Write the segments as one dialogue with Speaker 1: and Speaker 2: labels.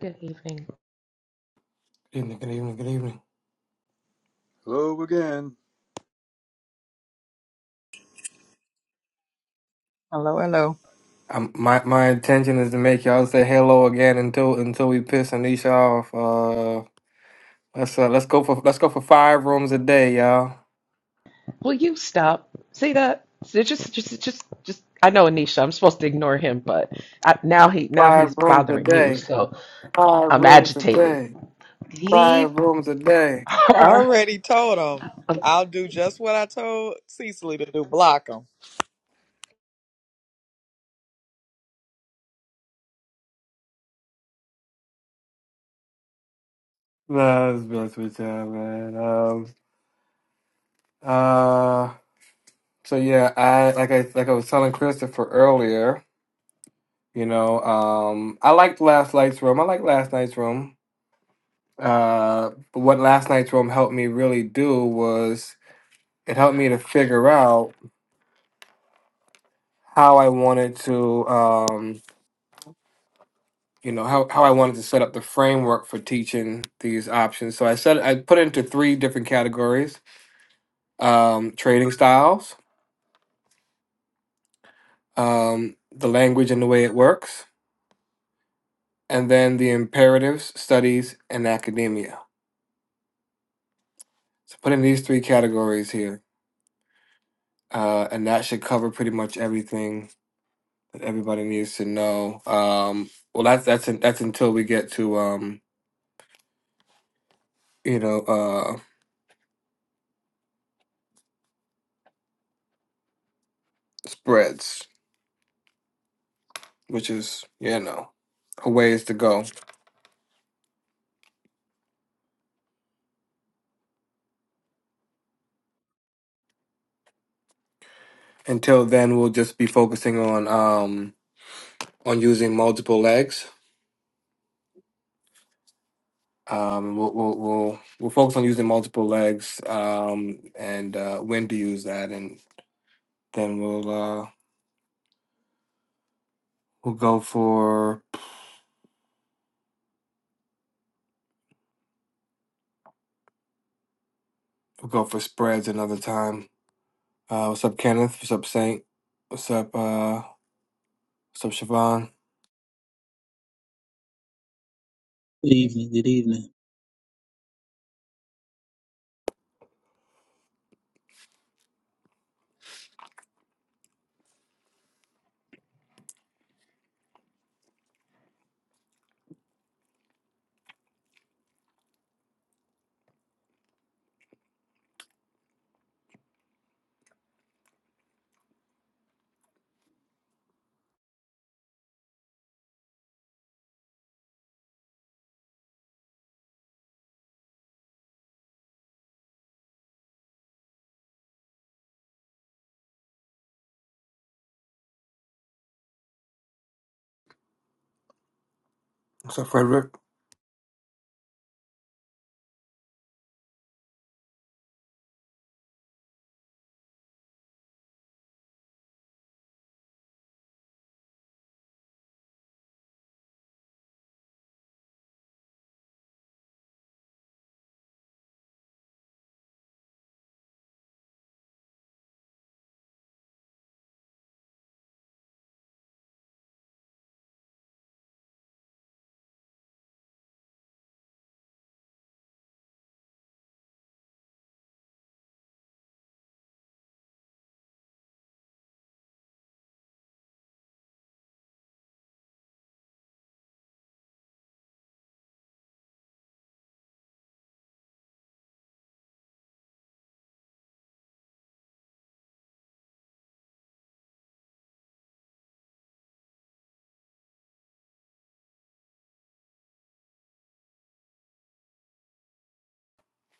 Speaker 1: Good evening.
Speaker 2: Good evening, good evening, good evening.
Speaker 3: Hello again.
Speaker 4: Hello, hello.
Speaker 2: Um, my my intention is to make y'all say hello again until until we piss Anisha off. Uh, let's uh, let's go for let's go for five rooms a day, y'all.
Speaker 1: Will you stop? See that? See, Just, just, just, just. I know Anisha. I'm supposed to ignore him, but I, now he, now
Speaker 2: Five
Speaker 1: he's
Speaker 2: rooms a
Speaker 1: bothering you,
Speaker 2: day.
Speaker 1: so
Speaker 2: Five
Speaker 1: I'm
Speaker 2: rooms a
Speaker 1: agitated.
Speaker 2: day. Five
Speaker 1: Leave
Speaker 2: rooms a day.
Speaker 4: I
Speaker 1: her.
Speaker 4: already told him
Speaker 1: al-
Speaker 4: I'll do just what I told Cecily to do. Block him.
Speaker 2: Nah, it's best with y'all, man. Um, uh, so yeah, I like I like I was telling Christopher earlier. You know, um, I liked last night's room. I liked last night's room. Uh, but what last night's room helped me really do was it helped me to figure out how I wanted to, um, you know, how, how I wanted to set up the framework for teaching these options. So I said I put it into three different categories: um, trading styles, um, the language and the way it works, and then the imperatives, studies, and academia. So put in these three categories here, uh, and that should cover pretty much everything that everybody needs to know. Um, well, that's that's that's until we get to um, you know uh, spreads, which is you know a ways to go. Until then, we'll just be focusing on um, on using multiple legs. Um, we'll, we'll we'll we'll focus on using multiple legs um, and uh, when to use that, and then we'll uh, we'll go for we'll go for spreads another time. Uh, what's up, Kenneth? What's up, Saint? What's up, uh, what's up, Siobhan?
Speaker 5: Good evening. Good evening.
Speaker 2: What's up, Frederick?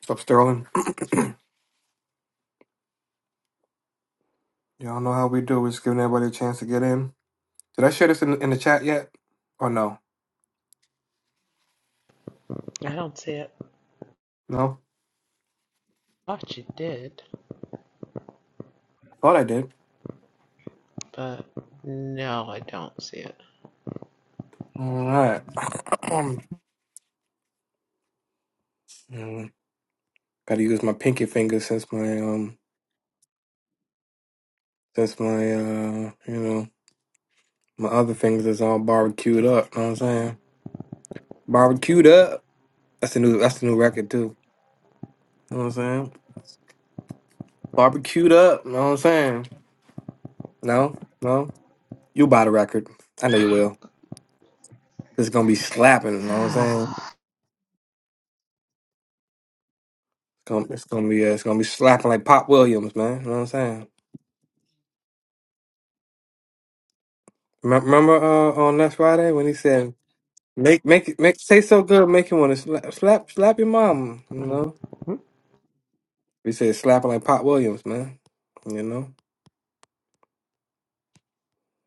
Speaker 2: What's up, Sterling? Y'all know how we do. We're just giving everybody a chance to get in. Did I share this in, in the chat yet? Or no?
Speaker 1: I don't see it.
Speaker 2: No?
Speaker 1: Thought you did,
Speaker 2: Thought I did.
Speaker 1: but no, I don't see it.
Speaker 2: All right. Mm, Gotta use my pinky finger since my, um, since my, uh, you know, my other fingers is all barbecued up. know what I'm saying? Barbecued up. That's the new, that's the new record, too. know what I'm saying? Barbecued up. know what I'm saying? No? No? You buy the record. I know you will. It's gonna be slapping. know what I'm saying? Gonna- It's gonna be uh, it's gonna be slapping like Pop Williams, man. You know what I'm saying? Remem- Remember uh, on last Friday when he said, "Make make it make taste so good, make you want to slap slap slap your mom." You
Speaker 1: Mm,
Speaker 2: know,
Speaker 1: mm,
Speaker 2: he said slapping like Pop Williams, man. You know,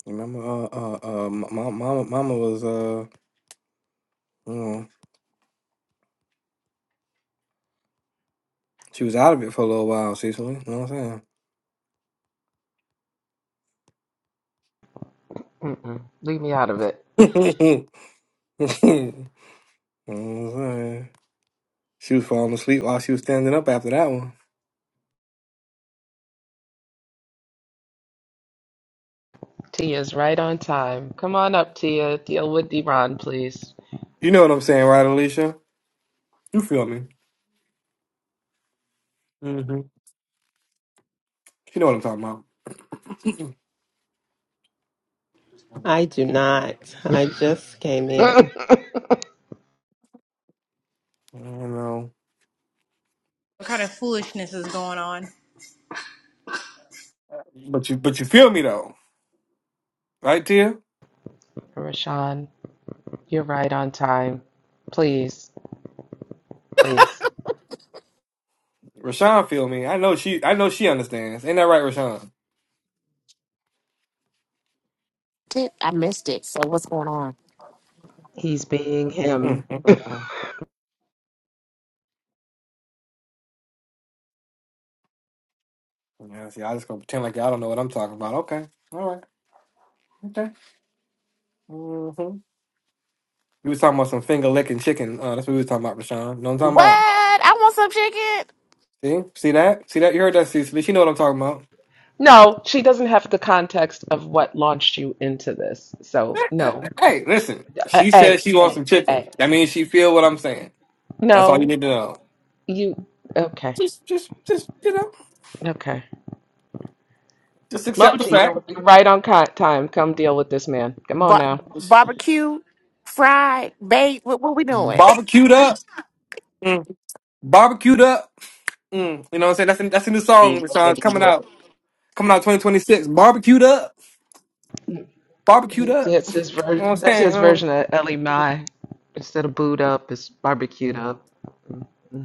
Speaker 2: remember uh uh, uh mama mama mama was uh you know she was out of it for a little while, Cecily. You know what I'm
Speaker 1: mm, mm. Leave me out of it.
Speaker 2: saying? you know what I'm saying? She was falling asleep while she was standing up after that one.
Speaker 1: Tia's right on time. Come on up, Tia. Deal with Deron, please.
Speaker 2: You know what I'm saying, right, Alicia? You feel me? You know what I'm talking about.
Speaker 6: I do not. I just came in.
Speaker 2: I don't know.
Speaker 7: What kind of foolishness is going on?
Speaker 2: But you but you feel me though. Right, Tia?
Speaker 1: Rashawn. You're right on time. Please, please.
Speaker 2: Rashawn feel me. I know she I know she understands. Ain't that right, Rashawn?
Speaker 8: Did- I missed it. So what's going on?
Speaker 1: He's being him.
Speaker 2: Mm, mm, mm, mm. Yeah, see, I just gonna pretend like y'all don't know what I'm talking about. Okay. All right. Okay. Mm-hmm. We was talking about some finger licking chicken. Uh, that's what we was talking about, Rashawn. You know what I'm talking
Speaker 8: What?
Speaker 2: about?
Speaker 8: I want some chicken.
Speaker 2: See? See that? See that? You heard that, Cecily. She know what I'm talking about.
Speaker 1: No, she doesn't have the context of what launched you into this. So,
Speaker 2: Eh,
Speaker 1: no.
Speaker 2: eh, Hey, listen.
Speaker 1: Uh,
Speaker 2: She said
Speaker 1: Hey,
Speaker 2: she wants
Speaker 1: hey,
Speaker 2: some chicken.
Speaker 1: hey.
Speaker 2: That means she feel what I'm saying. That's all you
Speaker 1: No,
Speaker 2: need to know.
Speaker 1: you. Okay,
Speaker 2: Just just just you know,
Speaker 1: okay.
Speaker 2: just accept the
Speaker 1: Moji,
Speaker 2: fact.
Speaker 1: you're, you're right on con- time. Come deal with this man. Come on
Speaker 8: Ba-
Speaker 1: now.
Speaker 8: barbecue, fried, baked. What, what we doing?
Speaker 2: barbecued up, Mm, barbecued up. mm. You know what I'm saying? That's in that's a new song,
Speaker 9: the
Speaker 2: Rashawn. It's
Speaker 9: Liberty
Speaker 2: coming out.
Speaker 9: Books.
Speaker 2: Coming out 2026. Barbecued up. Barbecued up.
Speaker 1: That's
Speaker 2: You
Speaker 1: his,
Speaker 2: know
Speaker 1: ver-
Speaker 2: what I'm
Speaker 1: that's
Speaker 2: saying?
Speaker 1: his
Speaker 2: You know?
Speaker 1: version of Ellie Mai. Instead of booed up, it's barbecued
Speaker 2: Mm.
Speaker 1: up.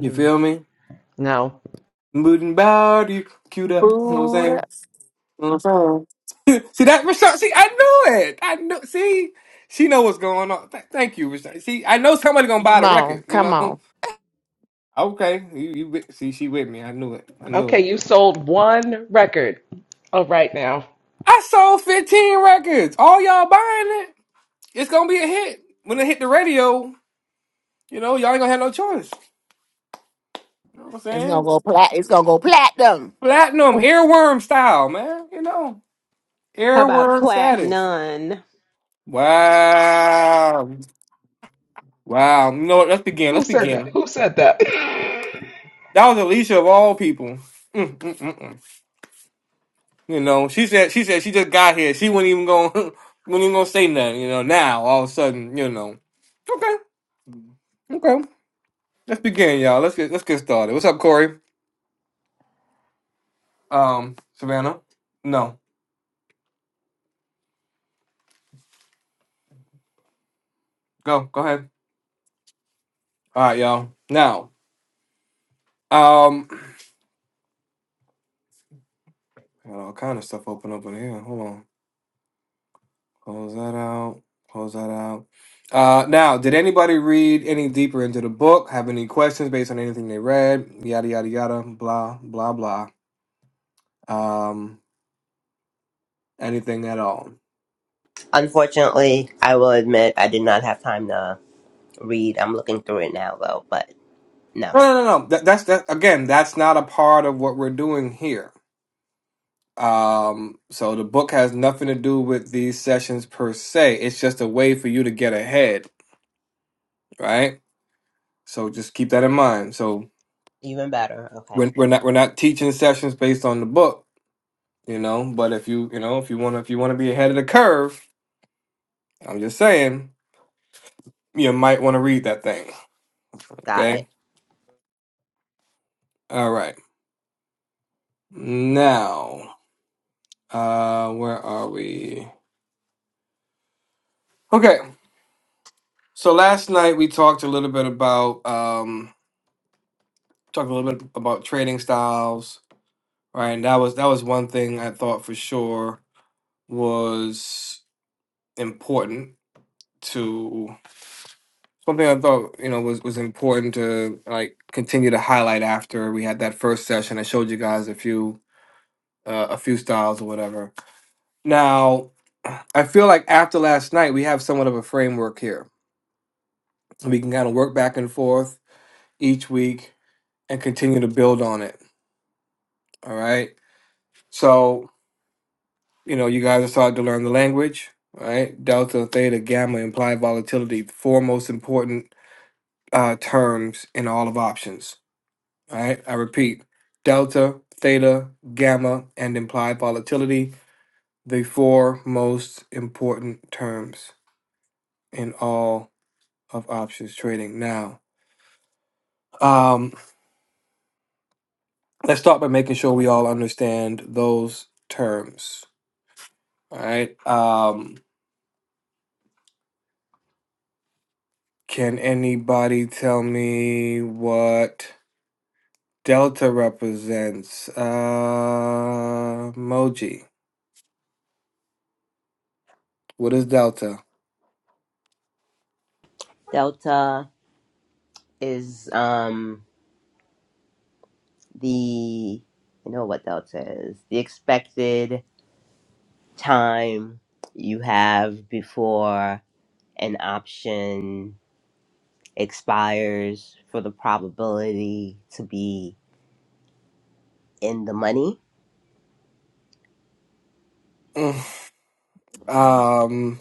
Speaker 2: You feel me?
Speaker 1: No.
Speaker 2: Moving body, queued up. You know what I'm
Speaker 8: Booed.
Speaker 2: saying? You know what I'm saying? see that, Rashawn? See, I knew it. I knew. See, she know what's going on. Th- thank you, Rashawn. See, I know somebody gonna buy
Speaker 8: Come
Speaker 2: the
Speaker 8: on,
Speaker 2: record. You
Speaker 8: come
Speaker 2: know?
Speaker 8: on.
Speaker 2: Okay, you, you with- see, she with me. I knew it. I knew
Speaker 1: Okay,
Speaker 2: it.
Speaker 1: you sold one record. All right now.
Speaker 2: I sold 15 records. All y'all buying it. It's gonna be a hit. When it hit the radio, you know, y'all ain't gonna have no choice. You know what I'm
Speaker 8: It's gonna
Speaker 2: saying?
Speaker 8: go plat. It's gonna go platinum.
Speaker 2: Platinum, airworm style, man. You know,
Speaker 6: How about
Speaker 2: airworm
Speaker 6: plat
Speaker 2: status.
Speaker 6: none?
Speaker 2: Wow. Wow. You know what? Let's begin.
Speaker 1: Who
Speaker 2: Let's
Speaker 1: said that?
Speaker 2: begin.
Speaker 1: Who said that?
Speaker 2: That was Alicia of all people. Mm, mm, mm, mm. You know, she said she said she just got here. She wasn't even gonna wasn't even gonna say nothing, you know. Now all of a sudden, you know. Okay, okay. Let's begin, y'all. Let's get let's get started. What's up, Corey? Um, Savannah? No. Go, go ahead. All right, y'all. Now, um, I got all kind of stuff open up in here. Hold on. Close that out. Close that out. Uh, now, did anybody read any deeper into the book? Have any questions based on anything they read? Yada yada yada. Blah blah blah. Um, anything at all?
Speaker 9: Unfortunately, I will admit I did not have time to read. I'm looking through it now though, but no.
Speaker 2: No, no, no, no. That, that's that. Again, that's not a part of what we're doing here. Um, so the book has nothing to do with these sessions per se. It's just a way for you to get ahead, right? So just keep that in mind. So
Speaker 9: Even better. Okay.
Speaker 2: we're, we're not we're not teaching sessions based on the book you know but if you you know if you want to if you want to be ahead of the curve i'm just saying you might want to read that thing
Speaker 9: Got it.
Speaker 2: okay all right now uh where are we okay so last night we talked a little bit about um talked a little bit about trading styles right and that was that was one thing i thought for sure was important to. something I thought you know was was important to like continue to highlight after we had that first session. I showed you guys a few uh, a few styles or whatever. Now, I feel like after last night, we have somewhat of a framework here. We can kind of work back and forth each week and continue to build on it. All right. So you know, you guys are starting to learn the language. Right, delta, theta, gamma implied volatility, four most important uh, terms in all of options All right, I repeat delta, theta, gamma, and implied volatility, the four most important terms in all of options trading. Now, um, let's start by making sure we all understand those terms. All right, um, can anybody tell me what delta represents? Uh, emoji. What is delta?
Speaker 9: Delta is um the you know what delta is. The expected time you have before an option expires for the probability to be in the money.
Speaker 2: Mm, Um,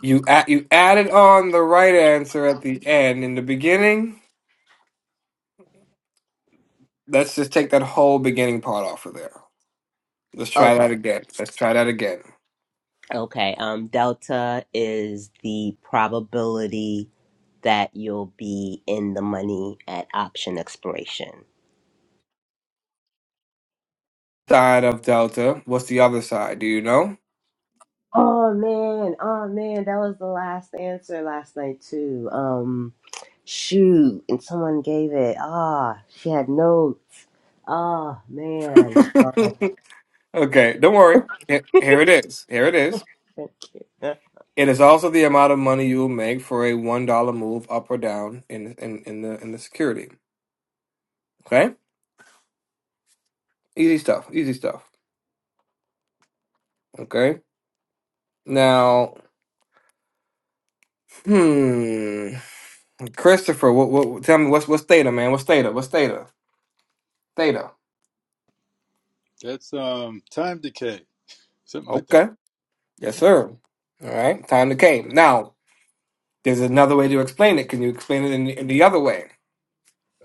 Speaker 2: You a- you added on the right answer at the end. In the beginning, let's just take that whole beginning part off of there. Let's try
Speaker 9: Okay.
Speaker 2: that again. Let's try that again.
Speaker 9: Okay, um, delta is the probability that you'll be in the money at option expiration.
Speaker 2: Side of delta. What's the other side? Do you know?
Speaker 9: Oh man, oh man, that was the last answer last night too. Um, shoot, and someone gave it. Ah, she had notes. Oh man,
Speaker 2: okay, don't worry. Here here it is. Here it is. It is also the amount of money you will make for a one dollar move up or down in in in the in the security. Okay, easy stuff. Easy stuff. Okay. Now, hmm. Christopher, what, what, tell me what's what's theta, man? What's theta? What's theta? Theta.
Speaker 3: That's um time decay, something like that.
Speaker 2: Okay. Yes, sir. All right. Time to came. Now, there's another way to explain it. Can you explain it in the, in the other way?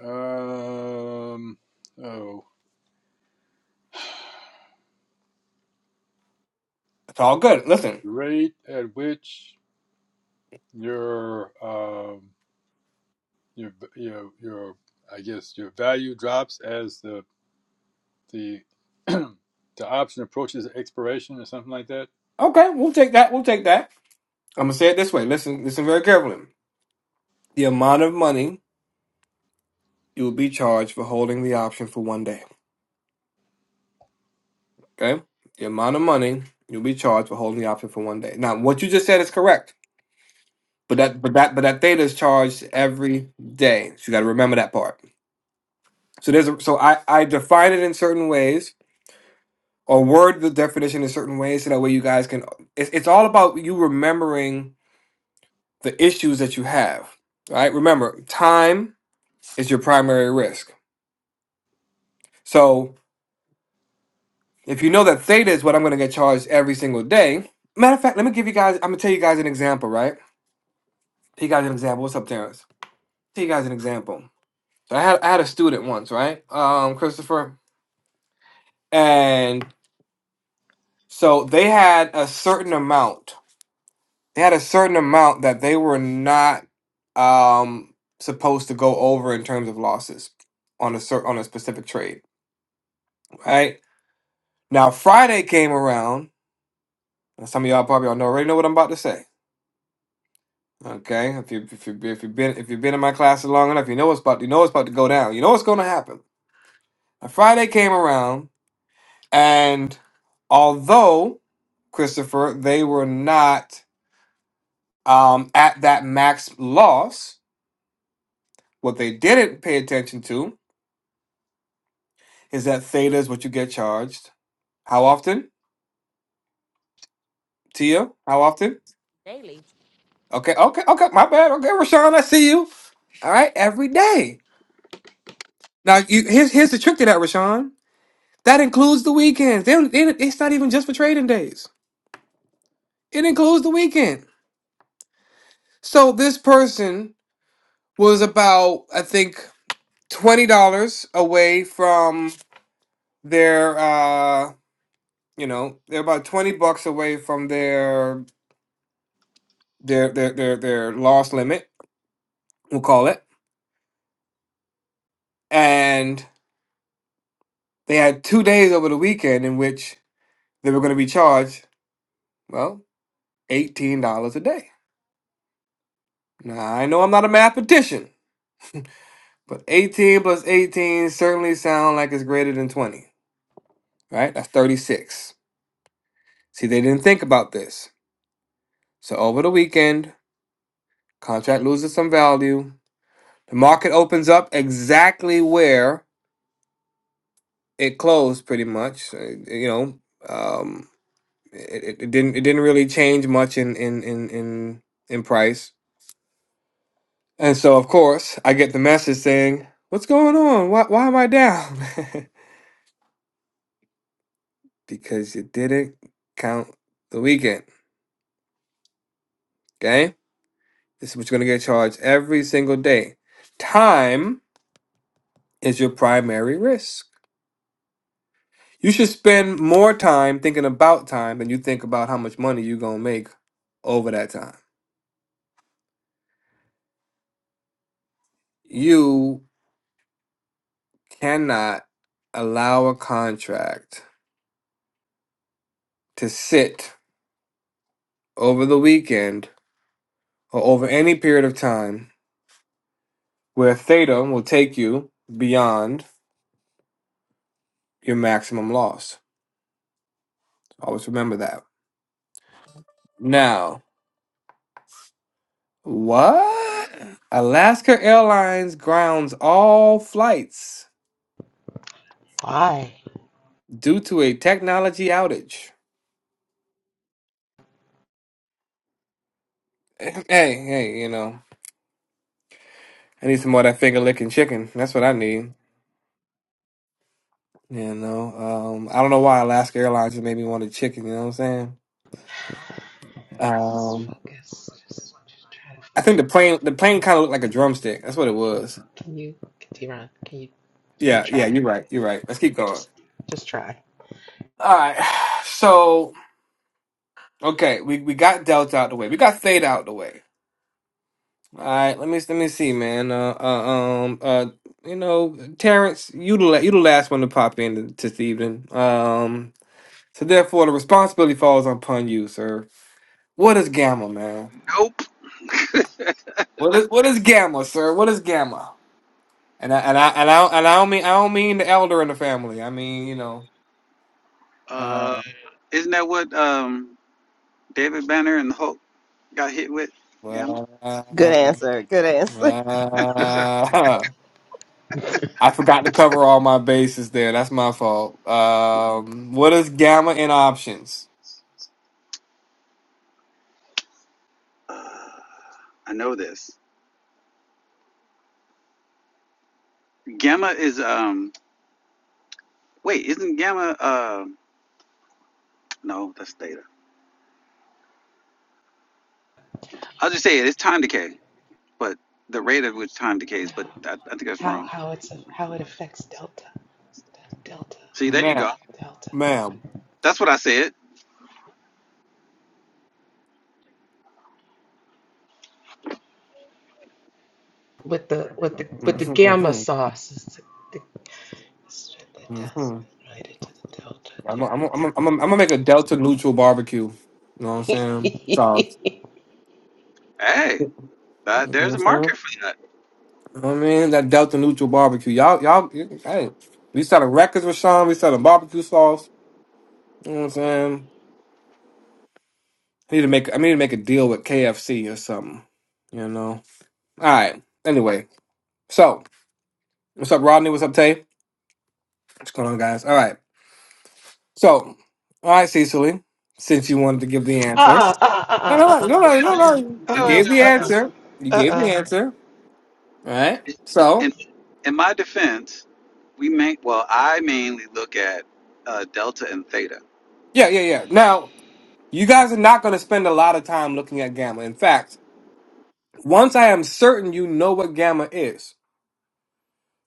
Speaker 3: Um, oh,
Speaker 2: It's all good. Listen.
Speaker 3: rate at which your um your your your I guess your value drops as the the the option approaches expiration or something like that
Speaker 2: Okay, we'll take that. We'll take that. I'm gonna say it this way. Listen, listen very carefully. The amount of money you will be charged for holding the option for one day. Okay. The amount of money you'll be charged for holding the option for one day. Now, what you just said is correct, but that, but that, but that theta is charged every day. So you got to remember that part. So there's a, so I I define it in certain ways or word the definition in certain ways so that way you guys can it's it's all about you remembering the issues that you have. Right? Remember, time is your primary risk. So if you know that theta is what I'm going to get charged every single day, matter of fact, let me give you guys I'm going to tell you guys an example, right? Tell you guys an example. What's up, Terrence? Tell you guys an example. So I had I had a student once, right? Um Christopher and so they had a certain amount they had a certain amount that they were not um supposed to go over in terms of losses on a cer- on a specific trade, right? Now Friday came around, and some of y'all probably all know already know what I'm about to say. Okay, if you if you if you've been if you've been in my classes long enough, you know what's about you know what's about to go down. You know what's going to happen. Now, Friday came around, and although Christopher, they were not um, at that max loss. What they didn't pay attention to is that theta is what you get charged. How often, Tia? How often?
Speaker 8: Daily.
Speaker 2: Okay, okay, okay. My bad. Okay, Rashawn, I see you. All right, every day. Now, you, here's here's the trick to that, Rashawn. That includes the weekends. They don't, they, it's not even just for trading days. It includes the weekend. So this person was about, I think, twenty dollars away from their, uh, you know, they're about twenty bucks away from their their their their, their loss limit. We'll call it and they had two days over the weekend in which they were going to be charged, well, $18 a day. Now, I know I'm not a mathematician, but 18 plus 18 certainly sound like it's greater than 20, right? That's 36. See, they didn't think about this. So over the weekend, contract loses some value. The market opens up exactly where it closed pretty much, uh, you know, um, it, it, it didn't it didn't really change much in in in in, in price And so, of course, I get the message saying, What's going on? Why, why am I down? because you didn't count the weekend. Okay? This is what you're going to get charged every single day. Time is your primary risk. You should spend more time thinking about time than you think about how much money you're going to make over that time. You cannot allow a contract to sit over the weekend or over any period of time where theta will take you beyond your maximum loss. Always remember that. Now, what? Alaska Airlines grounds all flights
Speaker 1: Why?
Speaker 2: due to a technology outage. Hey, hey, you know, I need some more of that finger licking chicken. That's what I need. You know, um, I don't know why Alaska Airlines just made me want a chicken. You know what I'm saying?
Speaker 1: Just
Speaker 2: Um,
Speaker 1: focus. Just, just try to
Speaker 2: I think
Speaker 1: focus.
Speaker 2: the plane, the plane kind of looked like a drumstick. That's what it was.
Speaker 1: Can you, Diron? Can you, can you
Speaker 2: Yeah, yeah,
Speaker 1: try?
Speaker 2: you're right. You're right. Let's keep going.
Speaker 1: Just, Just try.
Speaker 2: All right. So, okay, we, we got Delta out the way. We got Theta out the way. All right. Let me let me see, man. Uh, uh um uh you know, Terrence, you the la- you the last one to pop in this evening. Um so therefore the responsibility falls upon you, sir. What is gamma, man?
Speaker 10: Nope.
Speaker 2: What is what is gamma, sir? What is gamma? And I and I and I and I don't mean I don't mean the elder in the family. I mean, you know,
Speaker 10: Uh,
Speaker 2: uh,
Speaker 10: isn't that what um, David Banner and the Hulk got hit with? Gamma.
Speaker 9: Good
Speaker 2: well,
Speaker 9: answer. Good answer.
Speaker 2: well, I forgot to cover all my bases there. That's my fault. Um, what is gamma in options,
Speaker 10: Uh, I know this. Gamma is um. Wait, isn't gamma? Uh, no, that's theta. I'll just say it. It's time decay, but the rate at which time decays.
Speaker 1: no.
Speaker 10: But I, I think that's
Speaker 1: How
Speaker 10: wrong.
Speaker 1: how it's a, how it affects delta, delta,
Speaker 10: See, there you
Speaker 2: ma'am?
Speaker 10: go.
Speaker 1: delta.
Speaker 2: Ma'am.
Speaker 10: That's what I said.
Speaker 1: With the with the with the gamma sauce. It's the, the, it's the
Speaker 2: Mhm, mhm,
Speaker 1: delta
Speaker 2: mhm.
Speaker 1: related to the delta,
Speaker 2: I'm gonna I'm
Speaker 1: Terrence.
Speaker 2: I'm I'm I'm gonna make a delta neutral barbecue. You know what I'm saying? Sauce.
Speaker 10: Hey,
Speaker 2: You
Speaker 10: that,
Speaker 2: know what
Speaker 10: there's a
Speaker 2: I'm saying?
Speaker 10: market for that.
Speaker 2: You know what I mean that delta neutral barbecue. Y'all y'all. Hey, we selling records, Rashawn. We selling barbecue sauce. You know what I'm saying? I need to make I need to make a deal with KFC or something. You know. All right. Anyway, so what's up, Rodney? What's up, Tay? What's going on, guys? All right. So, all right, Cecily, since you wanted to give the
Speaker 1: Uh
Speaker 2: answer.
Speaker 1: uh uh
Speaker 2: No,
Speaker 1: uh
Speaker 2: no, no,
Speaker 1: uh
Speaker 2: no,
Speaker 1: uh
Speaker 2: no,
Speaker 1: uh
Speaker 2: no. You
Speaker 10: Wait,
Speaker 1: uh
Speaker 10: wait,
Speaker 2: gave
Speaker 10: wait,
Speaker 2: the
Speaker 10: wait.
Speaker 1: uh uh
Speaker 2: answer. You
Speaker 1: uh
Speaker 2: gave the
Speaker 1: uh.
Speaker 2: answer. All right.
Speaker 10: In
Speaker 2: So,
Speaker 10: in my defense, we make well. I mainly look at uh, delta and theta.
Speaker 2: yeah, yeah, yeah. Now, you guys are not going to spend a lot of time looking at gamma. In fact, once I am certain you know what gamma is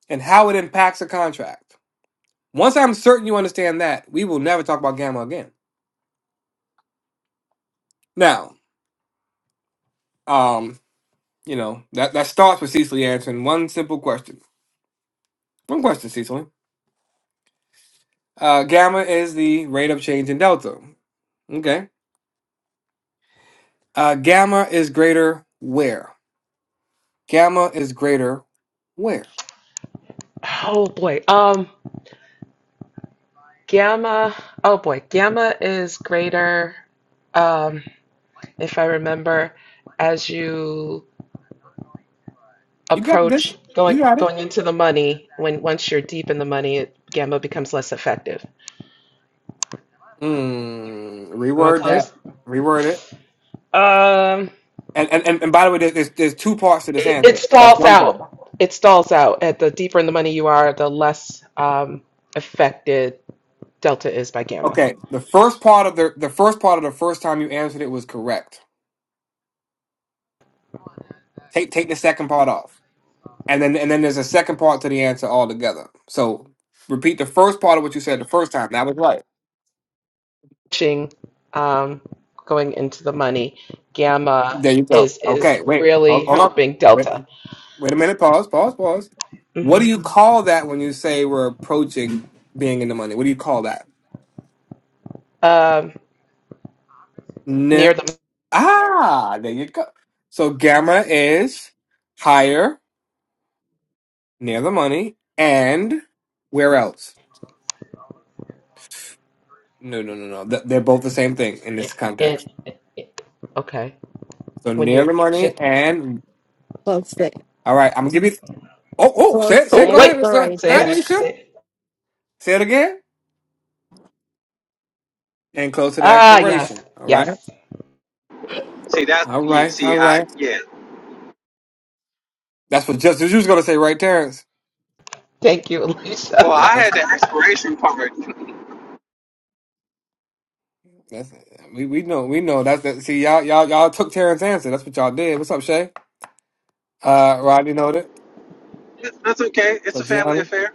Speaker 2: and how it impacts a contract, once I'm certain you understand that, we will never talk about gamma again. Now, um, you know, that, that starts with Cecily answering one simple question. One question, Cecily. Uh, gamma is the rate of change in delta. Okay. Uh, gamma is greater where? Gamma is greater where?
Speaker 1: Oh boy. Um, gamma. Oh boy. Gamma is greater, um, if I remember, as you
Speaker 2: You got this.
Speaker 1: approach going
Speaker 2: You got it.
Speaker 1: going into the money. When once you're deep in the money, it, gamma becomes less effective.
Speaker 2: Mm,
Speaker 1: Am I
Speaker 2: reword that.
Speaker 1: close?
Speaker 2: Reword it.
Speaker 1: Um,
Speaker 2: And, and and and by the way, there's, there's there's two parts to this
Speaker 1: it, it
Speaker 2: answer. That's
Speaker 1: stalls
Speaker 2: one part.
Speaker 1: out. It stalls out. At the deeper in the money you are, the less um, affected delta is by gamma.
Speaker 2: Okay. The first part of the the first part of the first time you answered it was correct. Take take the second part off, and then and then there's a second part to the answer altogether. So repeat the first part of what you said the first time. That was right.
Speaker 1: watching um, going into the money. Gamma
Speaker 2: There you go.
Speaker 1: is
Speaker 2: Okay,
Speaker 1: is
Speaker 2: wait. Hold,
Speaker 1: really
Speaker 2: hold on.
Speaker 1: helping
Speaker 2: Wait,
Speaker 1: Delta.
Speaker 2: wait a minute. Pause. Pause. Pause. What
Speaker 1: hmm
Speaker 2: do you call that when you say we're approaching being in the money? What do you call that?
Speaker 1: Um,
Speaker 2: N-
Speaker 1: near the
Speaker 2: ah, there you go. So gamma is higher, near the money, and where else? No, no, no, no. Th- They're both the same thing in
Speaker 1: in,
Speaker 2: this context.
Speaker 1: in- okay
Speaker 2: So
Speaker 1: when
Speaker 2: near
Speaker 1: you're
Speaker 2: the money
Speaker 1: j-
Speaker 2: and
Speaker 6: Close to
Speaker 2: all right. I'm gonna give you. oh, oh. Say
Speaker 6: close
Speaker 2: it. Say
Speaker 6: to
Speaker 1: oh
Speaker 2: it. Go
Speaker 1: wait
Speaker 2: ahead. Go
Speaker 1: say
Speaker 2: ahead,
Speaker 6: exploration.
Speaker 1: it
Speaker 2: Alicia.
Speaker 1: say it.
Speaker 2: Say it again. And close to the
Speaker 1: ah
Speaker 2: expiration.
Speaker 1: yes
Speaker 2: All right.
Speaker 1: yes
Speaker 10: See that?
Speaker 2: All
Speaker 10: Yeah.
Speaker 2: right,
Speaker 10: See,
Speaker 2: all
Speaker 10: I
Speaker 2: right.
Speaker 10: yeah.
Speaker 2: That's what Justice you was gonna say, right, Terrence?
Speaker 1: thank you
Speaker 10: Well,
Speaker 2: That-
Speaker 10: I
Speaker 1: Alicia.
Speaker 2: That's
Speaker 10: had the expiration part.
Speaker 2: that's we, we know we know that's that. See y'all y'all y'all took Terrence's answer. That's what y'all did. What's up, Shay? Uh, Rodney noted.
Speaker 10: That's okay. It's a
Speaker 2: What's up,
Speaker 10: family
Speaker 2: Gianna?
Speaker 10: affair.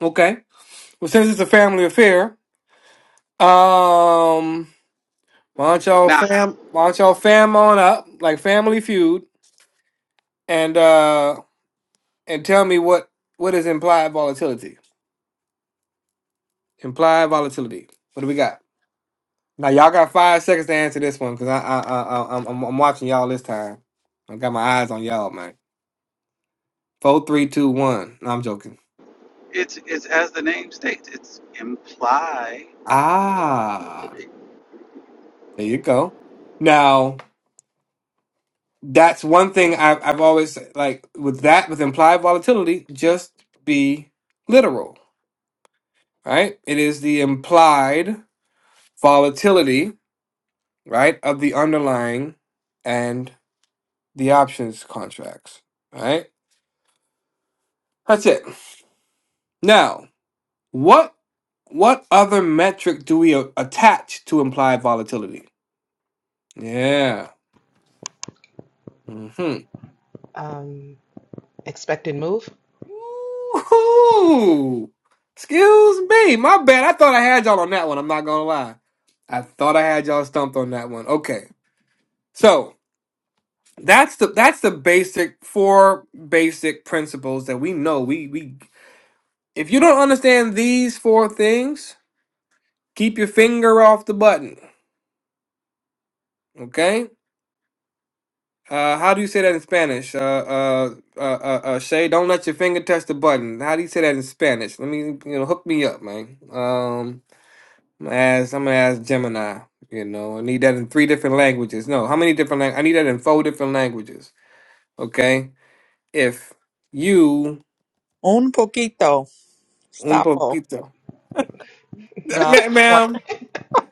Speaker 2: Okay. Well, since it's a family affair, um, why don't y'all
Speaker 10: Now,
Speaker 2: fam why don't y'all fam on up like Family Feud and uh and tell me what what is implied volatility? Implied volatility. What do we got? Now y'all got five seconds to answer this one because I, I I I I'm I'm I'm watching y'all this time. I got my eyes on y'all, man. Four, three, two, one. No, I'm joking.
Speaker 10: it's it's as the name states. It's imply
Speaker 2: Ah, there you go. Now that's one thing I've I've always like with that with implied volatility. Just be literal, right? It is the implied volatility, right, of the underlying and the options contracts, right? That's it. Now What what other metric do we a- attach to implied volatility? Yeah. hmm
Speaker 1: um, expected move
Speaker 2: Ooh. Excuse me. My bad. I thought I had y'all on that one. I'm not gonna lie. I thought I had y'all stumped on that one. Okay. So that's the that's the basic four basic principles that we know. We we if you don't understand these four things, keep your finger off the button. Okay? Uh, how do you say that in Spanish? Uh, uh, uh, uh, uh, Shay, don't let your finger touch the button. How do you say that in Spanish? Let me, you know, hook me up, man. Um, I'm gonna ask, I'm gonna ask Gemini. You know, I need that in three different languages. No, how many different? Lang- I need that in four different languages. Okay, if you
Speaker 4: Un poquito.
Speaker 2: un
Speaker 4: Stapo.
Speaker 2: poquito,
Speaker 4: No.
Speaker 2: Ma-
Speaker 4: I'm
Speaker 2: ma'am.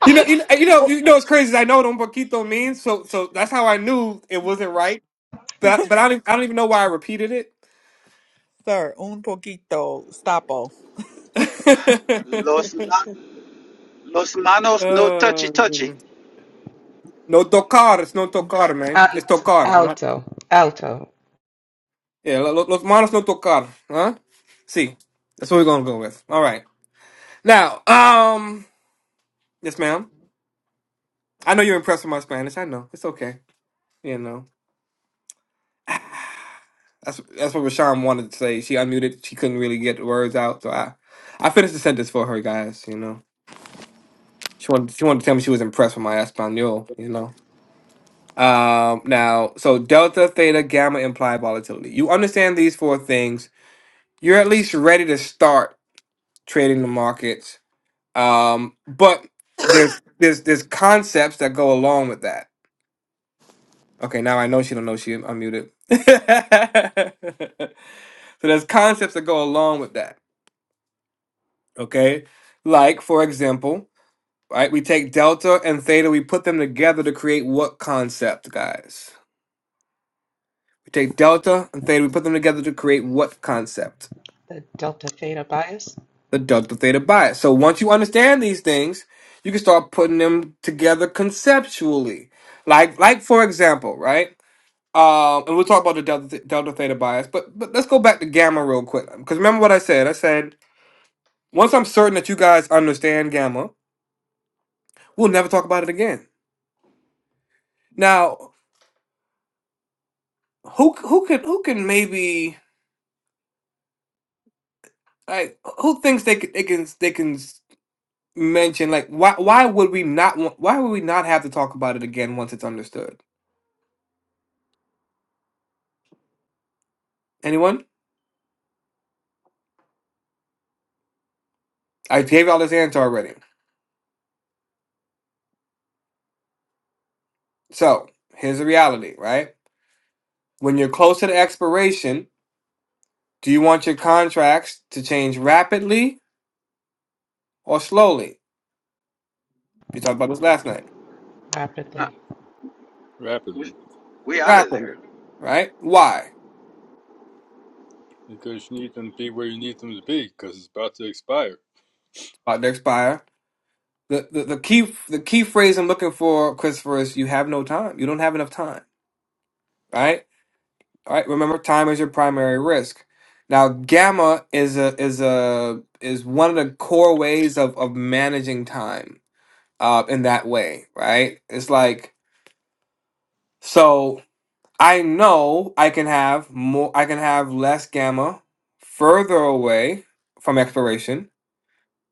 Speaker 2: You know, you know, you know, you know. What's crazy I know what un poquito means. So, so that's how I knew it wasn't right. But,
Speaker 4: playing.
Speaker 2: but I don't, I don't even know why I repeated
Speaker 4: Sir, un poquito. Stapo.
Speaker 2: it.
Speaker 10: los ma- los manos no touchy
Speaker 2: Ah,
Speaker 10: touchy.
Speaker 2: goodness. no tocar, It's no tocar, man. It's
Speaker 1: alto
Speaker 2: tocar, not
Speaker 1: alto alto
Speaker 2: yeah. lo- lo- Los manos no tocar, huh? See, that's what we're gonna go with. All right. Now, um, yes, ma'am. I know you're impressed with my Spanish. I know it's okay. You know, that's that's what Rashawn wanted to say. She unmuted. She couldn't really get the words out, so I I finished the sentence for her, guys. You know, she wanted she wanted to tell me she was impressed with my Espanol. You know. Um, now, so delta, theta, gamma imply volatility. You understand these four things you're at least ready to start trading the markets. Um, but there's there's there's concepts that go along with that. Okay, now I know she don't know she unmuted. so there's concepts that go along with that. Okay, like for example, right? We take delta and theta, we put them together to create what concept, guys? We take delta and theta, we put them together to create what concept?
Speaker 1: the Delta Theta bias
Speaker 2: the delta theta bias. So once you understand these things, you can start putting them together conceptually. Like, like for example, right? Um, and we'll talk about the delta, delta theta bias, but but let's go back to gamma real quick. Because remember what I said? I said once I'm certain that you guys understand gamma, we'll never talk about it again. Now, who who can who can maybe like who thinks they can they can they can mention like why why would we not want why would we not have to talk about it again once it's understood? Anyone? I gave you all this answer already. So here's the reality, right? When you're close to the expiration, do you want your contracts to change rapidly or slowly? We talked about this last night.
Speaker 10: Uh,
Speaker 1: rapidly
Speaker 3: rapidly
Speaker 10: we we out of there.
Speaker 2: Rapidly, right? Why?
Speaker 3: because you need them to be where you need them to be because it's about to expire.
Speaker 2: About to expire. The, the the key the key phrase I'm looking for, Christopher, is you have no time. You don't have enough time, right? All right. Remember, time is your primary risk. Now, gamma is a is a is one of the core ways of of managing time uh, in that way, right? It's like so I know I can have more, I can have less gamma further away from expiration,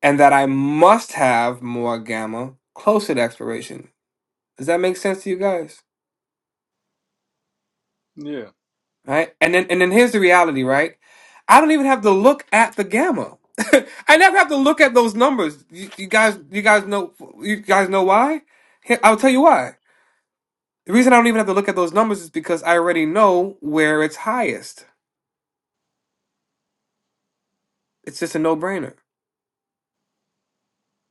Speaker 2: and that I must have more gamma closer to expiration. Does that make sense to you guys?
Speaker 3: Yeah,
Speaker 2: Right? And then and then here's the reality, right? I don't even have to look at the gamma. I never have to look at those numbers. You, you guys, you guys know, you guys know why. Here, I'll tell you why The reason I don't even have to look at those numbers is because I already know where it's highest. It's just a no-brainer,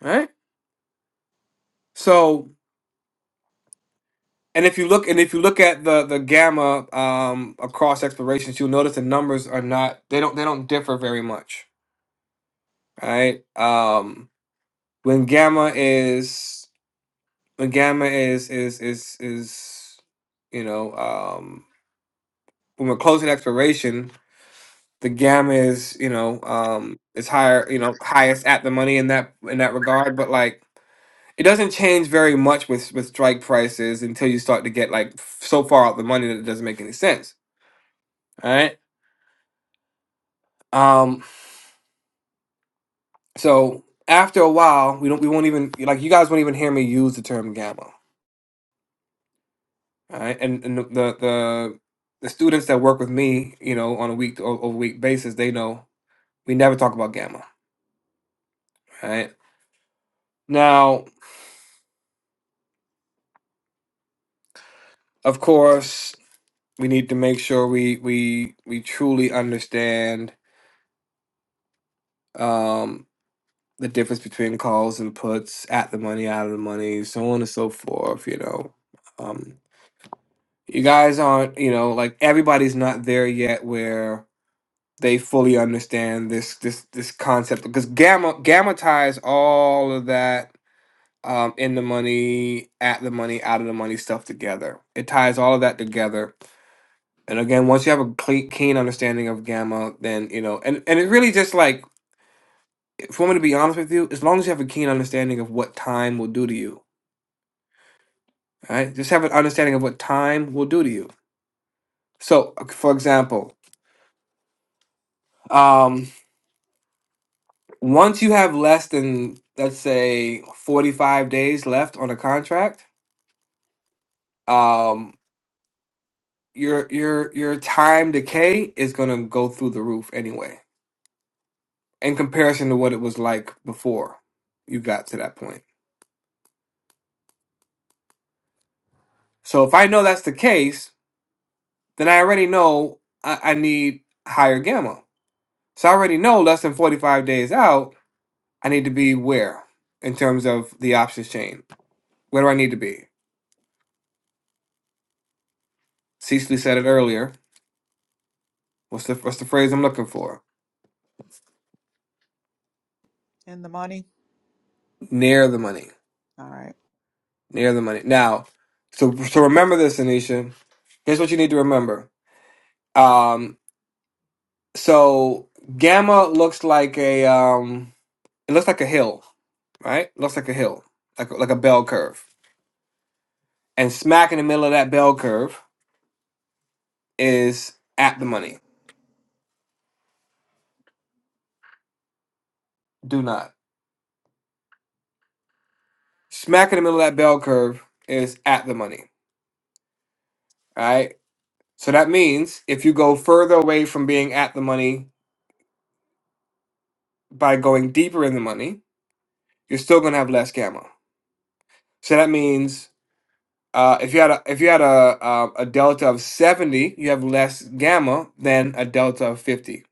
Speaker 2: right? So, and if you look and if you look at the the gamma um, across explorations, you'll notice the numbers are not they don't they don't differ very much, right? Um, when gamma is when gamma is is is is you know um, when we're closing exploration, the gamma is you know um, is higher you know highest at the money in that in that regard, but like It doesn't change very much with with strike prices until you start to get like so far out the money that it doesn't make any sense. All right. Um. So after a while, we don't we won't even like you guys won't even hear me use the term gamma. All right. And and the the the, the students that work with me, you know, on a week o- over week basis, they know we never talk about gamma. All right. Now, of course, we need to make sure we we we truly understand. Um, the difference between calls and puts, at the money, out of the money, so on and so forth, you know. Um, you guys aren't, you know, like everybody's not there yet where they fully understand this this this concept because gamma gamma ties all of that um, in the money, at the money, out of the money stuff together. It ties all of that together. And again, once you have a clean, keen understanding of gamma, then you know, and and it really just like, if you want me to be honest with you, as long as you have a keen understanding of what time will do to you, All right. Just have an understanding of what time will do to you. So, for example, um, once you have less than, let's say, 45 days left on a contract, um, your your your time decay is gonna go through the roof anyway, in comparison to what it was like before you got to that point. So if I know that's the case, then I already know I, I need higher gamma. So I already know less than 45 days out I need to be where in terms of the options chain? Where do I need to be? Cecily said it earlier. What's the what's the phrase I'm looking for?
Speaker 4: In the money.
Speaker 2: Near the money.
Speaker 4: All right.
Speaker 2: Near the money. Now, so so remember this, Anisha. Here's what you need to remember. Um, so gamma looks like a um, it looks like a hill, right? Looks like a hill, like like a bell curve. And smack in the middle of that bell curve is at the money. Do not. Smack in the middle of that bell curve is at the money. Right? So that means if you go further away from being at the money by going deeper in the money, you're still going to have less gamma. So that means uh, if you had a if you had a uh, a delta of seventy, you have less gamma than a delta of fifty.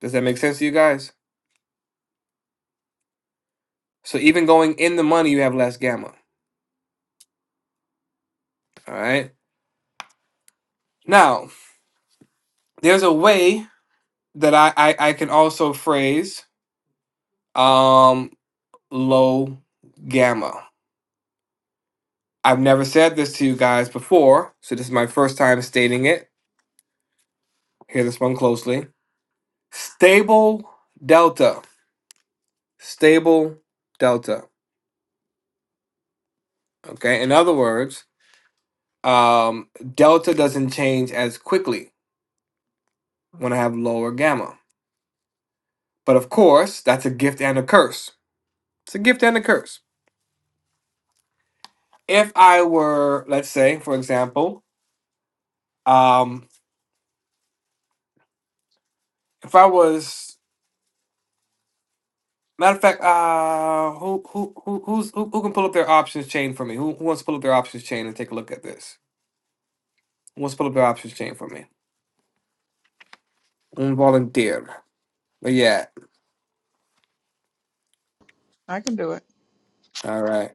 Speaker 2: Does that make sense to you guys? So even going in the money, you have less gamma. All right. Now there's a way that I I, I can also phrase um, low gamma. I've never said this to you guys before, so this is my first time stating it. Hear this one closely. Stable delta. Stable delta. Okay. In other words, um, delta doesn't change as quickly when I have lower gamma. But of course, that's a gift and a curse. It's a gift and a curse. If I were, let's say, for example, um, if I was Matter of fact, uh, who who who who's who, who can pull up their options chain for me? Who, who wants to pull up their options chain and take a look at this? Who wants to pull up their options chain for me? Un volunteer. But yeah,
Speaker 4: I can do it.
Speaker 2: all right.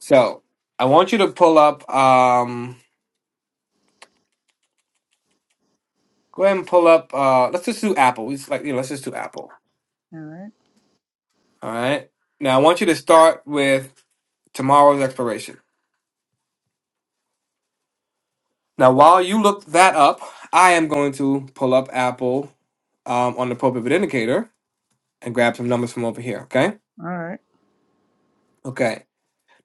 Speaker 2: So I want you to pull up. Um, go ahead and pull up. Uh, let's just do Apple. We just like you know, let's just do Apple.
Speaker 4: All right.
Speaker 2: All right. Now I want you to start with tomorrow's expiration. Now while you look that up, I am going to pull up Apple um, on the pro pivot indicator and grab some numbers from over here. Okay.
Speaker 4: All right.
Speaker 2: Okay.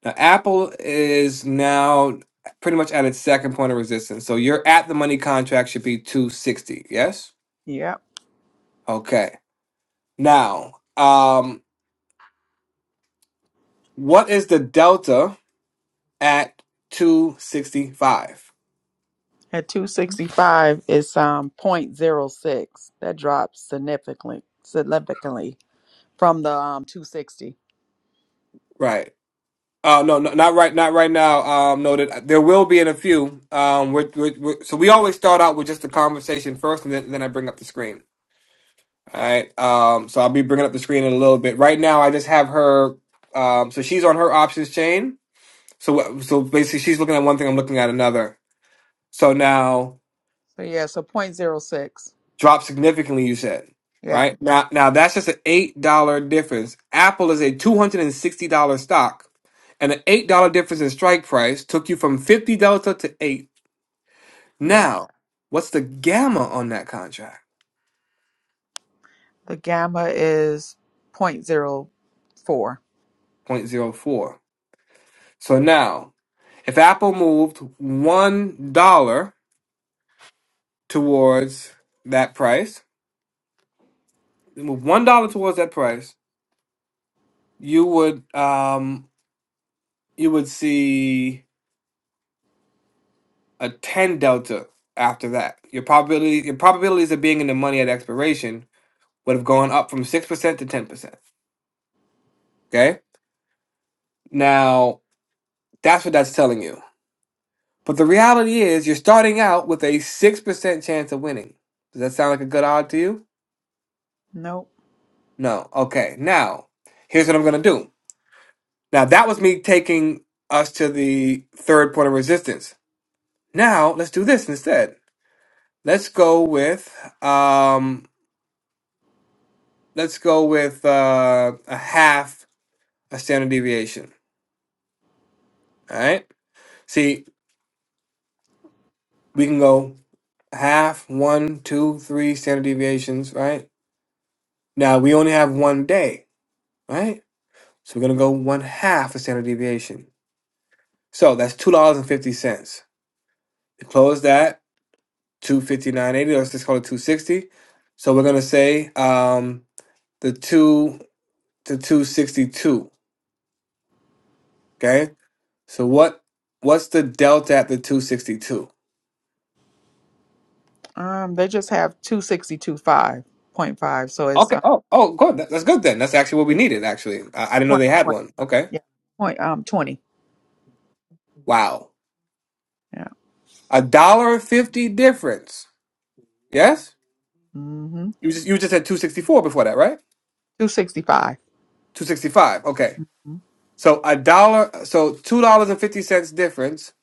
Speaker 2: Now, Apple is now pretty much at its second point of resistance. So your at the money contract should be 260. Yes?
Speaker 4: Yep.
Speaker 2: Okay. Now, um, what is the delta at 265?
Speaker 4: At 265, it's um point zero six. That drops significantly significantly from the um 260.
Speaker 2: Right. Uh, no, no, not right, not right now. Um, no, that There will be in a few. Um, we're, we're, we're, so we always start out with just the conversation first, and then, then I bring up the screen. All right. Um, so I'll be bringing up the screen in a little bit. Right now, I just have her. Um, so she's on her options chain. So uh, so basically, she's looking at one thing, I'm looking at another. So now
Speaker 4: So yeah, so point zero 0.06.
Speaker 2: drop significantly. You said
Speaker 4: Yeah.
Speaker 2: right now now that's just an eight dollar difference. Apple is a two hundred and sixty dollar stock, and an eight dollar difference in strike price took you from fifty delta to eight.
Speaker 4: Yep.
Speaker 2: Now what's the gamma on that contract?
Speaker 4: The gamma is zero point zero 0.04.
Speaker 2: zero point zero 0.04. So now if Apple moved one dollar towards that price, move one dollar towards that price, you would um you would see a 10 delta after that. Your probability your probabilities of being in the money at expiration would have gone up from 6% to 10%. Okay? Now, that's what that's telling you. But the reality is you're starting out with a 6% chance of winning. Does that sound like a good odd to you?
Speaker 4: Nope.
Speaker 2: No. Okay. Now, here's what I'm going to do. Now, that was me taking us to the third point of resistance. Now, let's do this instead. Let's go with um let's go with uh, a half a standard deviation. All right. See, we can go half, one, two, three standard deviations, right? Now we only have one day, right? So we're gonna go one half a standard deviation. So that's two dollars and fifty cents. We close that two fifty nine eighty. Let's just call it two sixty. So we're gonna say um, the two to two sixty two. Okay. So what what's the delta at the two sixty two?
Speaker 4: Um, they just have two sixty two five point five. So it's,
Speaker 2: Okay.
Speaker 4: uh,
Speaker 2: Oh, oh, good. That- That's good then. That's actually what we
Speaker 4: it's
Speaker 2: needed. Actually, I, I didn't know
Speaker 4: point,
Speaker 2: they had
Speaker 4: point,
Speaker 2: one. Okay.
Speaker 4: yeah, point, um, 20.
Speaker 2: Wow.
Speaker 4: Yeah.
Speaker 2: A dollar fifty difference. Yes.
Speaker 4: Mm-hmm.
Speaker 2: You just you just had two sixty four before that, right?
Speaker 4: 265.
Speaker 2: Two sixty five. Okay.
Speaker 4: Mhm.
Speaker 2: So a dollar. So two dollars and fifty cents difference.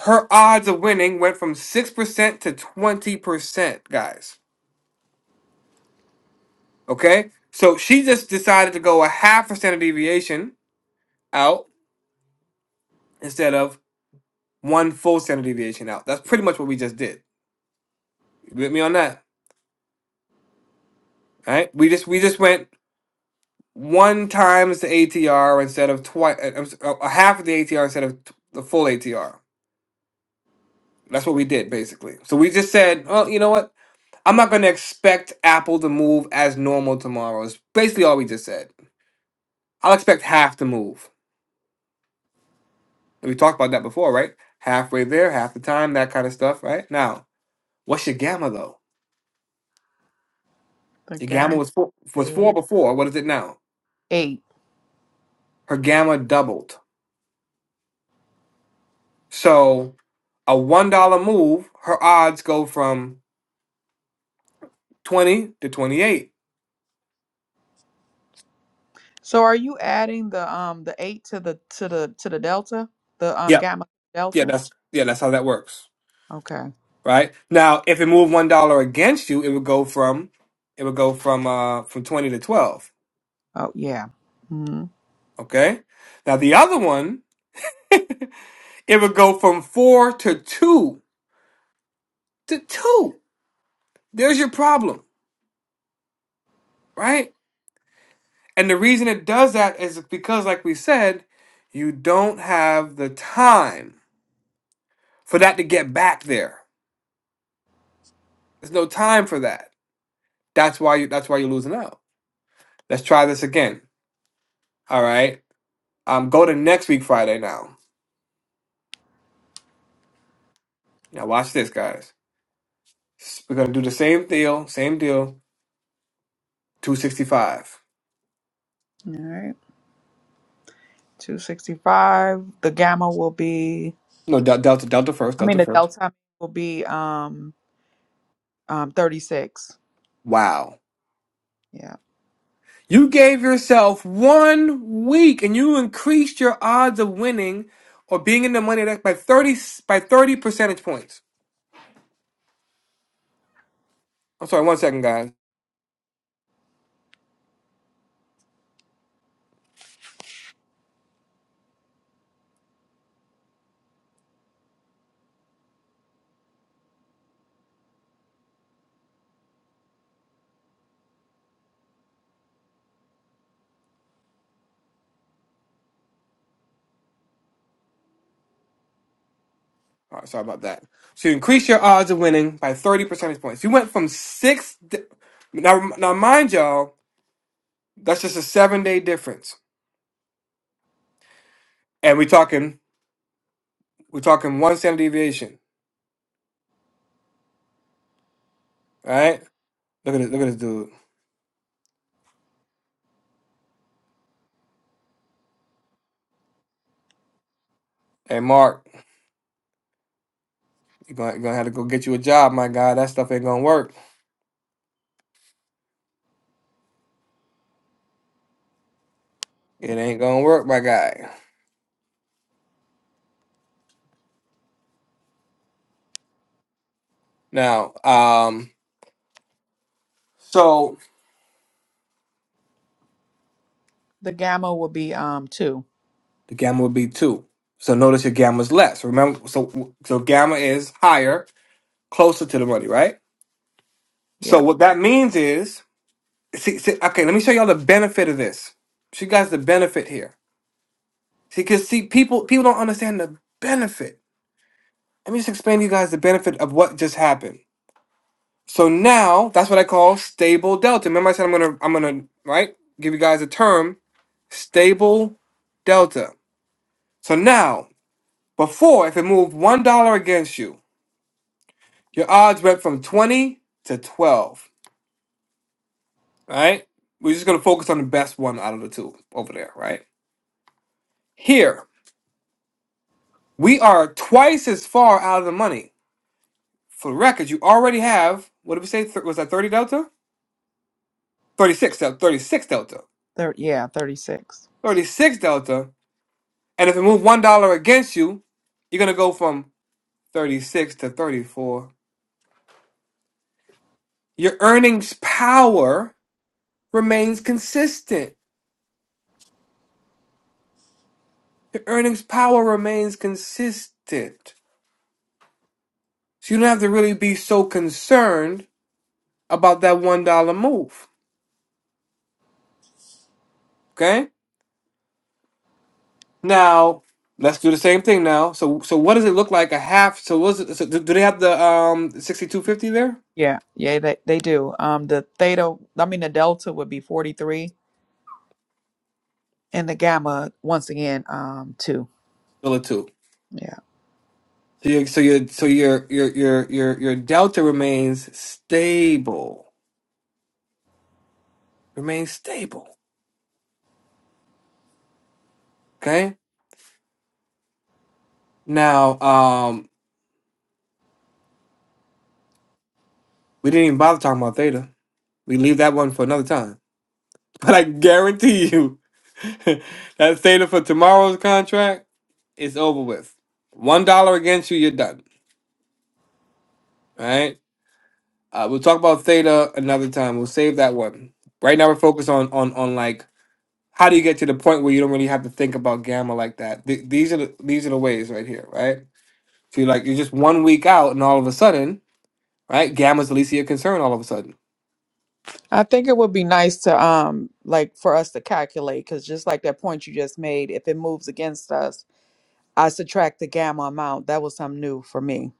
Speaker 2: Her odds of winning went from six percent to twenty percent, guys. Okay. So she just decided to go a half a standard deviation out instead of one full standard deviation out. That's pretty much what we just did. You with me on that? Right? We just we just went one times the ATR instead of twice a half of the ATR instead of t- the full ATR. That's what we did basically. So we just said, well, you know what? I'm not going to expect Apple to move as normal tomorrow. It's basically all we just said. I'll expect half to move. And we talked about that before, right? Halfway there, half the time, that kind of stuff, right? Now, what's your gamma though?
Speaker 4: The
Speaker 2: Your gamma
Speaker 4: gamma
Speaker 2: was four, was four
Speaker 4: is
Speaker 2: before. What is it now?
Speaker 4: eight.
Speaker 2: Her gamma doubled. So a one dollar move, her odds go from twenty to twenty eight.
Speaker 4: So are you adding the, um, the eight to the, to the, to the delta? The, um,
Speaker 2: Yeah,
Speaker 4: gamma
Speaker 2: yeah,
Speaker 4: delta?
Speaker 2: that's yeah, that's how that works,
Speaker 4: Okay.
Speaker 2: right? Now, if it moved one dollar against you, it would go from it would go from uh from twenty to twelve.
Speaker 4: Oh, yeah. Mm-hmm.
Speaker 2: Okay. Now the other one, it would go from four to two to two. There's your problem, right? And the reason it does that is because, like we said, you don't have the time for that to get back there There's no time for that. That's why you that's why you're losing out. Let's try this again. All right. Um go to next week Friday now. Now watch this guys. S- We're gonna do the same deal, same deal, 265.
Speaker 4: All right. 265. The gamma will be,
Speaker 2: No, Del- Delta, Delta first,
Speaker 4: I mean,
Speaker 2: Delta
Speaker 4: the
Speaker 2: first.
Speaker 4: delta will be, um, um 36
Speaker 2: Wow.
Speaker 4: yeah
Speaker 2: You gave yourself one week and you increased your odds of winning or being in the money that by 30 by 30 percentage points. I'm sorry, one second, guys. All right, sorry about that. So you increase your odds of winning by 30 percentage points. You went from six. Di- now, now, mind y'all, that's just a seven day difference, and we're talking we're talking one standard deviation. All right, look at this, look at this dude. Hey, Mark, you're gonna, you're gonna have to go get you a job, my guy. That stuff ain't gonna work. It ain't gonna work, my guy. Now, um, so
Speaker 4: the gamma will be um 2
Speaker 2: the gamma would be two. So notice your gamma's less. Remember, so so gamma is higher, closer to the money, right? So
Speaker 4: yeah
Speaker 2: what that means is see, see, okay, let me show y'all the benefit of this. Show you guys the benefit here. See, because see, people people don't understand the benefit. Let me just explain to you guys the benefit of what just happened. So now that's what I call stable delta. Remember, I said I'm gonna I'm gonna right give you guys a term stable delta. So now, before if it moved one dollar against you, your odds went from twenty to twelve. Right? We're just gonna focus on the best one out of the two over there. Right? Here, We are twice as far out of the money. For the record, you already have, what did we say? Th- was that 30 delta? 36 delta. 36 delta.
Speaker 4: Thir- yeah 36
Speaker 2: 36 delta. And if we move $1 against you, you're going to go from 36 to 34. Your earnings power remains consistent. Your earnings power remains consistent. So you don't have to really be so concerned about that $1 move. Okay? Now let's do the same thing now. So so what does it look like a half? So was it? So do, do they have the um sixty two fifty there?
Speaker 4: yeah yeah they, they do um the theta i mean the delta would be 43 and the gamma once again um 2
Speaker 2: Still a two.
Speaker 4: yeah
Speaker 2: So you so your so your your your your your delta remains stable. Remains stable. Okay. Now um we didn't even bother talking about theta. We leave that one for another time. But I guarantee you that theta for tomorrow's contract is over with. One dollar against you, you're done. Right? Uh, we'll talk about theta another time. We'll save that one. Right now, we're focused on on on like how do you get to the point where you don't really have to think about gamma like that. Th- these are the these are the ways right here, right? So you're like you're just one week out, and all of a sudden, right? Gamma's the least of your concern. All of a sudden,
Speaker 4: i think it would be nice to um like for us to calculate because just like that point you just made if it moves against us i subtract the gamma amount that was something new for me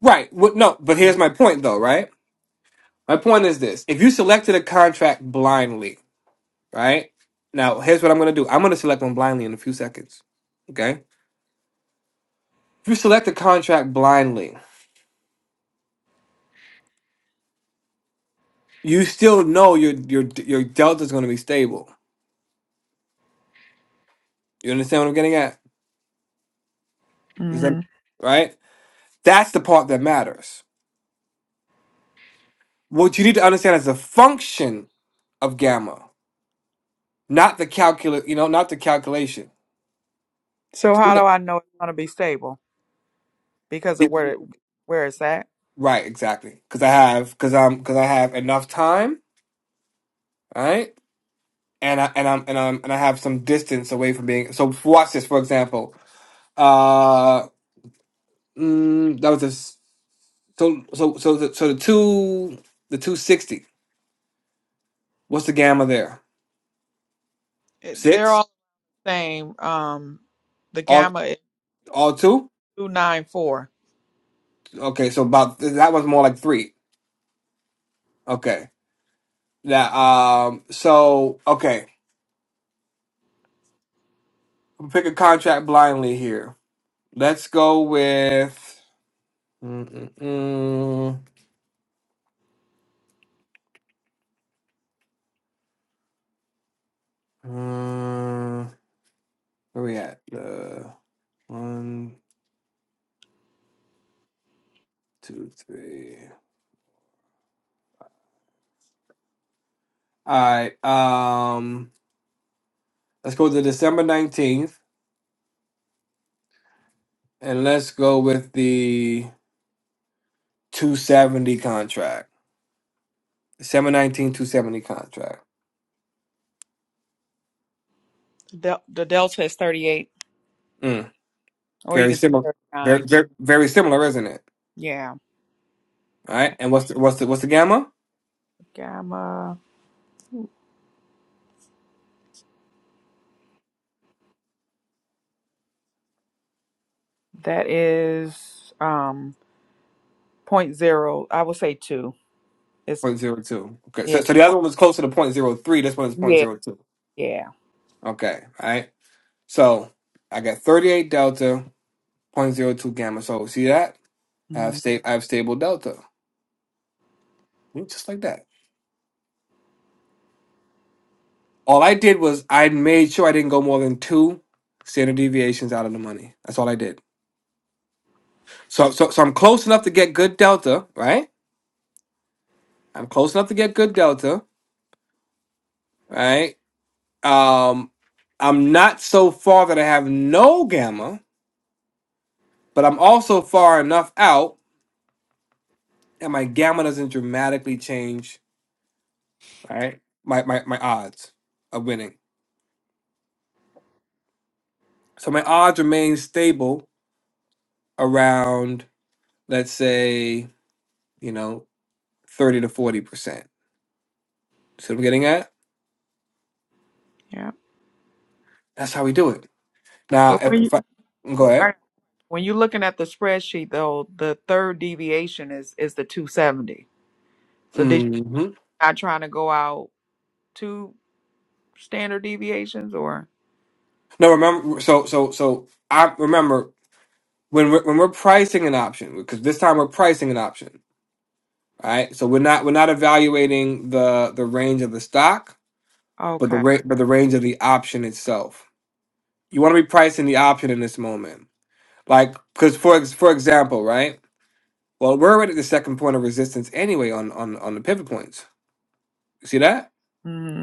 Speaker 2: right? What, no, but here's my point though, right? My point is this: if you selected a contract blindly, right? Now, here's what I'm gonna do. I'm gonna select one blindly in a few seconds. Okay. If you select a contract blindly, you still know your your your delta is going to be stable. You understand what I'm getting at? Is that
Speaker 4: hmm
Speaker 2: right? That's the part that matters. What you need to understand is the function of gamma, not the calculus. You know, not the calculation.
Speaker 4: so how do i know it's going to be stable because
Speaker 2: Yeah.
Speaker 4: of where it, where it's at
Speaker 2: Right, exactly. Because I have, because I'm, because I have enough time, all right, and I and I'm and I'm and I have some distance away from being. So f- watch this, for example. Uh, mm, that was this. So so so the, so the two the 260. What's the gamma there?
Speaker 4: It- they're
Speaker 2: Six?
Speaker 4: all same. Um, the
Speaker 2: All
Speaker 4: gamma is
Speaker 2: all two?
Speaker 4: 0294.
Speaker 2: Okay, so about that one's more like three. Okay. Now um so okay. I'm pick a contract blindly here. Let's go with mm, mm, mm, mm, where we at? Uh, one, two, three. Alright, um let's go to December nineteenth and let's go with the two seventy contract. December nineteenth, two seventy contract.
Speaker 4: The, del- the delta is 38,
Speaker 2: Mm,
Speaker 4: or you
Speaker 2: very
Speaker 4: can say
Speaker 2: similar.
Speaker 4: 39.
Speaker 2: Very, very very similar, isn't it?
Speaker 4: Yeah.
Speaker 2: All
Speaker 4: yeah.
Speaker 2: right. And what's the what's the what's the gamma?
Speaker 4: Gamma, that is um point zero. I would say 2. It's,
Speaker 2: Point zero two. Okay. So
Speaker 4: yeah.
Speaker 2: so the other one was closer to point zero three. This one is point
Speaker 4: Yeah.
Speaker 2: zero two.
Speaker 4: Yeah.
Speaker 2: Okay. All right. So I got thirty eight delta, point zero two gamma. So see that? I have
Speaker 4: Mm,
Speaker 2: sta- I have stable delta. Mm, Just like that. All I did was I made sure I didn't go more than two standard deviations out of the money. That's all I did. So so so I'm close enough to get good delta, right? I'm close enough to get good delta, right? Um, I'm not so far that I have no gamma, but I'm also far enough out, and my gamma doesn't dramatically change. Right, my my my odds of winning. So my odds remain stable around, let's say, you know, thirty to forty percent. See what I'm getting at?
Speaker 4: yeah.
Speaker 2: That's how we do it. Now,
Speaker 4: But
Speaker 2: if,
Speaker 4: when you,
Speaker 2: if I go ahead.
Speaker 4: I, when you're looking at the spreadsheet, though, the third deviation is is the 270. So did you
Speaker 2: hmm
Speaker 4: not trying to go out two standard deviations or?
Speaker 2: No, remember. So so so I remember when we're, when we're pricing an option because this time we're pricing an option. All right. So we're not we're not evaluating the the range of the stock, but the
Speaker 4: Okay.
Speaker 2: rate but the range of the option itself. You want to be pricing the option in this moment. Like because for ex- for example, right? Well, we're already at the second point of resistance anyway on on on the pivot points. You see that?
Speaker 4: Mm.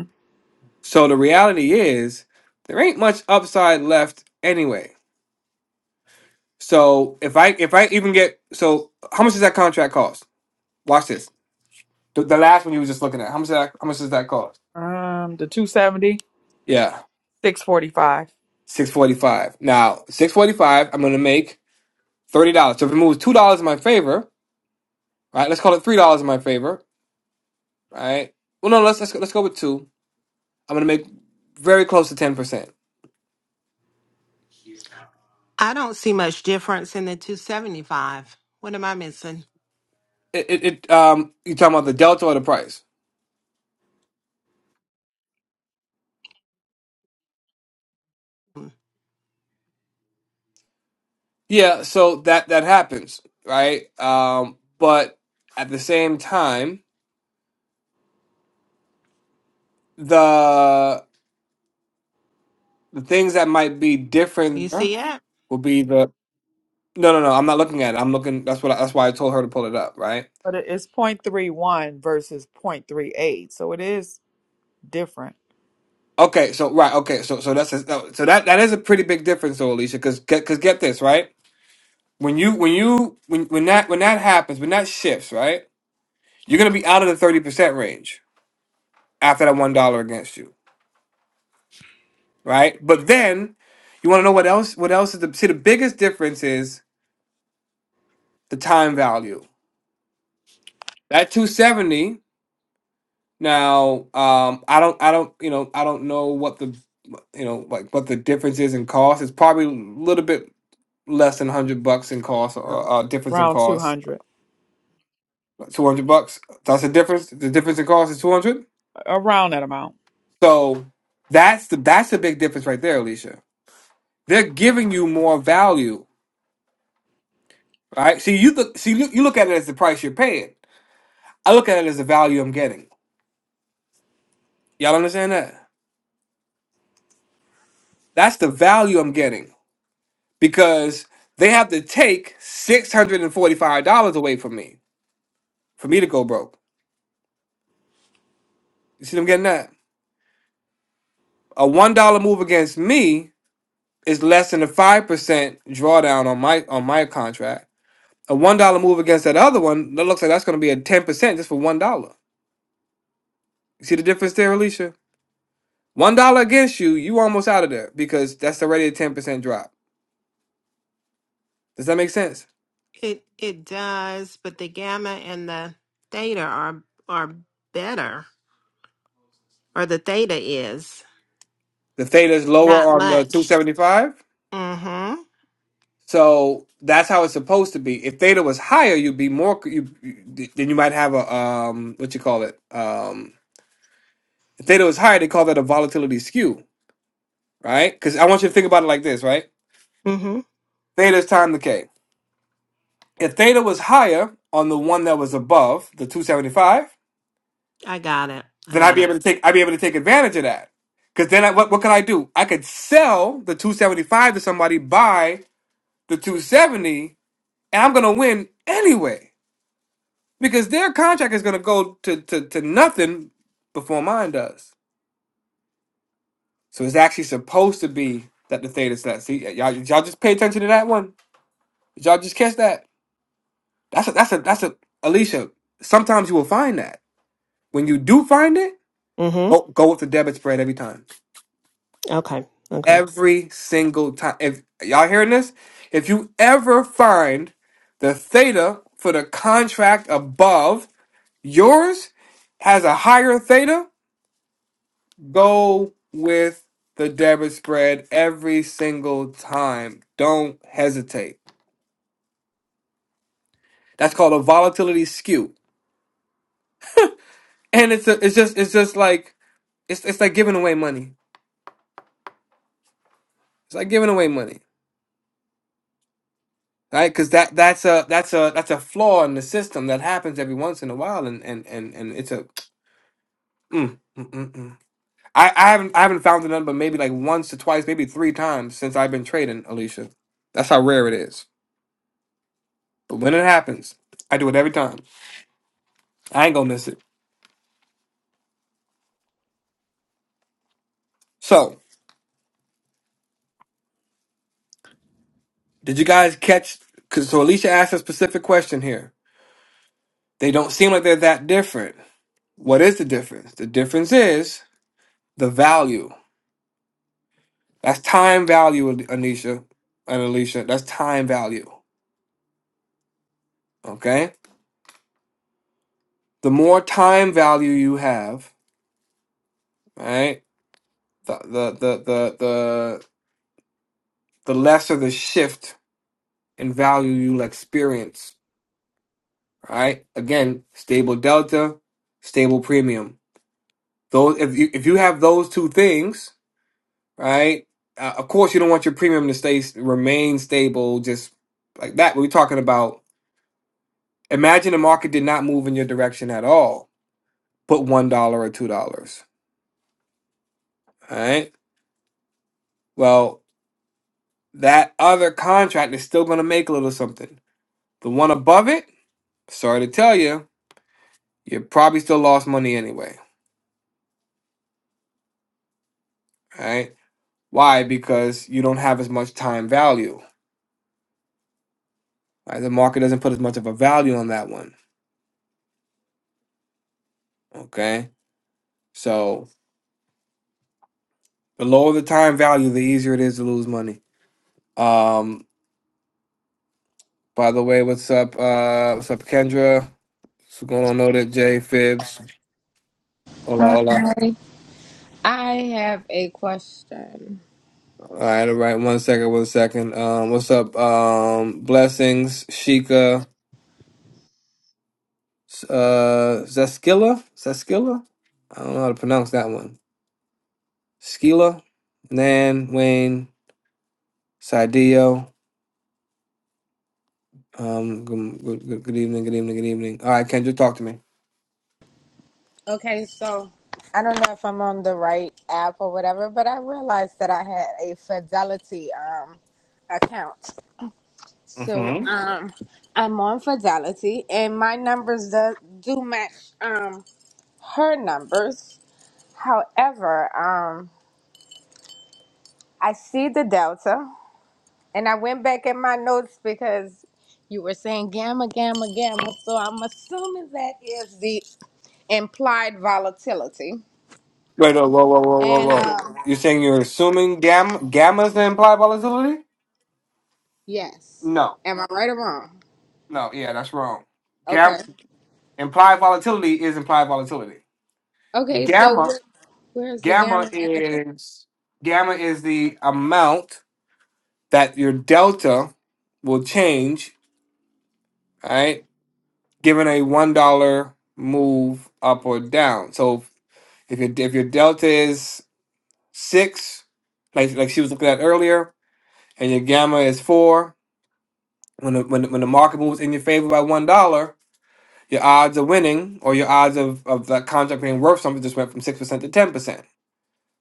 Speaker 2: So the reality is there ain't much upside left anyway. So if I if I even get so how much does that contract cost? Watch this. The, the last one you were just looking at. How much does that how much does that cost?
Speaker 4: Um, the 270,
Speaker 2: Yeah.
Speaker 4: 645.
Speaker 2: 645. Now, 645, I'm going to make $30. So if it moves $2 in my favor, right? Let's call it $3 in my favor, right? Well, no, let's let's, go, let's go with 2. I'm going to make very close to 10%.
Speaker 6: I don't see much difference in the 275. What am I missing?
Speaker 2: It, it, it um you talking about the delta or the price? Yeah, so that that happens, right? Um but at the same time, the the things that might be
Speaker 6: You
Speaker 2: different
Speaker 6: see it?
Speaker 2: will be the No, no, no, I'm not looking at it. I'm looking that's what I, that's why I told her to pull it up, right?
Speaker 4: But it's 0.31 versus 0.38. So it is different.
Speaker 2: Okay, so right, okay, so so that's a, so that that is a pretty big difference, though, Alicia, because because get this right, when you when you when when that when that happens, when that shifts, right, you're gonna be out of the thirty percent range after that one dollar against you, right? But then you want to know what else? What else is the see the biggest difference is the time value. That two seventy. Now, um, I don't, I don't, you know, I don't know what the you know like what the difference is in cost. It's probably a little bit less than hundred bucks in cost, or
Speaker 4: Um,
Speaker 2: uh, difference in
Speaker 4: around
Speaker 2: cost,
Speaker 4: 200,
Speaker 2: two hundred bucks. That's the difference. The difference in cost is two hundred.
Speaker 4: around that amount.
Speaker 2: So that's the that's the big difference right there, Alicia. They're giving you more value, right? See, you look, see, you you look at it as the price you're paying. I look at it as the value I'm getting. Y'all understand that? That's the value I'm getting because they have to take six hundred and forty-five dollars away from me for me to go broke. You see them getting that? A one dollar move against me is less than a five percent drawdown on my on my contract. A one dollar move against that other one, that looks like that's going to be a ten percent just for one dollar. You see the difference there, Alicia? One dollar against you, you almost out of there because that's already a ten percent drop. Does that make sense?
Speaker 6: It it does, but the gamma and the theta are are better, or the theta is
Speaker 2: The theta is lower
Speaker 6: not
Speaker 2: on the two
Speaker 6: much.
Speaker 2: seventy five,
Speaker 6: Mm-hmm.
Speaker 2: so that's how it's supposed to be. If theta was higher, you'd be more. You, you then you might have a um what you call it um if theta was higher, they call that a volatility skew, right? Because I want you to think about it like this, right?
Speaker 6: Mm-hmm.
Speaker 2: Theta is times the K. If theta was higher on the one that was above the 275,
Speaker 6: I got it. I
Speaker 2: then I'd
Speaker 6: got
Speaker 2: be
Speaker 6: it.
Speaker 2: able to take I'd be able to take advantage of that. Because then I, what what could I do? I could sell the 275 to somebody, buy the 270, and I'm gonna win anyway. Because their contract is gonna go to, to, to nothing before mine does. So it's actually supposed to be that the theta's set. See, y'all, y'all just pay attention to that one. Did y'all just catch that? That's a that's a that's a Alicia. Sometimes you will find that. When you do find it, go,
Speaker 6: Mm-hmm.
Speaker 2: go with the debit spread every time.
Speaker 6: Okay. Okay.
Speaker 2: Every single time. If y'all hearing this, if you ever find the theta for the contract above yours has a higher theta, go with the debit spread every single time. Don't hesitate. That's called a volatility skew. And it's a, it's just it's just like it's it's like giving away money. It's like giving away money. right because that that's a that's a that's a flaw in the system that happens every once in a while and and and, and it's a mm, mm, mm, mm. I, I haven't I haven't found the number maybe like once or twice maybe three times since I've been trading Alicia that's how rare it is but when it happens I do it every time I ain't gonna miss it so did you guys catch cause, so Alicia asked a specific question here they don't seem like they're that different what is the difference the difference is the value That's time value, Anisha and Alicia. That's time value. Okay. The more time value you have, right? The the the the the, the lesser the shift in value you'll experience. Right. Again, stable delta, stable premium. Those if you if you have those two things, right? Uh, of course, you don't want your premium to stay remain stable just like that. We're talking about imagine the market did not move in your direction at all put one dollar or two dollars. All right. Well, that other contract is still going to make a little something. The one above it, sorry to tell you, you probably still lost money anyway. All right. Why? Because you don't have as much time value. Right? The market doesn't put as much of a value on that one. Okay. So the lower the time value, the easier it is to lose money. Um. By the way, what's up? Uh, what's up, Kendra? What's going on? Know that Jay Fibs. Hola,
Speaker 11: Hi.
Speaker 2: hola.
Speaker 11: I have a question.
Speaker 2: All right, all right. One second, one second. Um, what's up? Um, blessings, Sheikah, uh, Zaskilla, Zaskilla. I don't know how to pronounce that one. Skila, Nan, Wayne, Sadio. Um, good, good, good, good evening, good evening, good evening. All right, Kendra, talk to me.
Speaker 11: Okay, so I don't know if I'm on the right app or whatever, but I realized that I had a Fidelity um account. So
Speaker 2: Mm-hmm.
Speaker 11: um I'm on Fidelity and my numbers do, do match um her numbers. However, um I see the delta and I went back in my notes because you were saying gamma, gamma, gamma. So I'm assuming that is the implied volatility.
Speaker 2: Wait, no, whoa, whoa, whoa, whoa,
Speaker 11: And
Speaker 2: whoa.
Speaker 11: uh,
Speaker 2: You're saying you're assuming gam gamma's the implied volatility?
Speaker 11: yes,
Speaker 2: No,
Speaker 11: am I right or wrong?
Speaker 2: no, yeah, that's wrong. Gam
Speaker 11: Okay.
Speaker 2: implied volatility is implied volatility.
Speaker 11: Okay. So
Speaker 2: Gamma
Speaker 11: where, where's the
Speaker 2: Gamma
Speaker 11: gamma? And the
Speaker 2: is gamma is the amount that your delta will change, right? Given a one dollar move up or down. So if your if your delta is six, like like she was looking at earlier, and your gamma is four, when the, when the, when the market moves in your favor by one dollar, your odds of winning or your odds of of that contract being worth something just went from six percent to ten percent.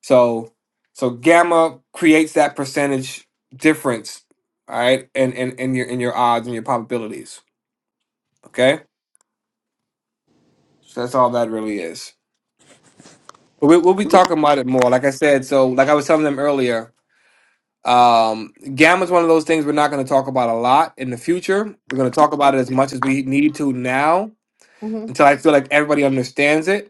Speaker 2: So so gamma creates that percentage difference, all right, in, in, in your in your odds and your probabilities. Okay? So that's all that really is. But we, we'll be talking about it more. Like I said, so like I was telling them earlier, um, gamma is one of those things we're not going to talk about a lot in the future. We're going to talk about it as much as we need to now
Speaker 11: hmm
Speaker 2: until I feel like everybody understands it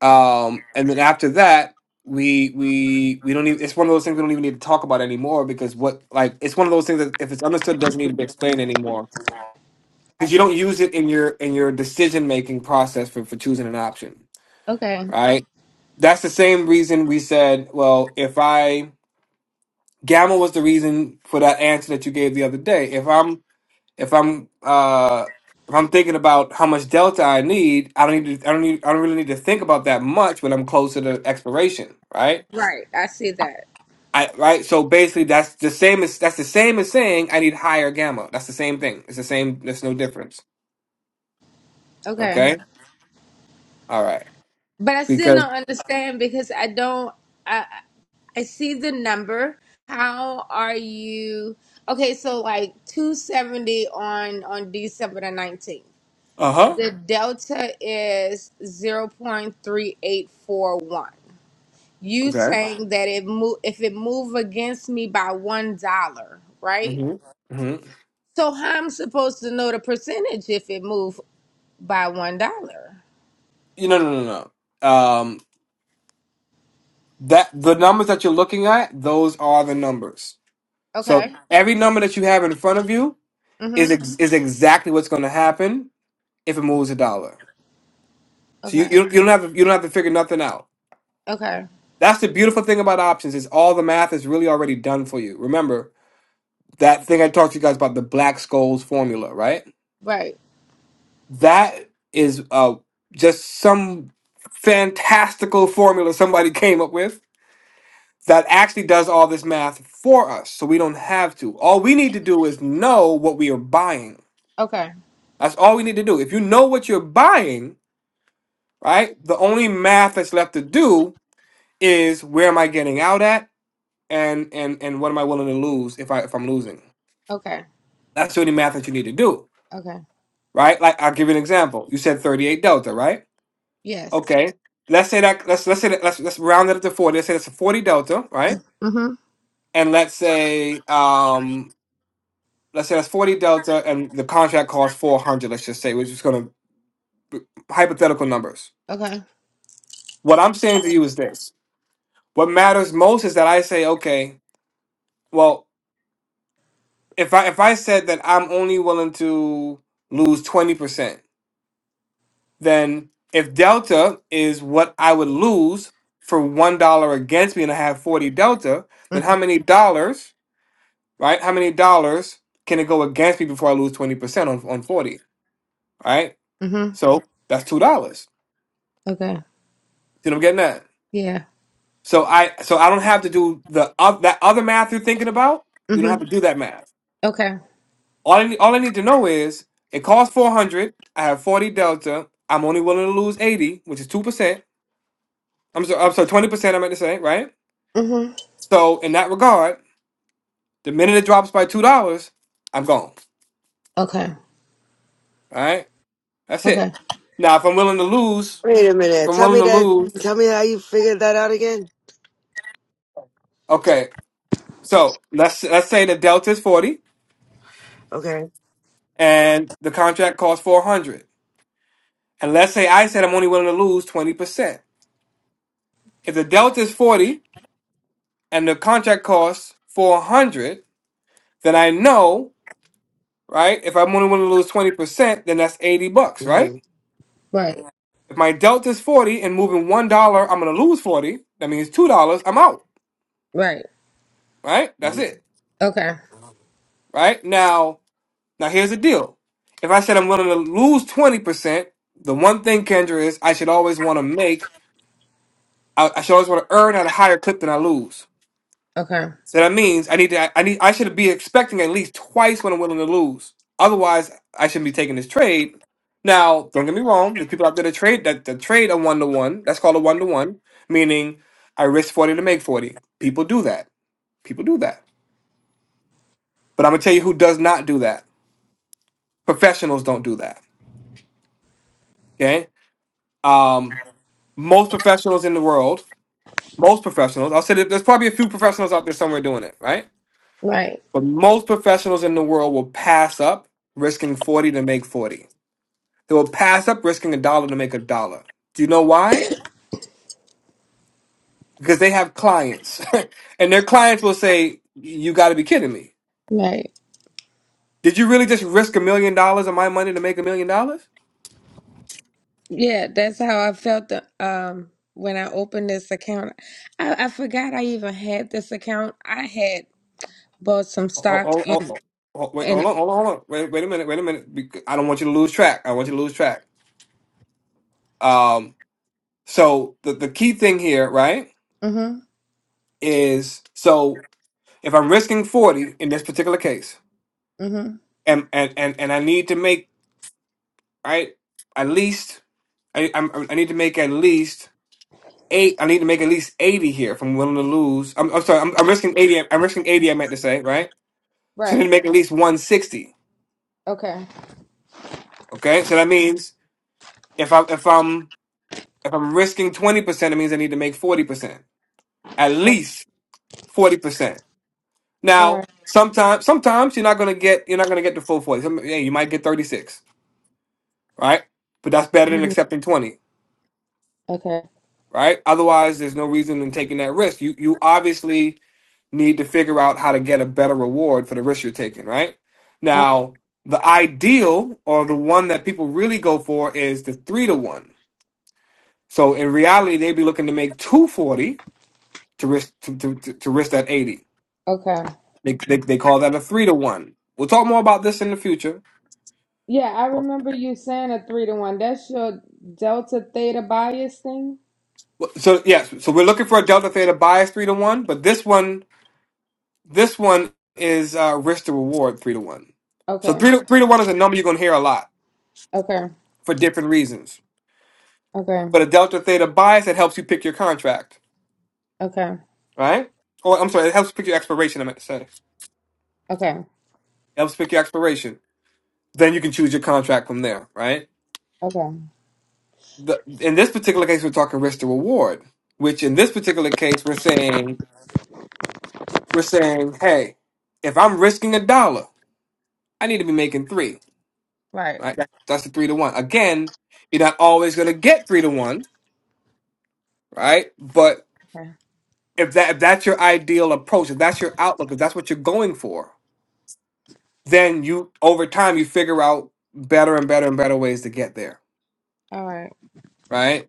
Speaker 2: Um, and then after that, we we we don't even. It's one of those things we don't even need to talk about anymore because what like it's one of those things that if it's understood, doesn't need to be explained anymore because you don't use it in your in your decision making process for for choosing an option,
Speaker 11: Okay.
Speaker 2: right? That's the same reason we said, well, if I gamma was the reason for that answer that you gave the other day. If I'm if I'm uh if I'm thinking about how much delta I need, I don't need to, I don't need I don't really need to think about that much when I'm closer to expiration, right?
Speaker 11: Right. I see that.
Speaker 2: I right. So basically, that's the same as that's the same as saying I need higher gamma. That's the same thing. It's the same. There's no difference.
Speaker 11: Okay.
Speaker 2: Okay. All right.
Speaker 11: But I still
Speaker 2: Because
Speaker 11: don't understand because I don't. I I see the number. How are you? Okay. So like two seventy on on December the nineteenth.
Speaker 2: uh huh.
Speaker 11: The delta is zero point three eight four one. You
Speaker 2: Okay.
Speaker 11: saying that it move if it move against me by one dollar, right?
Speaker 2: Mhm. Mhm.
Speaker 11: So how I'm supposed to know the percentage if it move by one dollar?
Speaker 2: You no no no. no. Um. That the numbers that you're looking at, those are the numbers. So
Speaker 11: Okay.
Speaker 2: every number that you have in front of you is
Speaker 11: Mm-hmm.
Speaker 2: ex- is exactly what's going to happen if it moves a dollar. So you,
Speaker 11: Okay.
Speaker 2: you you don't have to, you don't have to figure nothing out.
Speaker 11: Okay.
Speaker 2: That's the beautiful thing about options is all the math is really already done for you. Remember that thing I talked to you guys about the Black Scholes formula, right?
Speaker 11: Right.
Speaker 2: That is uh, just some fantastical formula somebody came up with that actually does all this math for us, so we don't have to. All we need to do is know what we are buying.
Speaker 11: Okay.
Speaker 2: That's all we need to do. If you know what you're buying, right? The only math that's left to do is where am I getting out at and and and what am I willing to lose if I if I'm losing?
Speaker 11: Okay.
Speaker 2: That's the only math that you need to do,
Speaker 11: Okay.
Speaker 2: right? Like I'll give you an example. You said 38 delta, right?
Speaker 11: Yes.
Speaker 2: Okay. Let's say that let's let's say that let's let's round it up to 40. Let's say that's a 40 delta, right?
Speaker 11: Mm-hmm.
Speaker 2: And let's say um let's say that's 40 delta and the contract costs 400, let's just say, we're just going to hypothetical numbers.
Speaker 11: Okay.
Speaker 2: What I'm saying to you is this. What matters most is that I say, okay, well, if I if I said that I'm only willing to lose 20%, then if delta is what I would lose for one dollar against me and I have 40 delta, then
Speaker 11: Mm-hmm.
Speaker 2: how many dollars, right? How many dollars can it go against me before I lose 20% on, on 40? Right?
Speaker 11: Mm-hmm.
Speaker 2: So that's two dollars.
Speaker 11: Okay.
Speaker 2: See what I'm getting at?
Speaker 11: Yeah.
Speaker 2: So I so I don't have to do the oth- that other math you're thinking about. We don't have
Speaker 11: Mm-hmm.
Speaker 2: to do that math.
Speaker 11: Okay.
Speaker 2: All I, all I need to know is it costs 400. I have 40 delta. I'm only willing to lose 80, which is 2%. I'm sorry, I'm sorry 20%, I meant to say, right?
Speaker 11: Mm-hmm.
Speaker 2: So, in that regard, the minute it drops by $2, I'm gone.
Speaker 11: Okay.
Speaker 2: All right? That's
Speaker 11: Okay.
Speaker 2: it. Now, if I'm willing to lose,
Speaker 12: Wait a
Speaker 2: if
Speaker 12: minute.
Speaker 2: I'm
Speaker 12: Tell
Speaker 2: willing
Speaker 12: me
Speaker 2: to
Speaker 12: that.
Speaker 2: lose,
Speaker 12: Tell me how you figured that out again.
Speaker 2: okay. So, let's let's say the delta is 40
Speaker 12: Okay.
Speaker 2: and the contract costs 400. And let's say I said I'm only willing to lose 20%. If the delta is 40 and the contract costs 400, then I know, right? If I'm only willing to lose 20%, then that's 80 bucks, right?
Speaker 12: hmm
Speaker 11: Right.
Speaker 2: If my delta is 40 and moving $1, I'm going to lose 40. That means $2, I'm out,
Speaker 11: Right.
Speaker 2: right? That's it,
Speaker 11: Okay.
Speaker 2: right? Now, now here's the deal. If I said I'm willing to lose 20%, the one thing, Kendra, is I should always want to make, I, I should always want to earn at a higher clip than I lose.
Speaker 11: Okay.
Speaker 2: So that means I need to I need I should be expecting at least twice what I'm willing to lose. Otherwise, I shouldn't be taking this trade. Now, don't get me wrong, there's people out there that trade that, that trade a one to one. That's called a one to one, meaning I risk 40 to make 40. People do that. People do that. But I'm gonna tell you who does not do that. Professionals don't do that. Okay. Um, most professionals in the world, most professionals, I'll say that there's probably a few professionals out there somewhere doing it, right?
Speaker 11: Right.
Speaker 2: But most professionals in the world will pass up risking 40 to make 40. They will pass up risking a dollar to make a dollar. Do you know why? Because they have clients. and their clients will say, You got to be kidding me.
Speaker 11: Right.
Speaker 2: Did you really just risk a million dollars of my money to make a million dollars?
Speaker 11: Yeah, that's how I felt the, um when I opened this account. I, I forgot I even had this account. I had bought some
Speaker 2: Oh,
Speaker 11: stock
Speaker 2: oh, oh,
Speaker 11: and
Speaker 2: oh. oh, Wait, hold
Speaker 11: and
Speaker 2: on, hold on, hold on. Wait, wait a minute, wait a minute. Bec- I don't want you to lose track. I want you to lose track. Um, so the, the key thing here, right,
Speaker 11: mhm
Speaker 2: is so if I'm risking 40 in this particular case,
Speaker 11: mhm
Speaker 2: and and and, and I need to make right at least I I'm, I need to make at least eight. I need to make at least eighty here if I'm willing to lose. I'm, I'm sorry. I'm, I'm risking eighty. I'm risking eighty. I meant to say right. So I
Speaker 11: right
Speaker 2: need to make at least one sixty.
Speaker 11: okay
Speaker 2: Okay. So that means if I if I'm if I'm risking twenty percent, it means I need to make forty percent at
Speaker 11: okay
Speaker 2: least forty percent.
Speaker 11: all
Speaker 2: Now
Speaker 11: right
Speaker 2: sometimes sometimes you're not gonna get you're not gonna get the full forty. Some, yeah, you might get thirty six. Right. But that's better than
Speaker 11: mhm.
Speaker 2: accepting twenty.
Speaker 11: okay
Speaker 2: right? Otherwise, there's no reason in taking that risk. You you obviously need to figure out how to get a better reward for the risk you're taking, right?
Speaker 11: uh,
Speaker 2: Now, the ideal or the one that people really go for is the three to one. So in reality, they'd be looking to make two forty to risk to, to, to, to risk that eighty.
Speaker 11: okay
Speaker 2: They, they they call that a three to one. We'll talk more about this in the future.
Speaker 11: yeah I remember you saying a three to one. That's your delta theta bias thing.
Speaker 2: So yes, so we're looking for a delta theta bias three to one, but this one This one is uh, risk to reward three to one. So
Speaker 11: Okay
Speaker 2: three to, three to one is a number you're going to hear a lot
Speaker 11: okay
Speaker 2: for different reasons.
Speaker 11: okay
Speaker 2: But a delta theta bias that helps you pick your contract,
Speaker 11: okay
Speaker 2: right? Or I'm sorry, it helps pick your expiration. I meant to say it
Speaker 11: okay
Speaker 2: helps pick your expiration. Then you can choose your contract from there, right?
Speaker 11: okay
Speaker 2: The, in this particular case, we're talking risk to reward, which in this particular case we're saying we're saying, hey, if I'm risking a dollar, I need to be making three,
Speaker 11: right
Speaker 2: right? That's the three to one. Again, you're not always going to get three to one right? But
Speaker 11: okay
Speaker 2: if that if that's your ideal approach, if that's your outlook, if that's what you're going for, then you over time you figure out better and better and better ways to get there,
Speaker 11: all right
Speaker 2: right?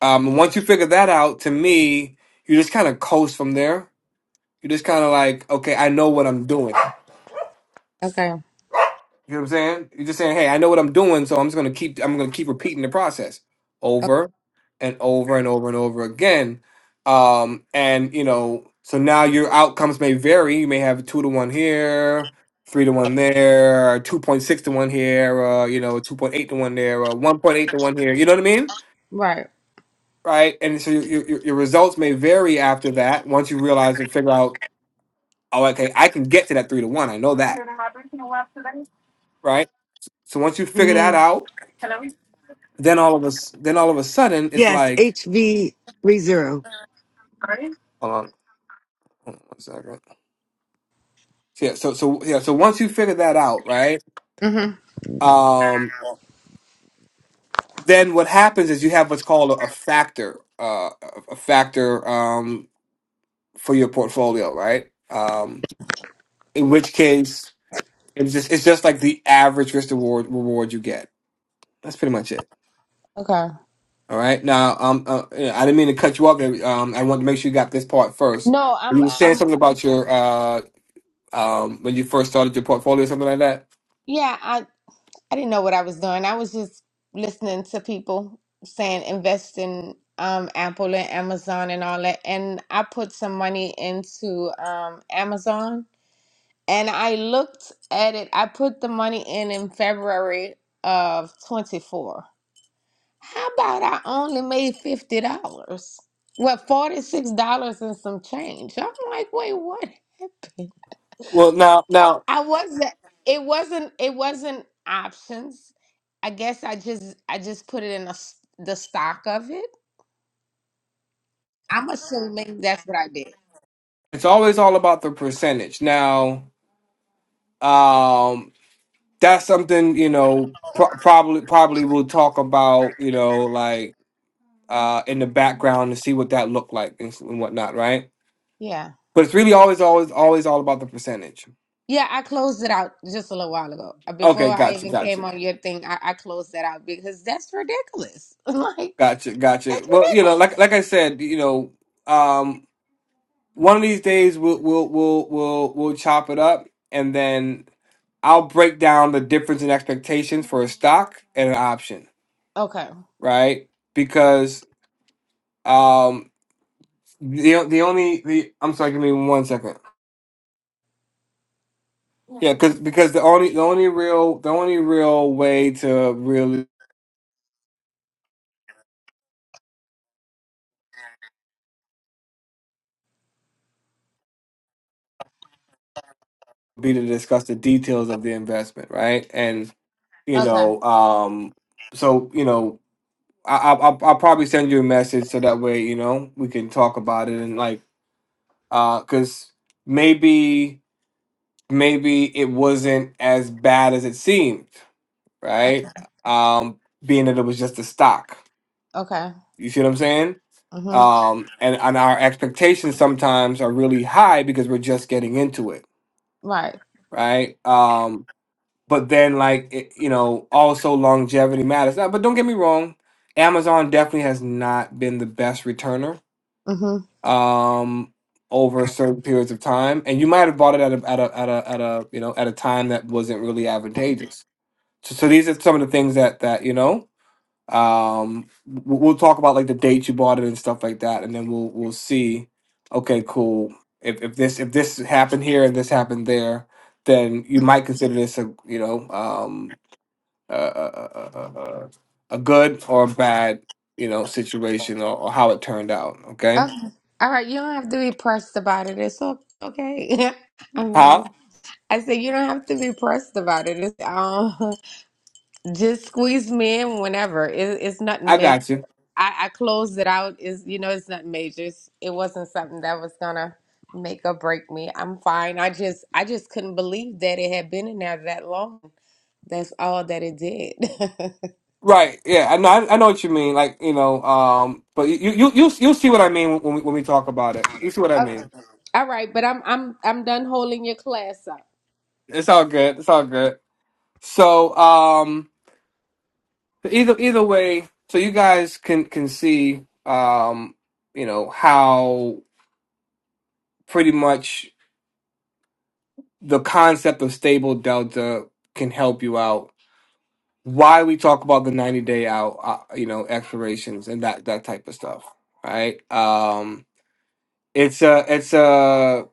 Speaker 2: Um, once you figure that out, to me, you just kind of coast from there. You just kind of like, okay, I know what I'm doing.
Speaker 11: okay,
Speaker 2: You know what I'm saying? You're just saying, hey, I know what I'm doing, so I'm just gonna keep I'm gonna keep repeating the process
Speaker 11: okay.
Speaker 2: over and over and over and over again. Um, and you know, so now your outcomes may vary. You may have two to one here, three to one there, two point six to one here, uh, you know, two point eight to one there, uh, one point eight to one here. You know what I mean?
Speaker 11: right
Speaker 2: Right? And so your, your your results may vary after that. Once you realize and figure out, oh, okay, I can get to that three to one. I know that, right? So once you figure
Speaker 12: hmm
Speaker 2: that out then all of us then all of a sudden it's
Speaker 12: Yes,
Speaker 2: like
Speaker 12: HV30.
Speaker 2: hold on, hold on one second So, yeah so so yeah so once you figure that out right
Speaker 11: mhm
Speaker 2: um then what happens is you have what's called a, a factor uh a a factor um for your portfolio right um in which case it's just it's just like the average risk reward reward you get that's pretty much it
Speaker 11: okay.
Speaker 2: all right now um uh, yeah, i didn't mean to cut you off there. um i wanted to make sure you got this part first
Speaker 11: No, I'm
Speaker 2: you were saying
Speaker 11: I'm
Speaker 2: something about your uh um, when you first started your portfolio, something like that?
Speaker 11: yeah, I I didn't know what I was doing. I was just listening to people saying invest in um Apple and Amazon and all that. And I put some money into um Amazon and I looked at it. I put the money in in February of 24. How about I only made $50? Well, $46 and some change. I'm like, "Wait, what?"
Speaker 2: Well, now, now,
Speaker 11: I wasn't it wasn't it wasn't options. I guess I just I just put it in a s the stock of it. I'm assuming that's what I did.
Speaker 2: It's always all about the percentage. Now, um, that's something you know pro- probably probably we'll talk about you know like uh, in the background to see what that looked like and, s- and whatnot, right?
Speaker 11: Yeah.
Speaker 2: But it's really always always always all about the percentage.
Speaker 11: Yeah, I closed it out just a little while ago. Uh,
Speaker 2: Okay,
Speaker 11: Before I
Speaker 2: gotcha,
Speaker 11: even came
Speaker 2: gotcha,
Speaker 11: on your thing, I, I closed that out because that's ridiculous. Like
Speaker 2: gotcha, gotcha.
Speaker 11: that's
Speaker 2: Well, you know,
Speaker 11: ridiculous.
Speaker 2: like like I said, you know, um, one of these days we'll we'll we'll we'll we'll chop it up, and then I'll break down the difference in expectations for a stock and an option,
Speaker 11: Okay.
Speaker 2: right? Because um the the only the I'm sorry, give me one second. Yeah, because because the only the only real the only real way to really be to discuss the details of the investment, right? And you
Speaker 11: Okay.
Speaker 2: know, um, so you know, I, I I'll, I'll probably send you a message so that way you know we can talk about it and like uh, because maybe maybe it wasn't as bad as it seemed,
Speaker 11: Uh,
Speaker 2: right? Um, being that it was just a stock.
Speaker 11: Okay.
Speaker 2: You see what I'm saying?
Speaker 11: Mhm.
Speaker 2: Um, and, and our expectations sometimes are really high because we're just getting into it,
Speaker 11: Right.
Speaker 2: right? Um, but then, like, it, you know, also longevity matters. Now, but don't get me wrong, Amazon definitely has not been the best returner
Speaker 11: Mhm.
Speaker 2: um, over certain periods of time, and you might have bought it at a at a at a at a you know at a time that wasn't really advantageous so, so these are some of the things that that you know um we'll, we'll talk about like the date you bought it and stuff like that and then we'll we'll see okay cool if, if this if this happened here and this happened there then you might consider this a you know um a, a, a, a, a a good or a bad you know situation or, or how it turned out okay
Speaker 11: Okay. All right. You don't have to be pressed about it. It's o- okay. I mean, it's
Speaker 2: huh
Speaker 11: I said you don't have to be pressed about it. It's, um, just squeeze me in whenever. It, it's nothing
Speaker 2: i
Speaker 11: major.
Speaker 2: got you
Speaker 11: I, I closed it out. Is you know, it's nothing major. It's, it wasn't something that was gonna make or break me. I'm fine. I just I just couldn't believe that it had been in there that long. That's all that it did.
Speaker 2: Right. Yeah. I know. I, I know what you mean. Like you know. Um. But you you you you you'll see what I mean when we when we talk about it. You see what I
Speaker 11: Okay.
Speaker 2: mean.
Speaker 11: All right, but I'm I'm I'm done holding your class up.
Speaker 2: It's all good. It's all good. So, um, so either either way, so you guys can can see, um, you know how pretty much the concept of stable delta can help you out. Why we talk about the ninety day out, uh, you know, expirations and that that type of stuff, right? Um, it's a it's a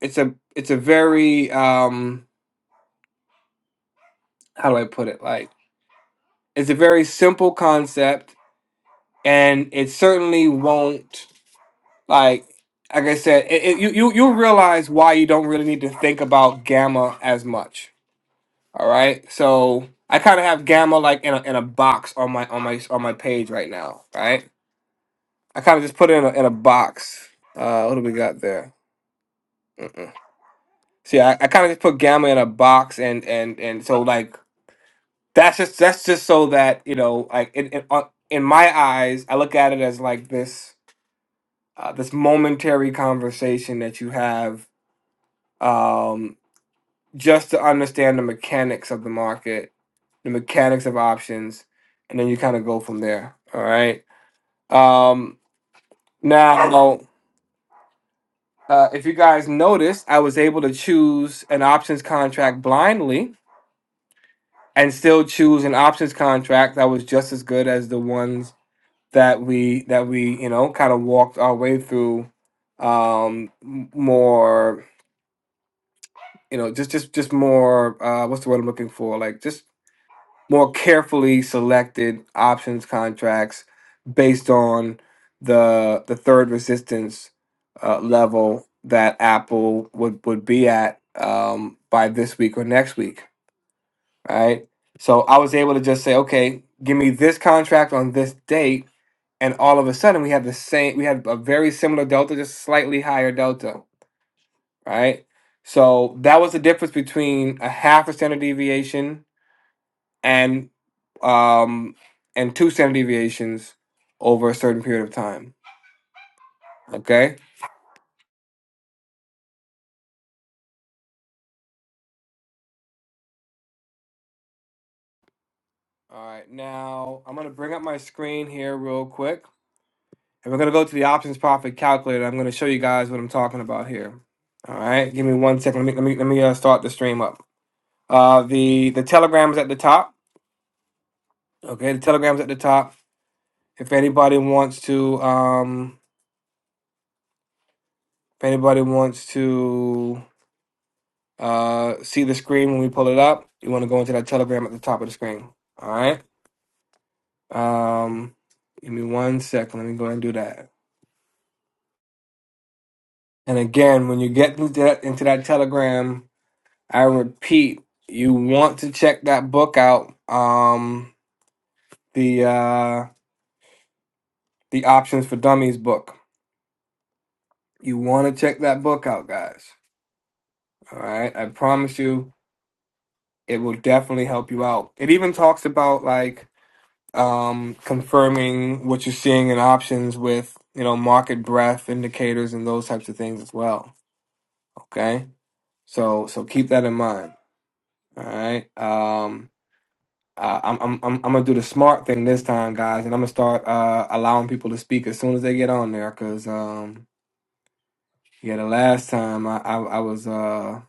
Speaker 2: it's a it's a very um, how do I put it? Like, it's a very simple concept, and it certainly won't Like like I said, it, it, you you you realize why you don't really need to think about gamma as much. All right, so I kind of have gamma like in a, in a box on my on my on my page right now. Right, I kind of just put it in a, in a box. Uh, what do we got there? Mm-mm. See, I, I kind of just put gamma in a box, and and and so like that's just that's just so that you know, like in in, on- in my eyes, I look at it as like this uh, this momentary conversation that you have um just to understand the mechanics of the market, the mechanics of options, and then you kind of go from there. All right. Um, now, uh, if you guys noticed, I was able to choose an options contract blindly and still choose an options contract that was just as good as the ones that we that we you know kind of walked our way through um m- more you know just just just more uh what's the word i'm looking for like just more carefully selected options contracts based on the the third resistance uh, level that Apple would would be at um, by this week or next week, right? So I was able to just say, okay, give me this contract on this date, and all of a sudden we had the same, we had a very similar delta, just slightly higher delta, right? So that was the difference between a half a standard deviation and um and two standard deviations over a certain period of time. Okay? All right. Now, I'm going to bring up my screen here real quick. And we're going to go to the options profit calculator. I'm going to show you guys what I'm talking about here. All right. Give me one second. Let me let me let me uh, start the stream up. Uh the the Telegram is at the top. Okay, the Telegram's at the top. If anybody wants to um if anybody wants to Uh, see the screen when we pull it up. You want to go into that Telegram at the top of the screen. All right. Um, give me one second. Let me go and do that. And again, when you get into that, into that Telegram, I repeat, you want to check that book out. Um, the uh, the Options for Dummies book. You want to check that book out, guys. All right. I promise you, it will definitely help you out. It even talks about like um, confirming what you're seeing in options with you know market breadth indicators and those types of things as well. Okay, so so keep that in mind. All right, um, uh, I'm, I'm I'm I'm gonna do the smart thing this time, guys, and I'm gonna start uh, allowing people to speak as soon as they get on there, cause um, yeah, the last time I I, I was uh.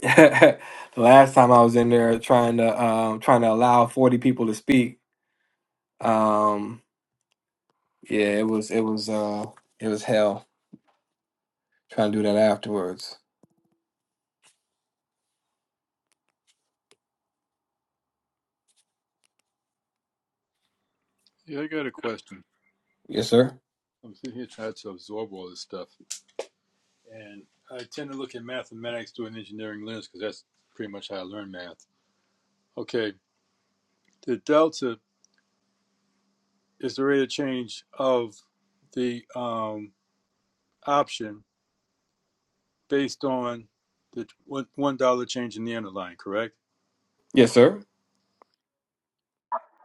Speaker 2: the last time I was in there trying to um trying to allow 40 people to speak um yeah it was it was uh it was hell Try to do that afterwards.
Speaker 3: yeah. I got a question.
Speaker 2: Yes, sir.
Speaker 3: I'm sitting here trying to absorb all this stuff. And I tend to look at mathematics through an engineering lens because that's pretty much how I learned math. Okay, the delta is the rate of change of the um, option based on the one dollar change in the underlying, correct?
Speaker 2: Yes, sir.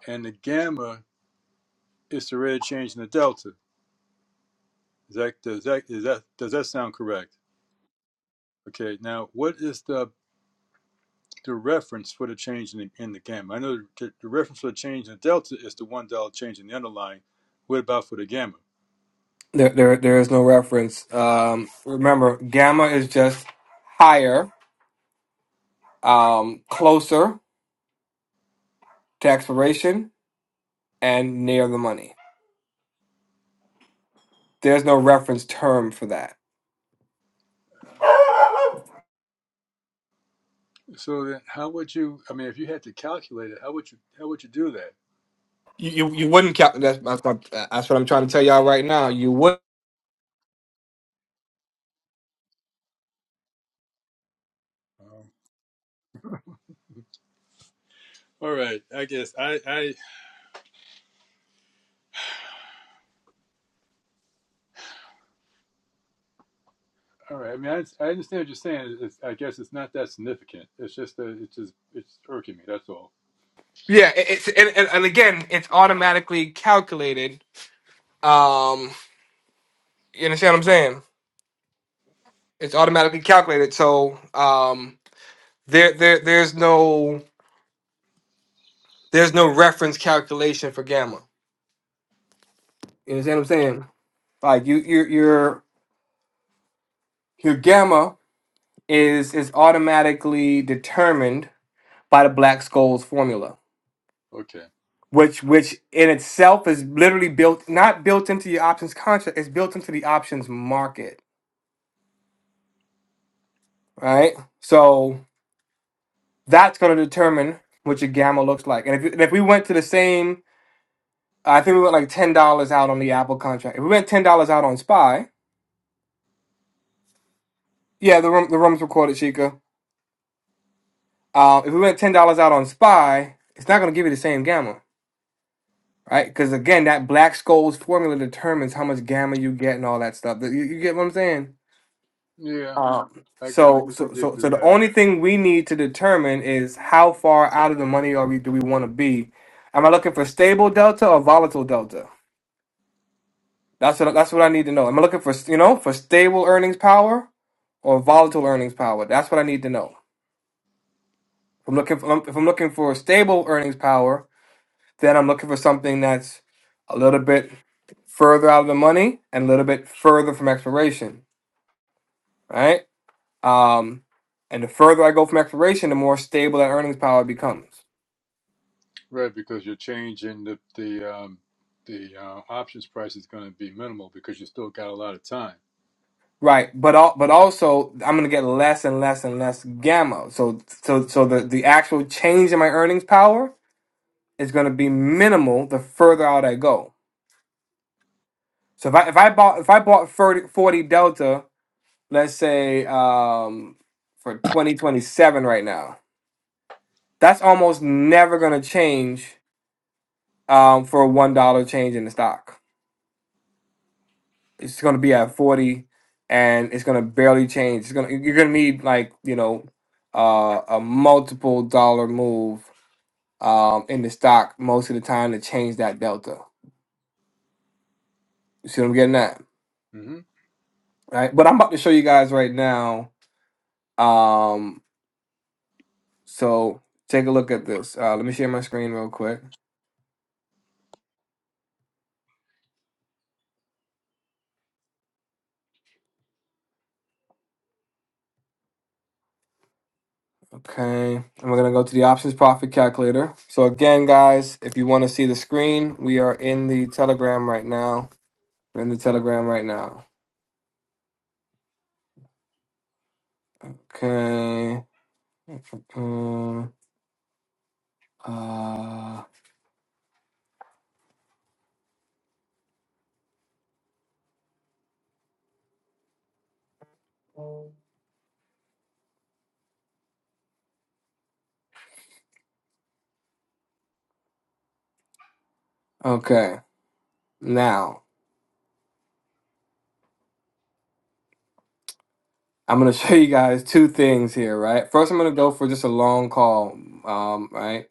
Speaker 3: And the gamma is the rate of change in the delta. Is that does that is that does that sound correct? Okay, now what is the the reference for the change in the, in the gamma? I know the, the reference for the change in the delta is the one dollar change in the underlying. What about for the gamma?
Speaker 2: There, there, there is no reference. Um, remember, gamma is just higher, um, closer to expiration, and near the money. There's no reference term for that.
Speaker 3: So then, how would you? I mean, if you had to calculate it, how would you? How would you do that?
Speaker 2: You, you, you wouldn't cap. That's, that's, what- that's what I'm trying to tell y'all right now. You would.
Speaker 3: Um, all right, I guess I, I. All right, I mean, I, I understand what you're saying. It's, I guess it's not that significant. It's just that it's just it's irking me. That's all.
Speaker 2: Yeah, it- it's and, and, and again, it's automatically calculated. Um, you understand what I'm saying? It's automatically calculated. So um, there, there, there's no There's no reference calculation for gamma. You understand what I'm saying? Like you, your your your gamma is is automatically determined by the Black Scholes formula,
Speaker 3: Okay.
Speaker 2: which which in itself is literally built not built into your options contract. It's built into the options market, right? So that's going to determine what your gamma looks like. And if and if we went to the same, I think we went like ten dollars out on the Apple contract. If we went ten dollars out on Spy, yeah, the room the room's recorded, Chica Uh, if we went ten dollars out on SPY, it's not going to give you the same gamma, right? Because again, that Black Scholes formula determines how much gamma you get and all that stuff. You, you get what I'm saying?
Speaker 3: Yeah,
Speaker 2: Um,
Speaker 3: I guess I can
Speaker 2: so, so,
Speaker 3: dig
Speaker 2: so, so
Speaker 3: through
Speaker 2: the
Speaker 3: that.
Speaker 2: only thing we need to determine is how far out of the money are we? Do we want to be? Am I looking for stable delta or volatile delta? That's what that's what I need to know. Am I looking for you know for stable earnings power or volatile earnings power? That's what I need to know. If I'm looking for, if I'm looking for stable earnings power, Then I'm looking for something that's a little bit further out of the money and a little bit further from expiration, right? Um, and the further I go from expiration, the more stable that earnings power becomes,
Speaker 3: Right, because you're changing the the um, the uh, options price is going to be minimal because you still got a lot of time.
Speaker 2: right? But all, but also I'm gonna get less and less and less gamma. So so so the the actual change in my earnings power is gonna be minimal the further out I go. So if I if I bought if I bought 30, 40 delta, let's say um, for 2027 right now That's almost never going to change um, for a one dollar change in the stock. It's going to be at forty, and it's going to barely change. It's going to you're going to need like you know uh, a multiple dollar move um, in the stock most of the time to change that delta. You see what I'm getting at,
Speaker 3: hmm
Speaker 2: right? But I'm about to show you guys right now. Um, so take a look at this. Uh, let me share my screen real quick. Okay, and we're gonna go to the options profit calculator. So again, guys, if you want to see the screen, we are in the Telegram right now. We're in the Telegram right now. Okay. Mm, Uh, okay. Now I'm gonna show you guys two things here, right? First, I'm gonna go for just a long call. Um, right.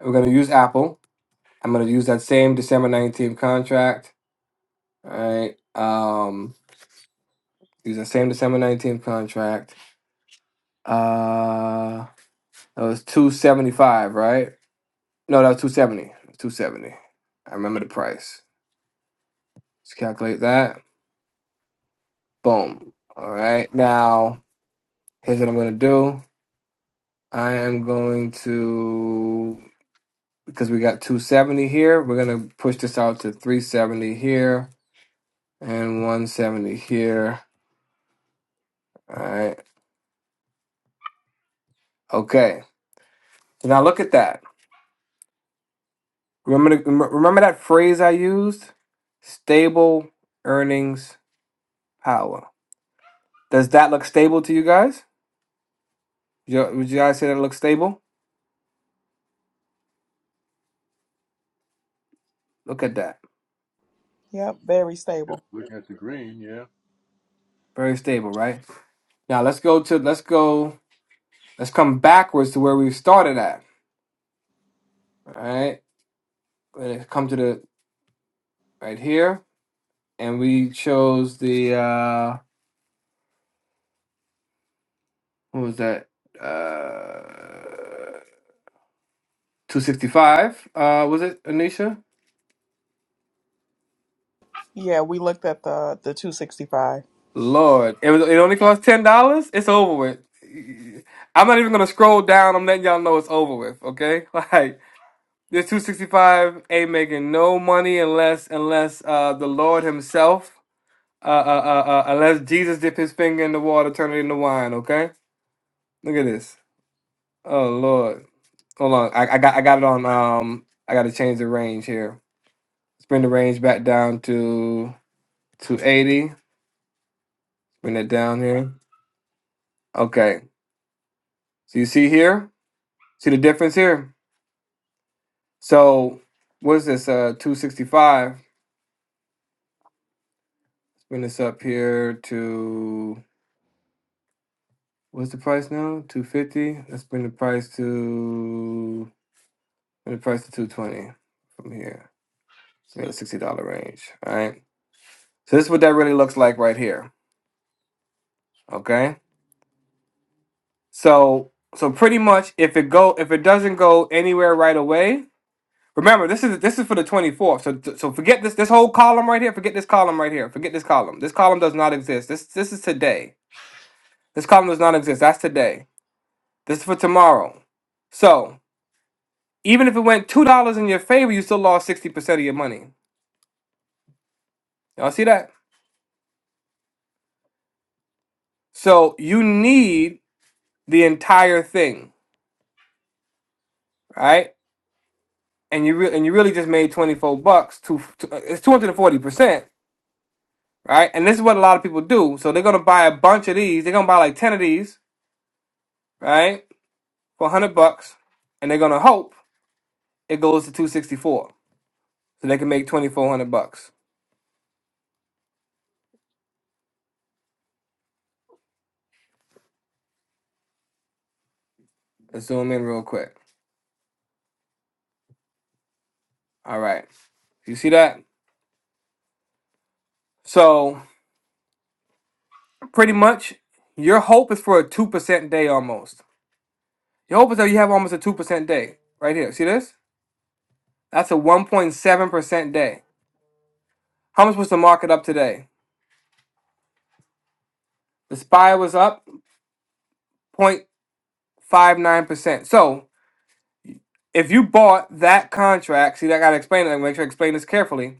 Speaker 2: We're gonna use Apple. I'm gonna use that same December 19th contract. All right. Um, use that same December 19th contract. Uh, that was two seventy five, right? No, that was two seventy. Two seventy. I remember the price. Let's calculate that. Boom. All right. Now here's what I'm gonna do. I am going to because we got two seventy here. We're gonna push this out to three seventy here and one seventy here. All right. Okay. So now look at that. Remember the, remember that phrase I used? Stable earnings power. Does that look stable to you guys? You- Would you guys say that it looks stable? Look at that.
Speaker 4: Yep, very stable.
Speaker 3: Looking at the green, yeah.
Speaker 2: Very stable, right? Now let's go to let's go let's come backwards to where we started at. All right. Let's come to the right here. And we chose the uh what was that? Uh 265 uh was it Anisha?
Speaker 4: Yeah, we looked at the the 265.
Speaker 2: Lord, it was it only cost ten dollars? It's over with. I'm not even gonna scroll down, I'm letting y'all know it's over with, okay? Like This 265 ain't making no money unless unless uh the Lord Himself uh uh uh, uh unless Jesus dip his finger in the water, turn it into wine. Okay, look at this. Oh Lord, hold on. I, I got I got it on. Um, I got to change the range here. Let's bring the range back down to 280. Bring it down here. Okay. So you see here, see the difference here. So what's this? Uh, 265. Bring this up here to What's the price now? Two fifty. Let's bring the price to bring the price to two twenty from here. So in the sixty dollar range. All right. So this is what that really looks like right here. Okay. So so pretty much if it go if it doesn't go anywhere right away. Remember this is this is for the twenty fourth. So so forget this this whole column right here. Forget this column right here. Forget this column. This column does not exist. This this is today. This column does not exist. That's today. This is for tomorrow. So Even if it went two dollars in your favor, you still lost sixty percent of your money. Y'all see that? So you need the entire thing, right? And you re- and you really just made twenty four bucks. To, to uh, it's two hundred and forty percent, right? And this is what a lot of people do. So they're gonna buy a bunch of these. They're gonna buy like ten of these, right, for hundred bucks, and they're gonna hope it goes to two sixty four, so they can make twenty four hundred bucks. Let's zoom in real quick. All right, you see that? So. Pretty much, your hope is for a 2% day almost. Your hope is that you have almost a 2% day. Right here. See this? That's a 1.7% day. How much was the market up today? The SPY was up 0.59%. So if you bought that contract, see, I got to explain it. I Make sure I explain this carefully.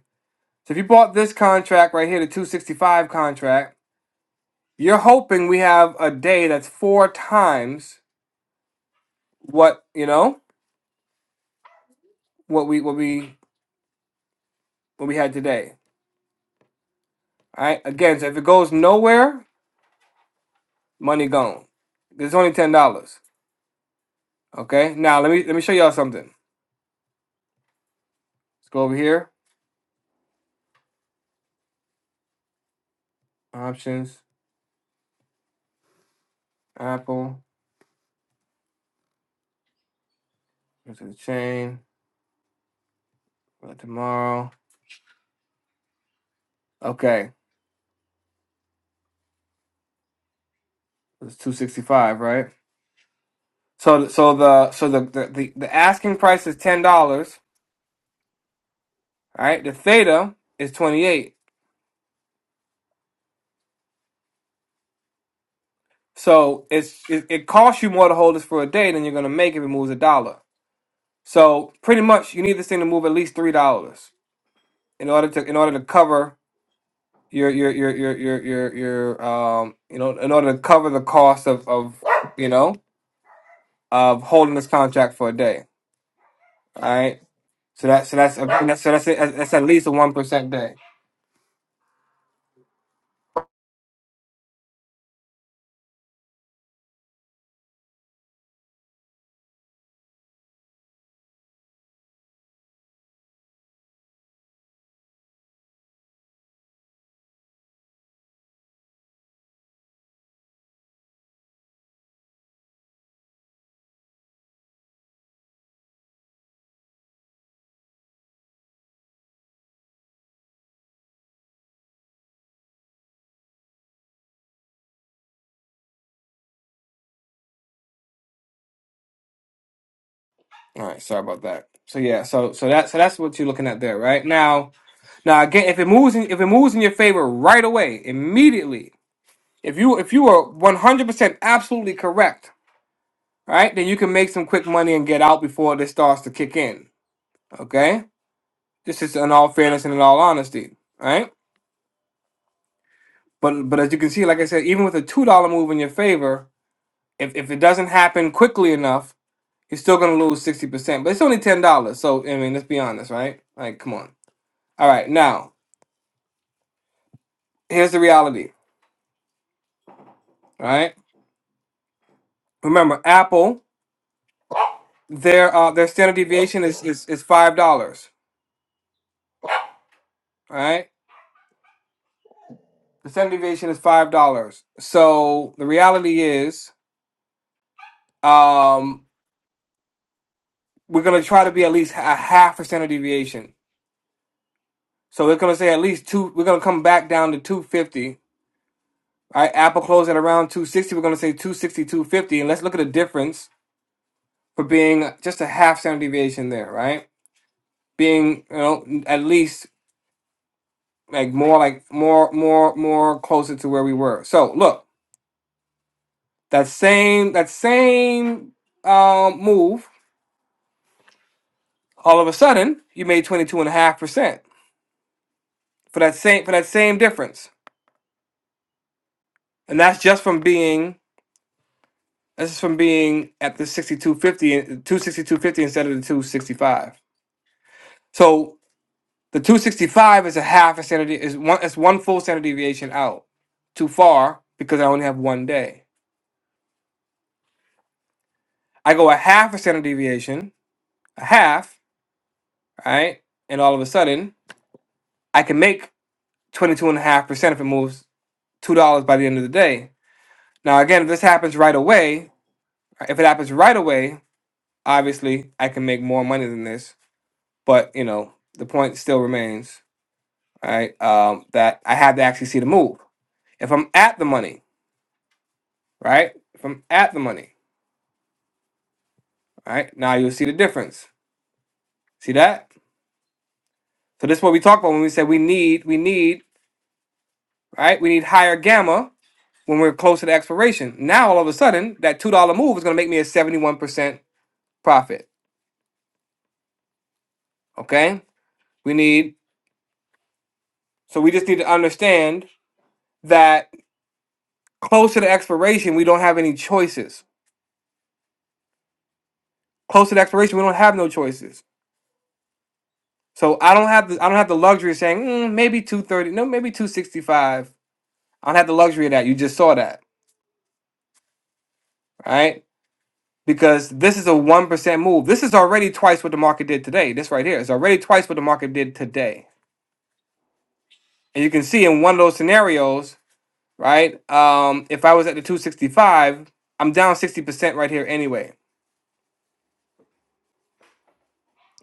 Speaker 2: So if you bought this contract right here, the 265 contract, you're hoping we have a day that's four times what, you know, what we, what we, what we had today. All right. Again, so if it goes nowhere, money gone. It's only ten dollars. Okay. Now let me let me show y'all something. Let's go over here. Options. Apple. Go to the chain. Go to tomorrow. Okay. It's two sixty five, right? So th- so the so the the, the, the asking price is ten dollars. All right. The theta is twenty eight. So it's it, it costs you more to hold this for a day than you're gonna make if it moves a dollar. So pretty much you need this thing to move at least three dollars in order to in order to cover your your your your your your your um you know in order to cover the cost of of you know of holding this contract for a day. All right. So that so that's, that's so that's that's at least a one percent day. All right. Sorry about that. So yeah. So so that so that's what you're looking at there, right? Now now again, if it moves in, if it moves in your favor right away, immediately. If you if you are one hundred percent absolutely correct, all right, then you can make some quick money and get out before this starts to kick in. Okay This is in all fairness and in all honesty, right? But but as you can see, like I said, even with a two dollar move in your favor, if if it doesn't happen quickly enough, you're still gonna lose sixty percent. But it's only ten dollars, so I mean, let's be honest, right? Like, come on. All right, now here's the reality, right? Remember, Apple, their uh their standard deviation is is is five dollars, right? The standard deviation is five dollars. So the reality is, um, we're gonna try to be at least a half a standard deviation So we're gonna say at least two. We're gonna come back down to 250. All right, Apple closed at around 260. We're gonna say two sixty-two fifty, and let's look at the difference for being just a half standard deviation there, right? Being you know at least like more like more more more closer to where we were. So look, that same that same um, move. All of a sudden, you made 22 and a half percent for that same for that same difference, and that's just from being This is from being at the 6250, 26250 instead of the 265. So the 265 is a half a standard, is one, it's one full standard deviation out. Too far because I only have one day. I go a half a standard deviation, a half, right? And all of a sudden, I can make 22.5% if it moves $2 by the end of the day. Now, again, if this happens right away, if it happens right away, obviously I can make more money than this. But, you know, the point still remains right? Um, that I have to actually see the move. If I'm at the money, right? If I'm at the money, right? Now you'll see the difference. See that? So this is what we talk about when we say we need, we need, right? We need higher gamma when we're close to the expiration. Now all of a sudden, that two dollar move is going to make me a seventy-one percent profit. Okay, we need. So we just need to understand that close to the expiration, we don't have any choices. Close to the expiration, we don't have no choices So I don't have the I don't have the luxury of saying "Mm, maybe two thirty, no, maybe two sixty five. I don't have the luxury of that. You just saw that, right? Because this is a one percent move. This is already twice what the market did today. This right here is already twice what the market did today. And you can see in one of those scenarios, right? Um, if I was at the two sixty five, I'm down sixty percent right here anyway.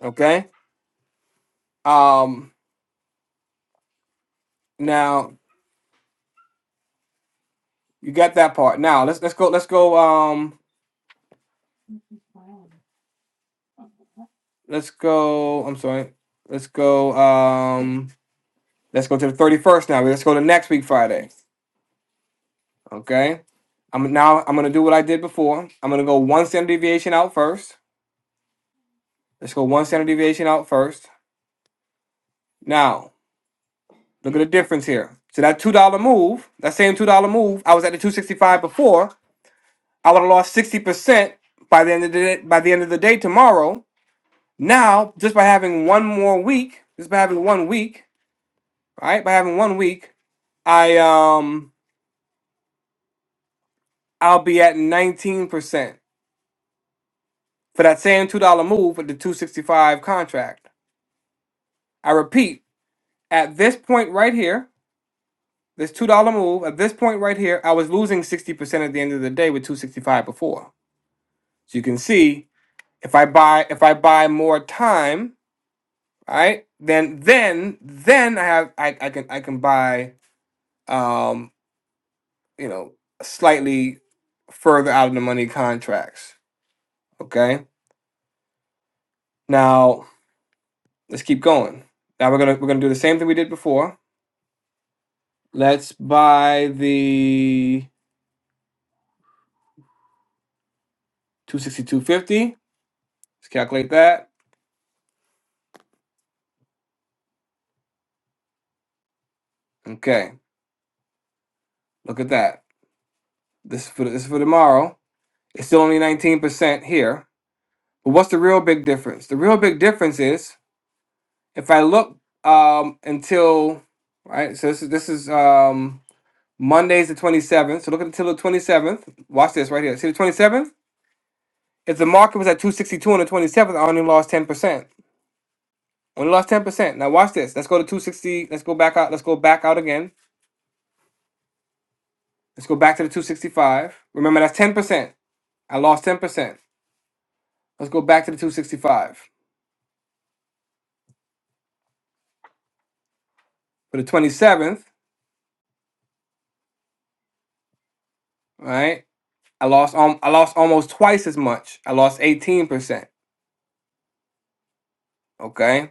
Speaker 2: Okay. Um, now you got that part. Now let's let's go let's go um let's go. I'm sorry. Let's go. Um. Let's go to the 31st now. Let's go to next week Friday. Okay. I'm now I'm gonna do what I did before. I'm gonna go one standard deviation out first. Let's go one standard deviation out first. Now, look at the difference here. So that two dollar move, that same two dollar move, I was at the 265 before. I would have lost 60% by the end of the day, by the end of the day tomorrow. Now, just by having one more week, just by having one week, right? By having one week, I um I'll be at 19%. for that same two dollar move with the two sixty five contract. I repeat, at this point right here, this two dollar move at this point right here, I was losing sixty percent at the end of the day with two sixty five before. So you can see if I buy if I buy more time, all right, then then then I have I, I can I can buy um you know slightly further out of the money contracts. Okay, now let's keep going. Now we're gonna we're gonna do the same thing we did before Let's buy the 262.50. Let's calculate that. Okay, look at that. This is for this is for tomorrow. It's still only 19% here. But what's the real big difference? The real big difference is if I look um until right, so this is this is um Monday's the 27th. So look until the 27th. Watch this right here. See the 27th? If the market was at 262 on the 27th, I only lost 10%. Only lost 10%. Now watch this. Let's go to 260. Let's go back out. Let's go back out again. Let's go back to the 265. Remember, that's 10%. I lost 10%. Let's go back to the 265. For the 27th, right? I lost um, I lost almost twice as much. I lost 18%. Okay?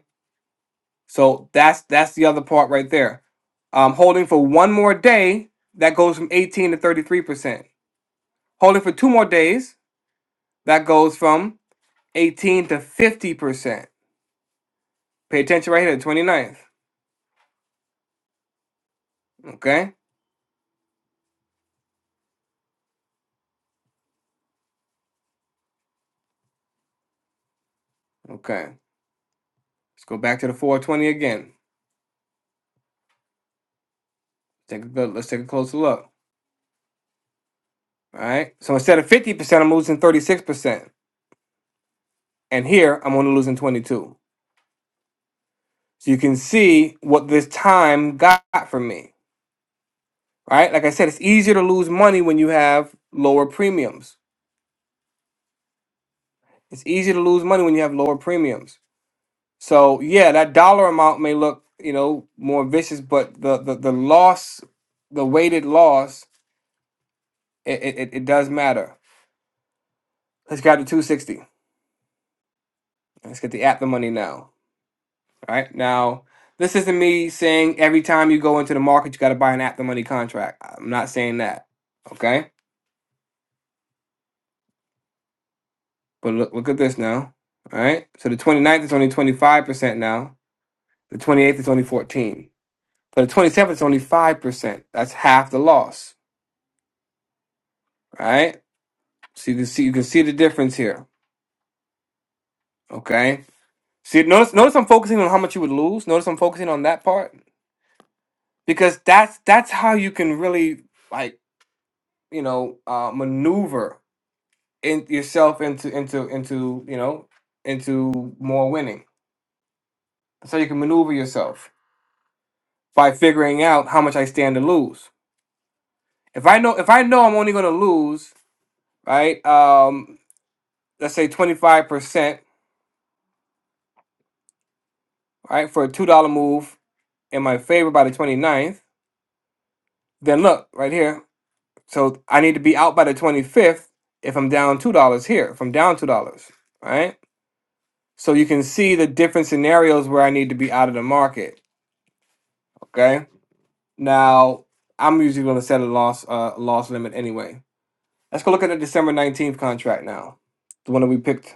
Speaker 2: So that's that's the other part right there. I'm holding for one more day, that goes from 18 to 33%. Holding for two more days, that goes from 18 to 50%. Pay attention right here, the twenty ninth. Okay? Okay. Let's go back to the 420 again. Take a good, let's take a closer look. All right. So instead of 50%, I'm losing 36%. And here, I'm only losing 22. So you can see what this time got for me. Right. Like I said, it's easier to lose money when you have lower premiums. It's easier to lose money when you have lower premiums. So yeah, that dollar amount may look, you know, more vicious, but the the, the loss, the weighted loss, it, it, it it does matter. Let's grab the 260. Let's get the at the money now. All right. Now, this isn't me saying every time you go into the market, you got to buy an at the money contract. I'm not saying that. Okay. But look, look at this now. All right. So the 29th is only 25% now. The 28th is only 14. But the 27th is only 5%. That's half the loss. All right. So you can see, you can see the difference here. Okay. See, notice, notice I'm focusing on how much you would lose. Notice I'm focusing on that part because that's, that's how you can really like, you know, uh, maneuver in yourself into into into you know into more winning. That's how you can maneuver yourself by figuring out how much I stand to lose. If I know if I know I'm only going to lose, right? Um, let's say 25 percent, right, for a two dollar move in my favor by the twenty ninth. Then look right here. So I need to be out by the 25th if I'm down two dollars here. If I'm down two dollars, right? So you can see the different scenarios where I need to be out of the market. Okay Now, I'm usually going to set a loss uh, loss limit anyway. Let's go look at the December 19th contract now. The one that we picked,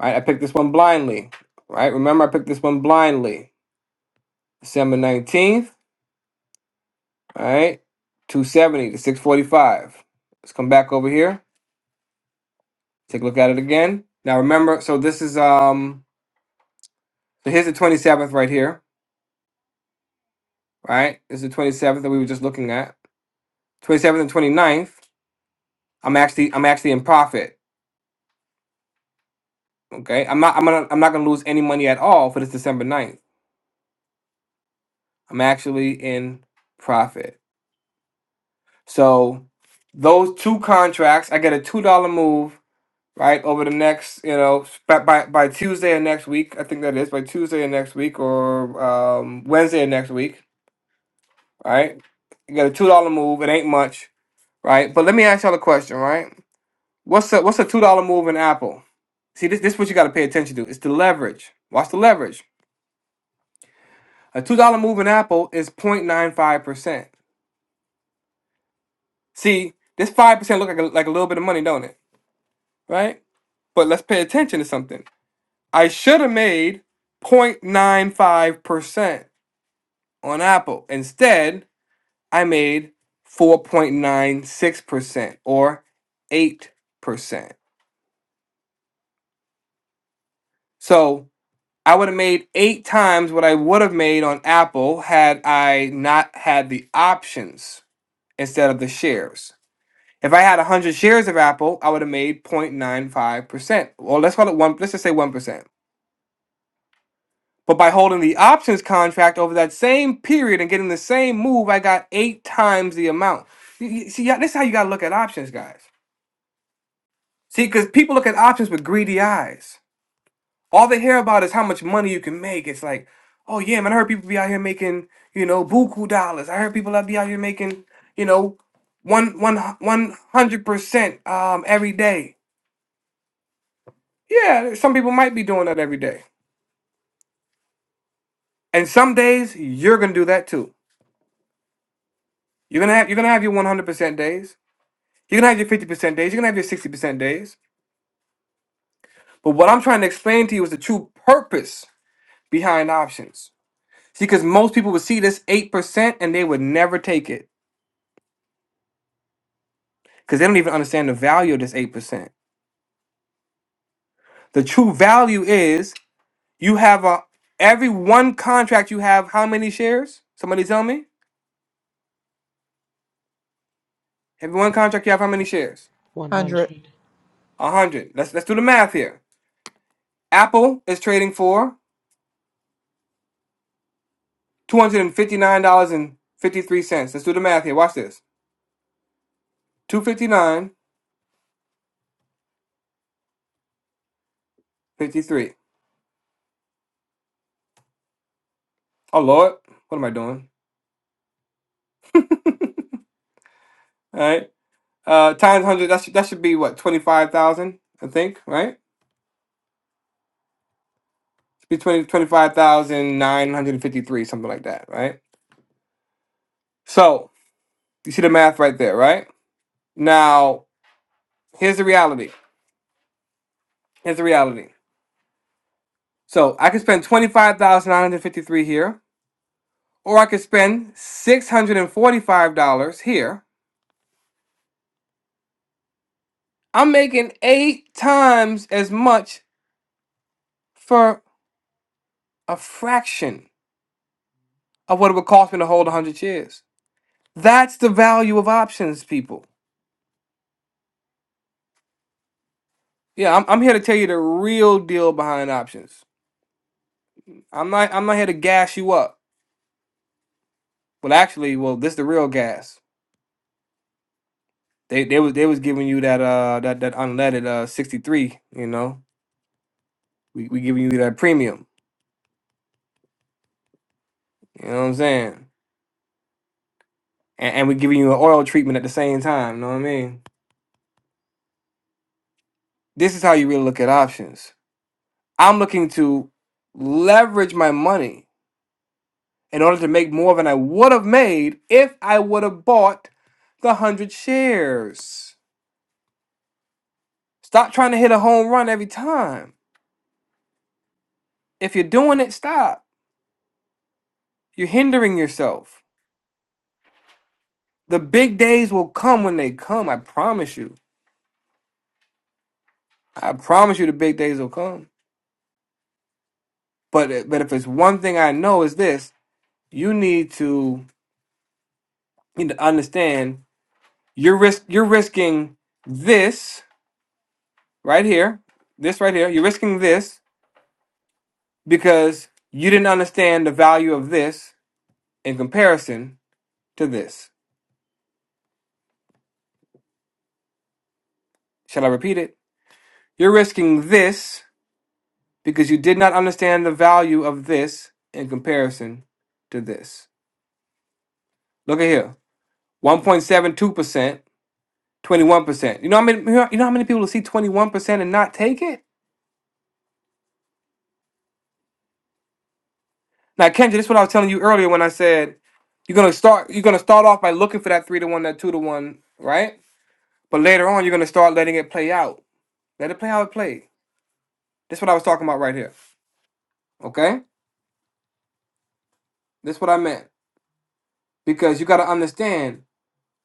Speaker 2: right? I picked this one blindly, right? Remember, I picked this one blindly. December 19th, All right, 270 to 645. Let's come back over here, take a look at it again. Now, remember, so this is, um, so here's the 27th right here, right? This is the 27th that we were just looking at. 27th and 29th, I'm actually, I'm actually in profit. Okay, I'm not. I'm gonna. I'm not gonna lose any money at all for this December ninth. I'm actually in profit. So those two contracts, I get a two dollar move right over the next. You know, by by by Tuesday of next week. I think that is by Tuesday of next week or um, Wednesday of next week. Right, you get a two dollar move. It ain't much, right? But let me ask y'all a question, right? What's a what's a two dollar move in Apple? See, this this is what you got to pay attention to. It's the leverage. Watch the leverage A two dollar move in apple is 0.95 percent. See, this five percent look like a, like a little bit of money, don't it? Right? But let's pay attention to something. I should have made 0.95 percent on Apple. Instead, I made 4.96 percent or eight percent. So I would have made eight times what I would have made on Apple had I not had the options instead of the shares. If I had 100 shares of Apple, I would have made 0.95%. Well, let's call it one. Let's just say 1%. But by holding the options contract over that same period and getting the same move, I got eight times the amount. You- you- See, yeah, this is how you got to look at options, guys. See, because people look at options with greedy eyes. All they hear about is how much money you can make. It's like, oh yeah, man, I heard people be out here making, you know, buku dollars. I heard people that be out here making, you know, one one one hundred percent um every day. Yeah, some people might be doing that every day. And some days you're gonna do that too. You're gonna have you're gonna have your 100% days. You're gonna have your 50% days. You're gonna have your 60% days. But what I'm trying to explain to you is the true purpose behind options. See, because most people would see this 8% and they would never take it because they don't even understand the value of this 8%. The true value is you have a every one contract you have how many shares? Somebody tell me. Every one contract you have how many shares?
Speaker 4: 100.
Speaker 1: 100
Speaker 2: A hundred. Let's let's do the math here. Apple is trading for $259.53. Let's do the math here. Watch this. 259.53. Oh Lord, what am I doing? All right. Uh times 100, that should, that should be what 25,000, I think, right? It's be 20, 25,953, something like that, right? So, you see the math right there, right? Now, here's the reality. Here's the reality. So, I could spend 25,953 here, or I could spend $645 here I'm making eight times as much for a fraction of what it would cost me to hold 100 shares. That's the value of options, people. Yeah, I'm, I'm here to tell you the real deal behind options. I'm not I'm not here to gas you up. Well, actually, well, this the real gas. They they was they was giving you that uh that that unleaded uh 63. You know, we we giving you that premium. You know what I'm saying? And, and we giving you an oil treatment at the same time. You know what I mean? This is how you really look at options. I'm looking to leverage my money in order to make more than I would have made if I would have bought the 100 shares. Stop trying to hit a home run every time. If you're doing it, stop. You're hindering yourself. The big days will come when they come, I promise you. I promise you the big days will come. But but if it's one thing I know is this, you need to you need to understand you're risk you're risking this right here, this right here, you're risking this because you didn't understand the value of this in comparison to this. Shall I repeat it? You're risking this because you did not understand the value of this in comparison to this. Look at here. 1.72%, 21%. You know how many you know how many people will see 21% and not take it? Now, Kendra, this is what I was telling you earlier when I said you're gonna start you're gonna start off by looking for that three to one, that two to one, right? But later on, you're gonna start letting it play out. Let it play how it plays. This is what I was talking about right here. Okay? This is what I meant. Because you gotta understand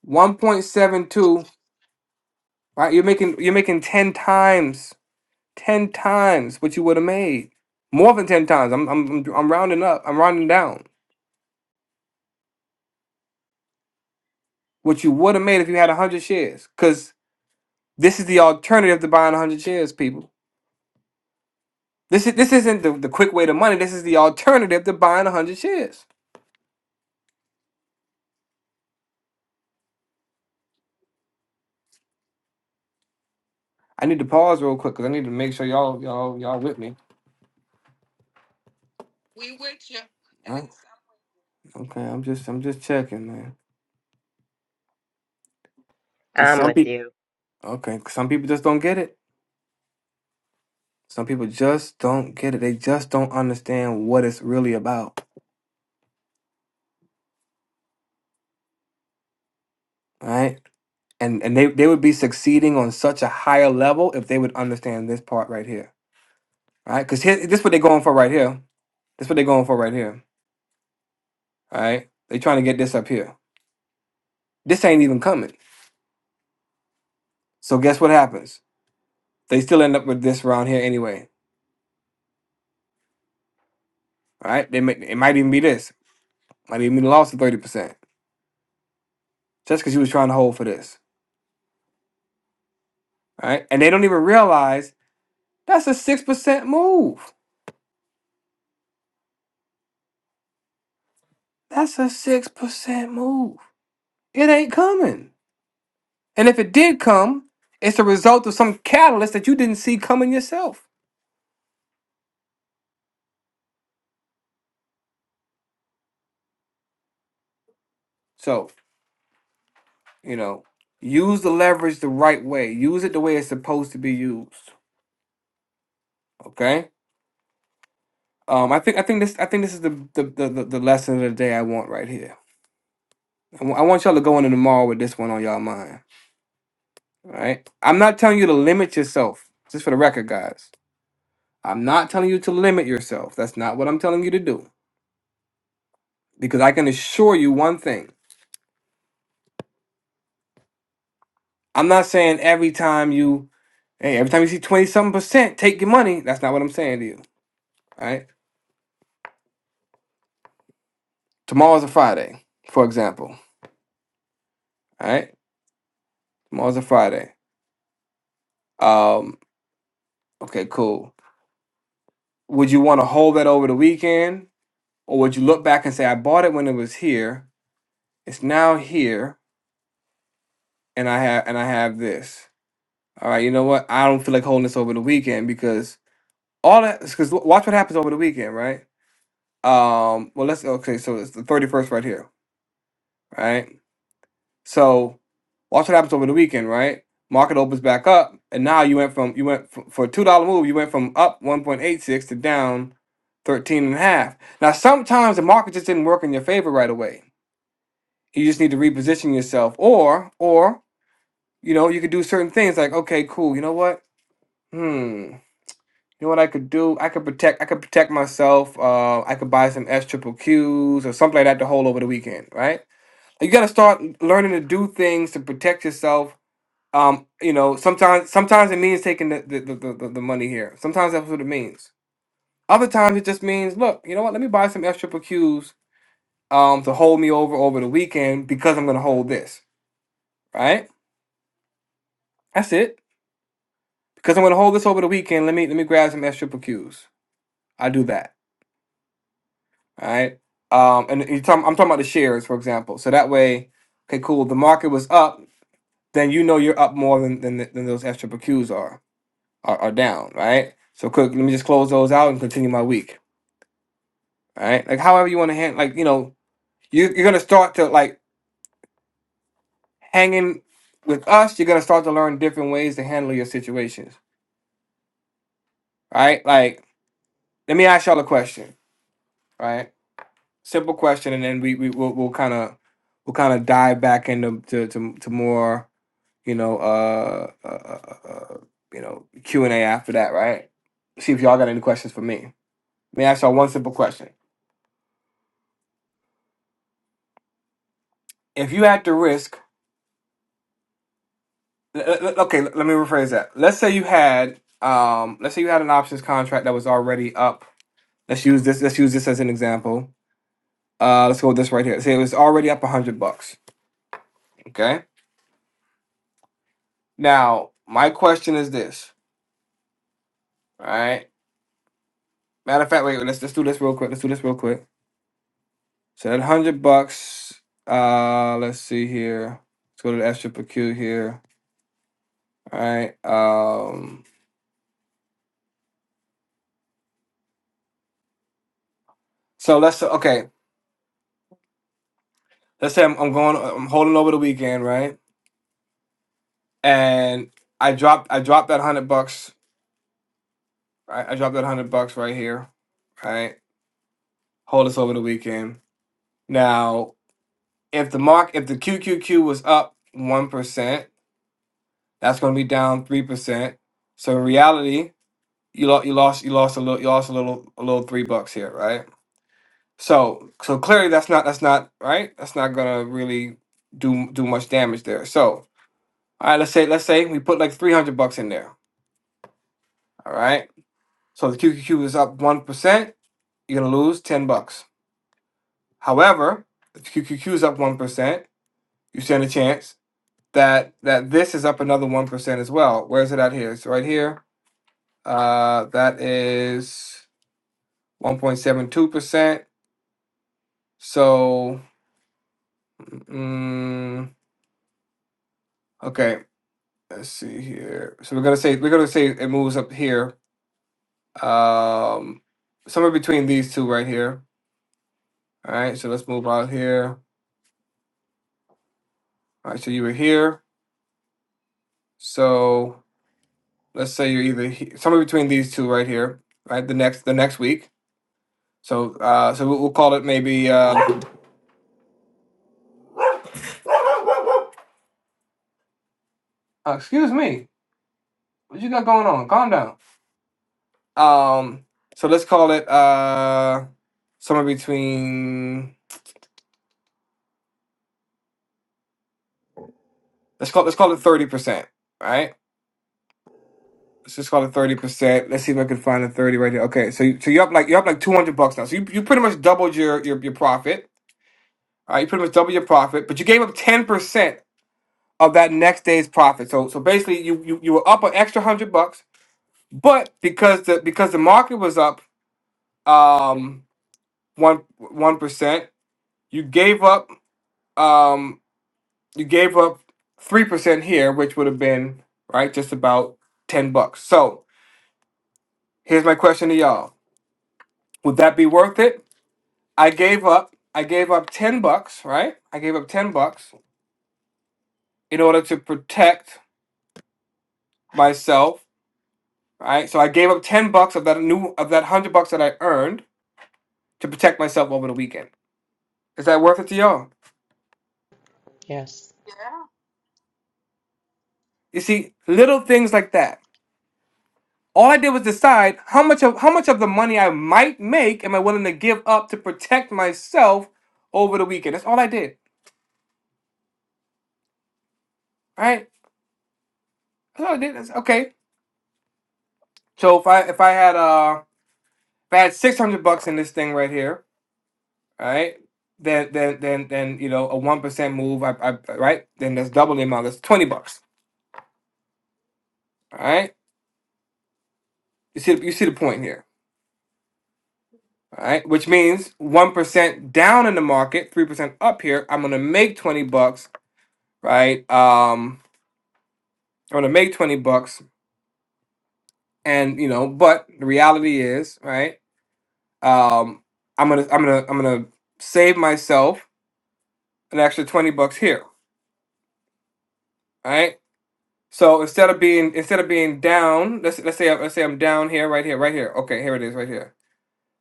Speaker 2: 1.72, right? You're making you're making 10 times, 10 times what you would have made. More than 10 times. I'm I'm I'm I'm rounding up, I'm rounding down. What you would have made if you had hundred shares. Cause this is the alternative to buying hundred shares, people. This is this isn't the, the quick way to money. This is the alternative to buying hundred shares. I need to pause real quick because I need to make sure y'all y'all y'all with me. Alright. Okay, I'm just I'm just checking, man. Cause
Speaker 9: I'm
Speaker 2: some
Speaker 9: with
Speaker 2: people
Speaker 9: you.
Speaker 2: okay, 'cause some people just don't get it. Some people just don't get it. They just don't understand what it's really about. All right. And and they, they would be succeeding on such a higher level if they would understand this part right here. All right. Cause here this what they're going for right here. This what they're going for right here. All right. They trying to get this up here. This ain't even coming. So guess what happens? They still end up with this around here anyway. All right, they may, it might even be this, might even be the loss of thirty percent, just because you was trying to hold for this. All right, and they don't even realize that's a six percent move. That's a six percent move. It ain't coming, and if it did come, it's a result of some catalyst that you didn't see coming yourself. So you know, use the leverage the right way. Use it the way it's supposed to be used. Okay. Um, I think I think this I think this is the the, the, the the lesson of the day I want right here. I wa- I want y'all to go into tomorrow with this one on y'all mind All right. I'm not telling you to limit yourself, just for the record, guys. I'm not telling you to limit yourself. That's not what I'm telling you to do. Because I can assure you one thing. I'm not saying every time you, hey, every time you see 20 something percent, take your money. That's not what I'm saying to you. All right. Tomorrow's a Friday, for example. All right. Tomorrow's a Friday. Um, okay, cool. Would you want to hold that over the weekend? Or would you look back and say, I bought it when it was here, it's now here, and I have and I have this. All right, you know what? I don't feel like holding this over the weekend because all that because watch what happens over the weekend, right? Um, well, let's okay. So it's the thirty first right here, right? So watch what happens over the weekend, right? Market opens back up, and now you went from you went from, for a two dollar move, you went from up one point eight six to down thirteen and a half. Now sometimes the market just didn't work in your favor right away. You just need to reposition yourself, or or you know you could do certain things like okay, cool, you know what? Hmm. You know what I could do? I could protect. I could protect myself. Uh, I could buy some S triple Qs or something like that to hold over the weekend, right? You got to start learning to do things to protect yourself. Um, you know, sometimes sometimes it means taking the the, the, the, the money here. Sometimes that's what it means. Other times it just means, look, you know what? Let me buy some S triple Qs um, to hold me over over the weekend because I'm going to hold this, right? That's it. Because I'm going to hold this over the weekend. Let me let me grab some S triple Qs. I do that All right. Um, and you talking, I'm talking about the shares, for example. So that way, okay, cool. The market was up, then you know you're up more than than, than those extra PQs are, are are down, right? So quick, let me just close those out and continue my week. All right. Like however you want to hand, like you know, you you're gonna start to like hanging with us. You're gonna start to learn different ways to handle your situations. All right. Like let me ask y'all a question. All right. Simple question, and then we we will we'll kind of we'll kind of dive back into to to, to more you know, uh, uh, uh, uh uh, you know, Q and A after that, right? See if y'all got any questions for me. Let me ask y'all one simple question: If you had to risk, l- l- l- okay, l- let me rephrase that. Let's say you had, um, let's say you had an options contract that was already up. Let's use this. Let's use this as an example. Uh, let's go with this right here. Say it was already up a hundred bucks. Okay. Now my question is this, all right? Matter of fact, wait. Let's let's do this real quick. Let's do this real quick So that hundred bucks. Uh, let's see here. Let's go to the extra PQ here. All right. Um. So let's okay. Let's say I'm, I'm going. I'm holding over the weekend, right? And I dropped. I dropped that hundred bucks. I, I dropped that hundred bucks right here. Right. Hold this over the weekend. Now, if the mark, if the QQQ was up one percent, that's going to be down three percent. So in reality, you lost. You lost. You lost a little. You lost a little. A little three bucks here, right? So so clearly that's not that's not right. That's not gonna really do do much damage there. So all right, let's say let's say we put like three hundred bucks in there. All right. So the QQQ is up one percent. You're gonna lose ten bucks. However, if the QQQ is up one percent, you stand a chance that that this is up another one percent as well. Where is it at here? It's right here. Uh, that is one point seven two percent. So mm, okay. Let's see here. So we're gonna say we're gonna say it moves up here. Um somewhere between these two right here. All right, so let's move out here. All right, so you were here. So let's say you're either he- somewhere between these two right here, right? The next the next week. So uh so we'll, we'll call it maybe um uh, excuse me. What you got going on? Calm down. Um so let's call it uh somewhere between let's call let's call it 30%, right? Let's just call it thirty percent. Let's see if I can find a thirty right there. Okay, so you, so you're up like you're up like two hundred bucks now. So you, you pretty much doubled your your, your profit. All right, you pretty much doubled your profit, but you gave up ten percent of that next day's profit. So so basically, you you, you were up an extra hundred bucks, but because the because the market was up um one one percent, you gave up um you gave up three percent here, which would have been right just about ten bucks. So here's my question to y'all: Would that be worth it? I gave up. I gave up ten bucks, right? I gave up ten bucks in order to protect myself, right? So I gave up ten bucks of that new of that hundred bucks that I earned to protect myself over the weekend. Is that worth it to y'all?
Speaker 1: yes.
Speaker 2: You see, little things like that. All I did was decide how much of how much of the money I might make am I willing to give up to protect myself over the weekend. That's all I did, right? That's all I did. That's okay. So if I if I had uh if I had six hundred bucks in this thing right here, right? Then then then then you know a one percent move, I, I right? Then that's double the amount. That's twenty bucks. All right. You see you see the point here. All right, which means one percent down in the market, three percent up here. I'm gonna make twenty bucks, right? Um, I'm gonna make twenty bucks, and you know, but the reality is, right? Um, I'm gonna I'm gonna I'm gonna save myself an extra twenty bucks here, right? So instead of being instead of being down, let's let's say let's say I'm down here, right here, right here. Okay, here it is, right here.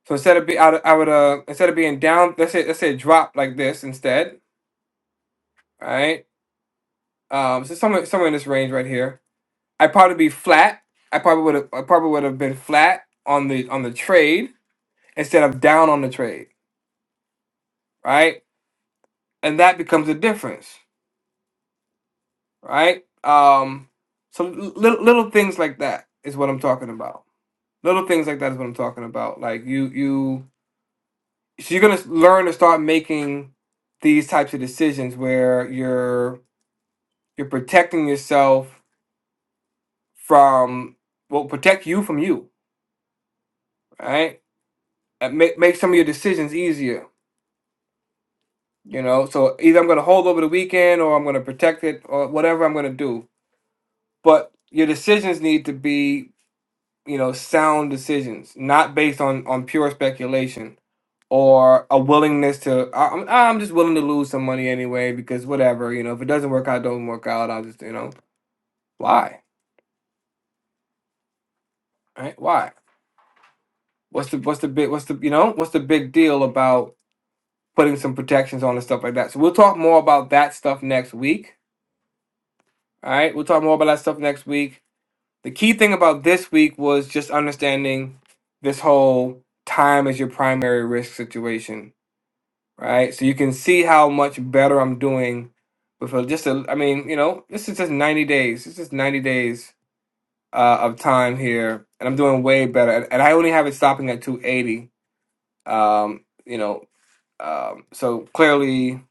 Speaker 2: So instead of be I, would- I would uh instead of being down, let's say let's say drop like this instead, right? Um, so somewhere somewhere in this range right here, I'd probably be flat. I probably would have I probably would have been flat on the on the trade instead of down on the trade, right? And that becomes a difference, right? Um, so little little things like that is what I'm talking about. Little things like that is what I'm talking about. Like you you so you're gonna learn to start making these types of decisions where you're you're protecting yourself from well protect you from you right And make, make some of your decisions easier you know so either i'm gonna hold over the weekend or i'm gonna protect it or whatever i'm gonna do but your decisions need to be you know sound decisions not based on on pure speculation or a willingness to I- am I'm just willing to lose some money anyway because whatever you know if it doesn't work out do not work out i'll just you know why right why what's the what's the big what's the you know what's the big deal about putting some protections on and stuff like that so we'll talk more about that stuff next week all right we'll talk more about that stuff next week the key thing about this week was just understanding this whole time as your primary risk situation right? So you can see how much better I'm doing with a, just a, I mean, you know, this is just 90 days. This is 90 days uh, of time here, and I'm doing way better. And, and I only have it stopping at 280. Um, you know, um, so clearly,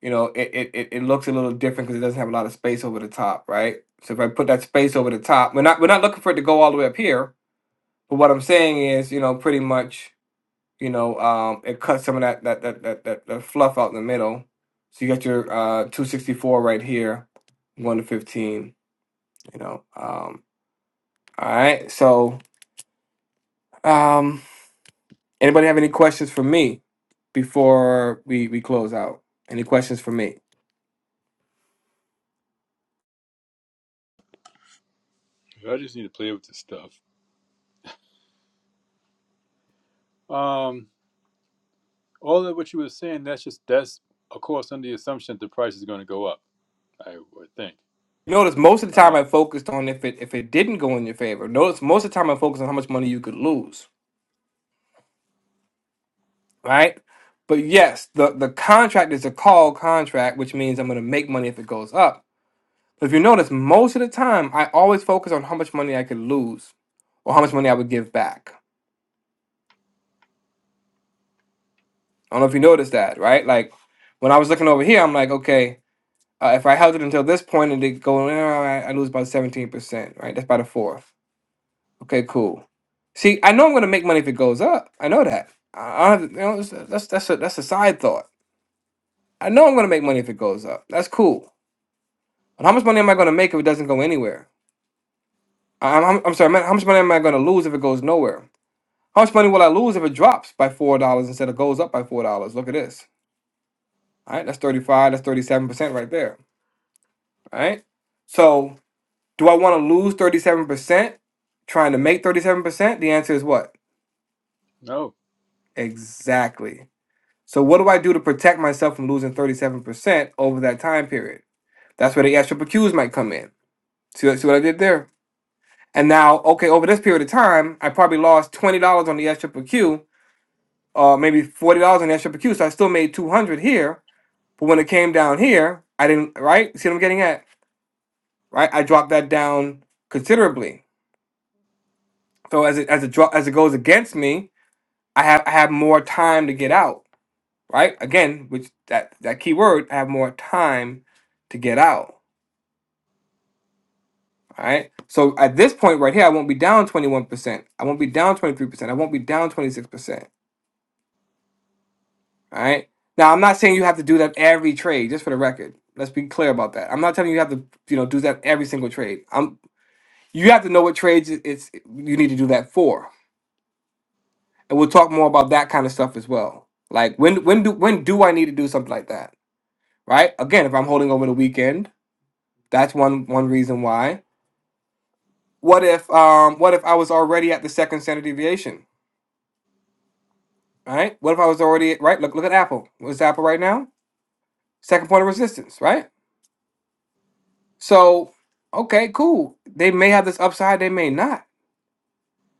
Speaker 2: you know, it, it, it it looks a little different because it doesn't have a lot of space over the top, right? So if I put that space over the top, we're not we're not looking for it to go all the way up here. But what I'm saying is, you know, pretty much you know, um, it cuts some of that that, that that that that fluff out in the middle. So you got your uh 264 right here, one to fifteen. You know, um, all right. So, um, anybody have any questions for me before we we close out? Any questions for me?
Speaker 3: I just need to play with this stuff. Um, All of what you were saying, that's just that's of course under the assumption that the price is going to go up. I would think.
Speaker 2: Notice most of the
Speaker 3: Uh,
Speaker 2: time I focused on if it if it didn't go in your favor. Notice most of the time I focused on how much money you could lose, right? But yes, the the contract is a call contract, which means I'm going to make money if it goes up If you notice, most of the time, I always focus on how much money I could lose or how much money I would give back. I don't know if you noticed that, right? Like when I was looking over here, I'm like, okay, uh, if I held it until this point and it go, eh, I I lose about 17%, right? That's about a fourth. Okay, cool. See, I know I'm going to make money if it goes up. I know that. I I don't have, you know, it's- that's that's a, that's a side thought. I know I'm going to make money if it goes up. That's cool. But how much money am I going to make if it doesn't go anywhere? I- I'm, I'm, I'm sorry. man, How much money am I going to lose if it goes nowhere? How much money will I lose if it drops by four dollars instead of goes up by four dollars? Look at this. All right, that's thirty-five. That's thirty-seven percent right there. All right. So, do I want to lose thirty-seven percent trying to make thirty-seven percent? The answer is what?
Speaker 3: no,
Speaker 2: Exactly. So, what do I do to protect myself from losing thirty-seven percent over that time period? That's where the extra P Qs might come in. See, see what I did there? And now, okay, over this period of time, I probably lost twenty dollars on the extra PQ, uh, maybe forty dollars on the extra PQ. So I still made two hundred here But when it came down here, I didn't right. See what I'm getting at? Right? I dropped that down considerably. So as it as it dro- as it goes against me, I have I have more time to get out. Right? Again, which that that key word, I have more time to get out. All right. So at this point right here, I won't be down 21%. I won't be down 23%. I won't be down 26%. All right. Now I'm not saying you have to do that every trade, just for the record. Let's be clear about that. I'm not telling you you have to, you know, do that every single trade. You have to know what trades it- it's you need to do that for, and we'll talk more about that kind of stuff as well. Like when when do when do I need to do something like that? Right? Again, if I'm holding over the weekend, that's one one reason why. What if um what if I was already at the second standard deviation? Right? What if I was already right? Look look at Apple. What's Apple right now? Second point of resistance. Right? So okay, cool. They may have this upside. They may not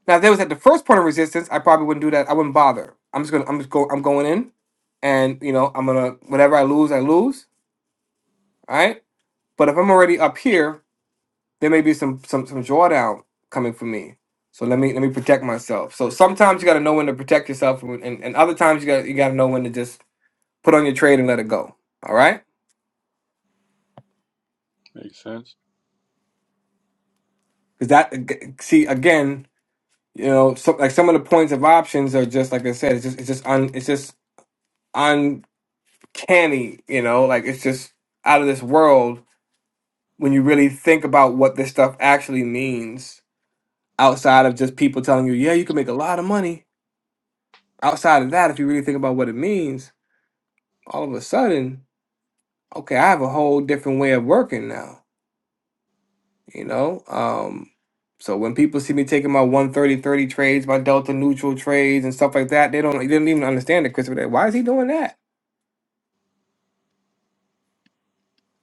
Speaker 2: Now, if they was at the first point of resistance, I probably wouldn't do that. I wouldn't bother. I'm just gonna, I'm just go, I'm going in, and you know, I'm gonna whatever I lose, I lose. All right. But if I'm already up here, there may be some some some drawdown coming for me. So let me let me protect myself. So sometimes you got to know when to protect yourself, and, and, and other times you got you got to know when to just put on your trade and let it go. All right.
Speaker 3: makes sense.
Speaker 2: Because that see again, you know, so, like some of the points of options are just like I said, it's just it's just un, it's just canny, you know, like it's just out of this world when you really think about what this stuff actually means outside of just people telling you, yeah, you can make a lot of money. Outside of that, if you really think about what it means, all of a sudden, okay, I have a whole different way of working now, you know? Um, so when people see me taking my one thirty thirty trades, my delta neutral trades and stuff like that, they don't they didn't even understand it, Christopher. They're, Why is he doing that?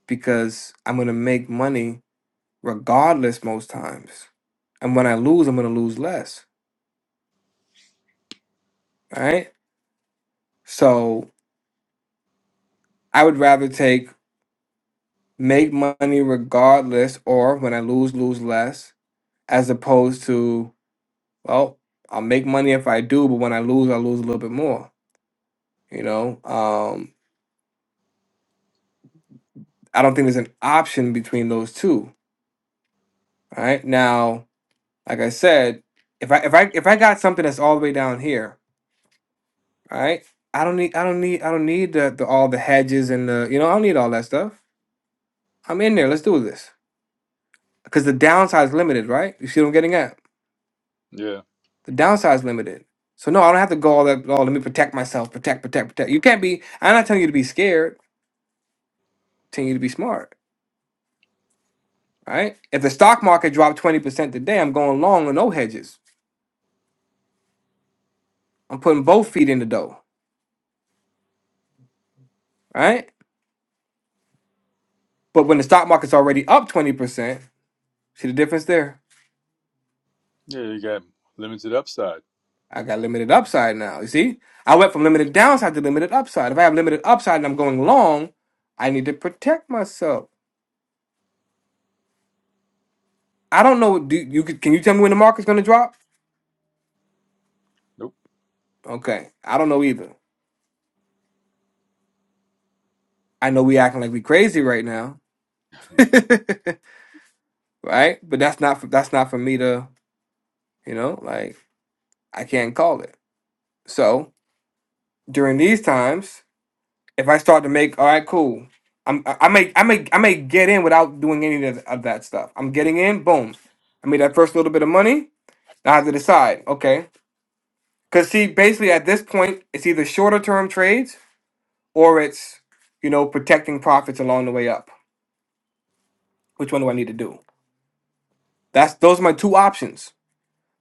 Speaker 2: Because I'm gonna make money regardless most times. And when I lose, I'm gonna lose less. Right? So I would rather take make money regardless or when I lose, lose less, as opposed to, well, I'll make money if I do, but when I lose, I lose a little bit more. You know? Um I don't think there's an option between those two. Right? Now, like I said, if I if I if I got something that's all the way down here, right? I don't need I don't need I don't need the, the all the hedges and the you know, I don't need all that stuff. I'm in there. Let's do this. Because the downside is limited, right? You see what I'm getting at?
Speaker 3: Yeah,
Speaker 2: The downside is limited. So no, I don't have to go all that. Oh, let me protect myself. Protect, protect, protect. You can't be. I'm not telling you to be scared. I'm telling you to be smart, right? If the stock market dropped twenty percent today, I'm going long with no hedges. I'm putting both feet in the dough, right? But when the stock market's already up twenty percent, see the difference there?
Speaker 3: yeah, you got limited upside.
Speaker 2: I got limited upside now. You see, I went from limited downside to limited upside. If I have limited upside and I'm going long, I need to protect myself. I don't know. Do you could- can you tell me when the market's gonna drop?
Speaker 3: Nope.
Speaker 2: Okay, I don't know either. I know we acting like we crazy right now, right? But that's not for, that's not for me to you know like I can't call it. So during these times, if I start to make all right, cool. I'm I I may I may I may get in without doing any of, of that stuff. I'm getting in. Boom. I made that first little bit of money. Now I have to decide. Okay, because see, basically at this point, it's either shorter term trades or it's you know protecting profits along the way up which one do i need to do that's those are my two options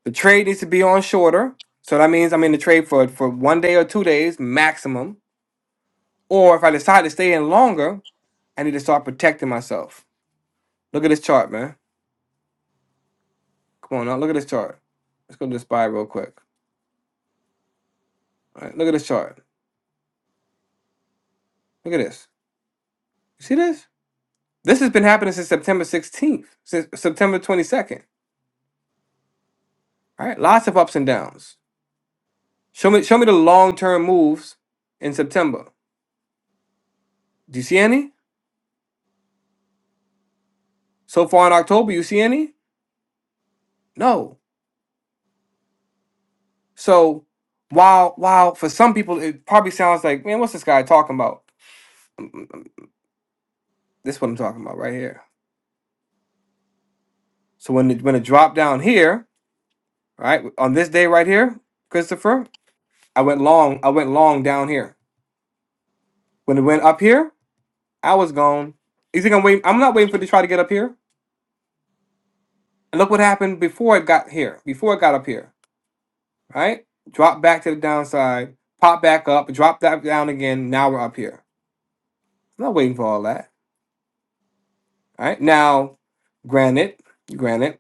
Speaker 2: the trade needs to be on shorter so that means i'm in the trade for for one day or two days maximum or if i decide to stay in longer i need to start protecting myself look at this chart man come on now look at this chart let's go to the spy real quick all right look at this chart look at this you see this this has been happening since september 16th since september 22nd all right lots of ups and downs Show me show me the long term moves in September. Do you see any? So far in October, you see any? No. So while while for some people it probably sounds like, man, what's this guy talking about? Mm, mm, mm, This is what I'm talking about right here. So when it when it dropped down here, right, on this day right here, Christopher, I went long, I went long down here. When it went up here, I was gone. You think I'm waiting? I'm not waiting for it to try to get up here. And look what happened before it got here, before it got up here. right? Drop back to the downside, pop back up, drop that down again. Now we're up here. I'm not waiting for all that, right? Now, granted, granted,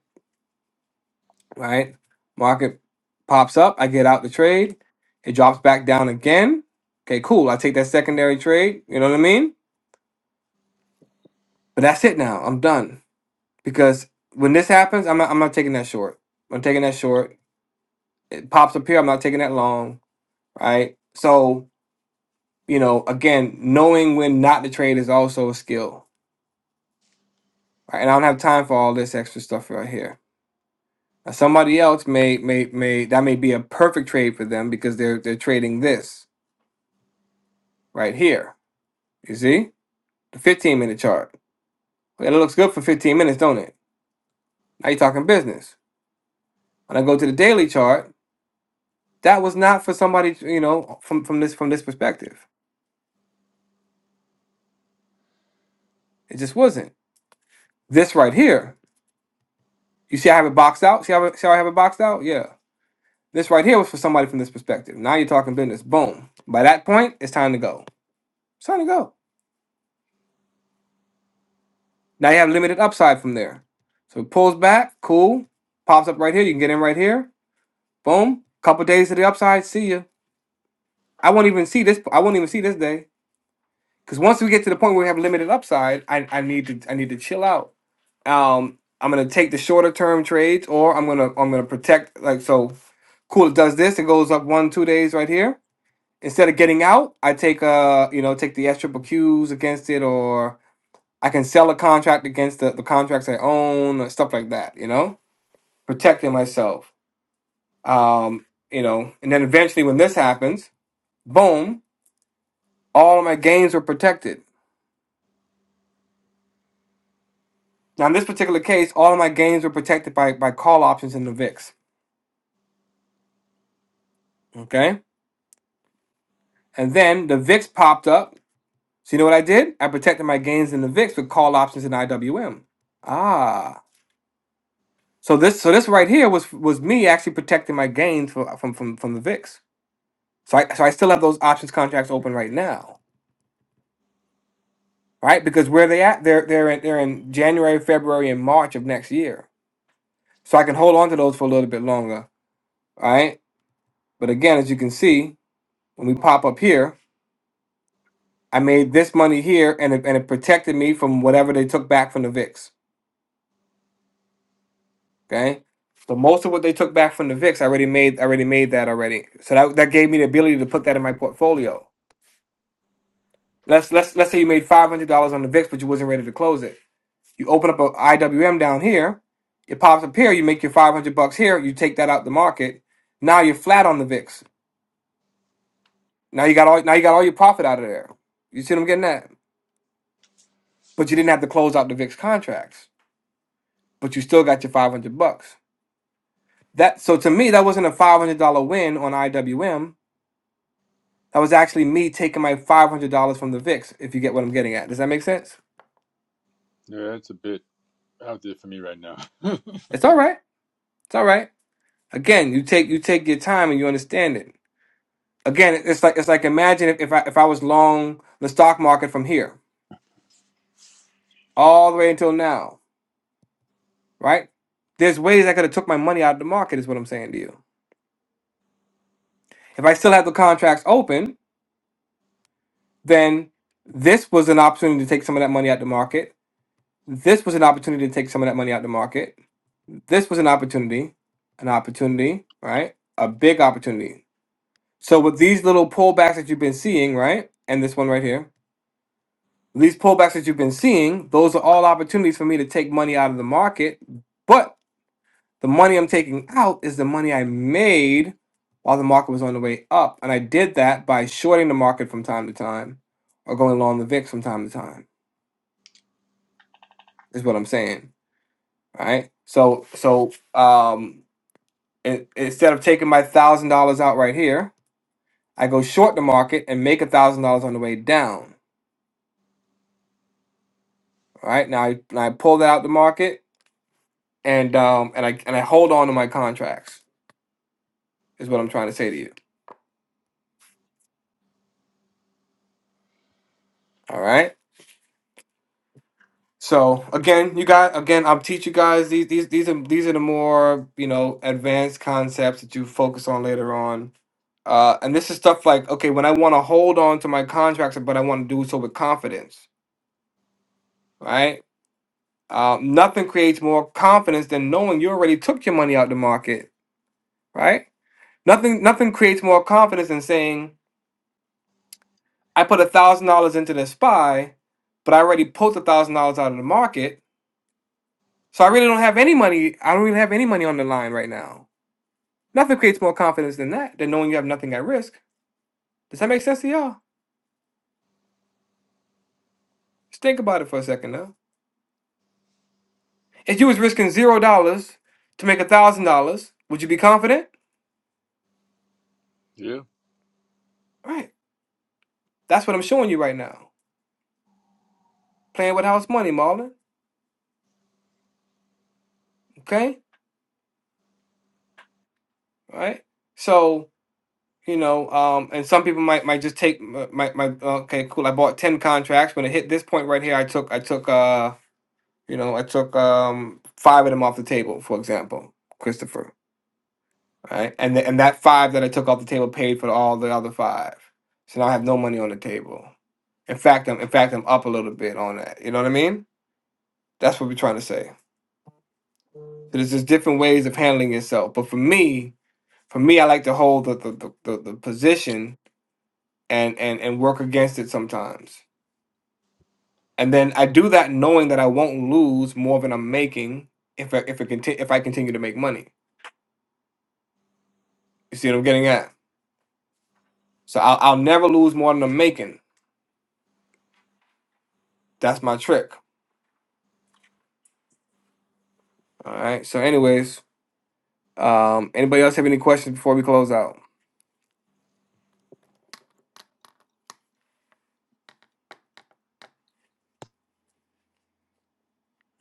Speaker 2: right? Market pops up, I get out the trade, it drops back down again. Okay, cool. I take that secondary trade. You know what I mean? But that's it now. I'm done because when this happens, I'm not. I'm not taking that short. I'm taking that short. It pops up here. I'm not taking that long, right? So you know, again, knowing when not to trade is also a skill and I don't have time for all this extra stuff right here. Now, somebody else may may may that may be a perfect trade for them because they're they're trading this right here. You see the 15 minute chart. Well, It looks good for 15 minutes, don't it? Now you're talking business. When I go to the daily chart, that was not for somebody you know from from this from this perspective. It just wasn't. This right here, you see, I have it boxed out. See how I- see how I have it boxed out? Yeah. This right here was for somebody from this perspective. Now you're talking business. Boom. By that point, it's time to go. It's time to go. Now you have limited upside from there. So it pulls back, cool, pops up right here. You can get in right here. Boom. Couple days to the upside. See ya. I won't even see this. I won't even see this day because once we get to the point where we have limited upside, I, I need to I need to chill out. Um, I'm gonna take the shorter term trades, or I'm gonna I'm gonna protect like so. Cool. It does this. It goes up one two days right here. Instead of getting out, I take uh you know take the S triple Qs against it, or I can sell a contract against the, the contracts I own or stuff like that, you know, protecting myself. Um, you know, and then eventually when this happens, boom, all of my gains were protected. Now in this particular case, all of my gains were protected by by call options in the VIX. Okay. And then the VIX popped up. So you know what I did? I protected my gains in the VIX with call options in IWM. Ah. So this so this right here was was me actually protecting my gains for, from from from the VIX. So I so I still have those options contracts open right now, right? Because where they at, they're they're in, they're in January, February, and March of next year. So I can hold on to those for a little bit longer, all right? But again, as you can see, when we pop up here, I made this money here, and it, and it protected me from whatever they took back from the VIX. Okay, so most of what they took back from the VIX, I already made I already made that already. So that that gave me the ability to put that in my portfolio. Let's let's let's say you made five hundred dollars on the VIX, but you wasn't ready to close it You open up a IWM down here, it pops up here, you make your 500 bucks here, you take that out the market. Now you're flat on the VIX. Now you got all now you got all your profit out of there. You see what I'm getting at? But you didn't have to close out the VIX contracts, but you still got your 500 bucks. That so to me that wasn't a $500 win on IWM. That was actually me taking my $500 from the VIX if you get what I'm getting at. Does that make sense?
Speaker 3: Yeah, that's a bit out there for me right now.
Speaker 2: It's all right. It's all right. Again, you take you take your time and you understand it. Again, it- it's like it's like imagine if, if I if I was long the stock market from here all the way until now, right? There's ways I could have took my money out of the market, is what I'm saying to you. If I still had the contracts open, then this was an opportunity to take some of that money out the market. This was an opportunity to take some of that money out the market. This was an opportunity, an opportunity, right? A big opportunity. So with these little pullbacks that you've been seeing, right? And this one right here These pullbacks that you've been seeing, those are all opportunities for me to take money out of the market. But the money I'm taking out is the money I made while the market was on the way up. And I did that by shorting the market from time to time or going long the VIX from time to time, is what I'm saying. Right? So so um in instead of taking my thousand dollars out right here, I go short the market and make a thousand dollars on the way down. All right. Now I, now I pull that out the market and um and I and I hold on to my contracts. is what I'm trying to say to you. All right. So again, you got again, I'll teach you guys these these these are these are the more you know advanced concepts that you focus on later on. Uh, and this is stuff like okay, when I want to hold on to my contracts, but I want to do so with confidence, right? Uh, nothing creates more confidence than knowing you already took your money out the market, right? Nothing nothing creates more confidence than saying I put a thousand dollars into this spy, but I already pulled a thousand dollars out of the market So I really don't have any money. I don't even have any money on the line right now. Nothing creates more confidence than that, than knowing you have nothing at risk. Does that make sense to y'all? Just think about it for a second now. If you was risking zero dollars to make a thousand dollars, would you be confident?
Speaker 3: yeah.
Speaker 2: Right. That's what I'm showing you right now. Playing with house money, Marlon. Okay. All right. So you know, um, and some people might might just take my my, my okay, cool. I bought ten contracts. When it hit this point right here, I took I took uh You know, I took um five of them off the table, for example, Christopher. Right, and th- and that five that I took off the table paid for all the other five, so now I have no money on the table. In fact, I'm in fact I'm up a little bit on that. You know what I mean? That's what we're trying to say. So there's just different ways of handling yourself. But for me, for me, I like to hold the the, the, the, the position and, and and work against it sometimes. And then I do that knowing that I won't lose more than I'm making if I if it conti- if I continue to make money. You see what I'm getting at? So I'll, I'll never lose more than I'm making. That's my trick. All right. So, anyways, um, anybody else have any questions before we close out?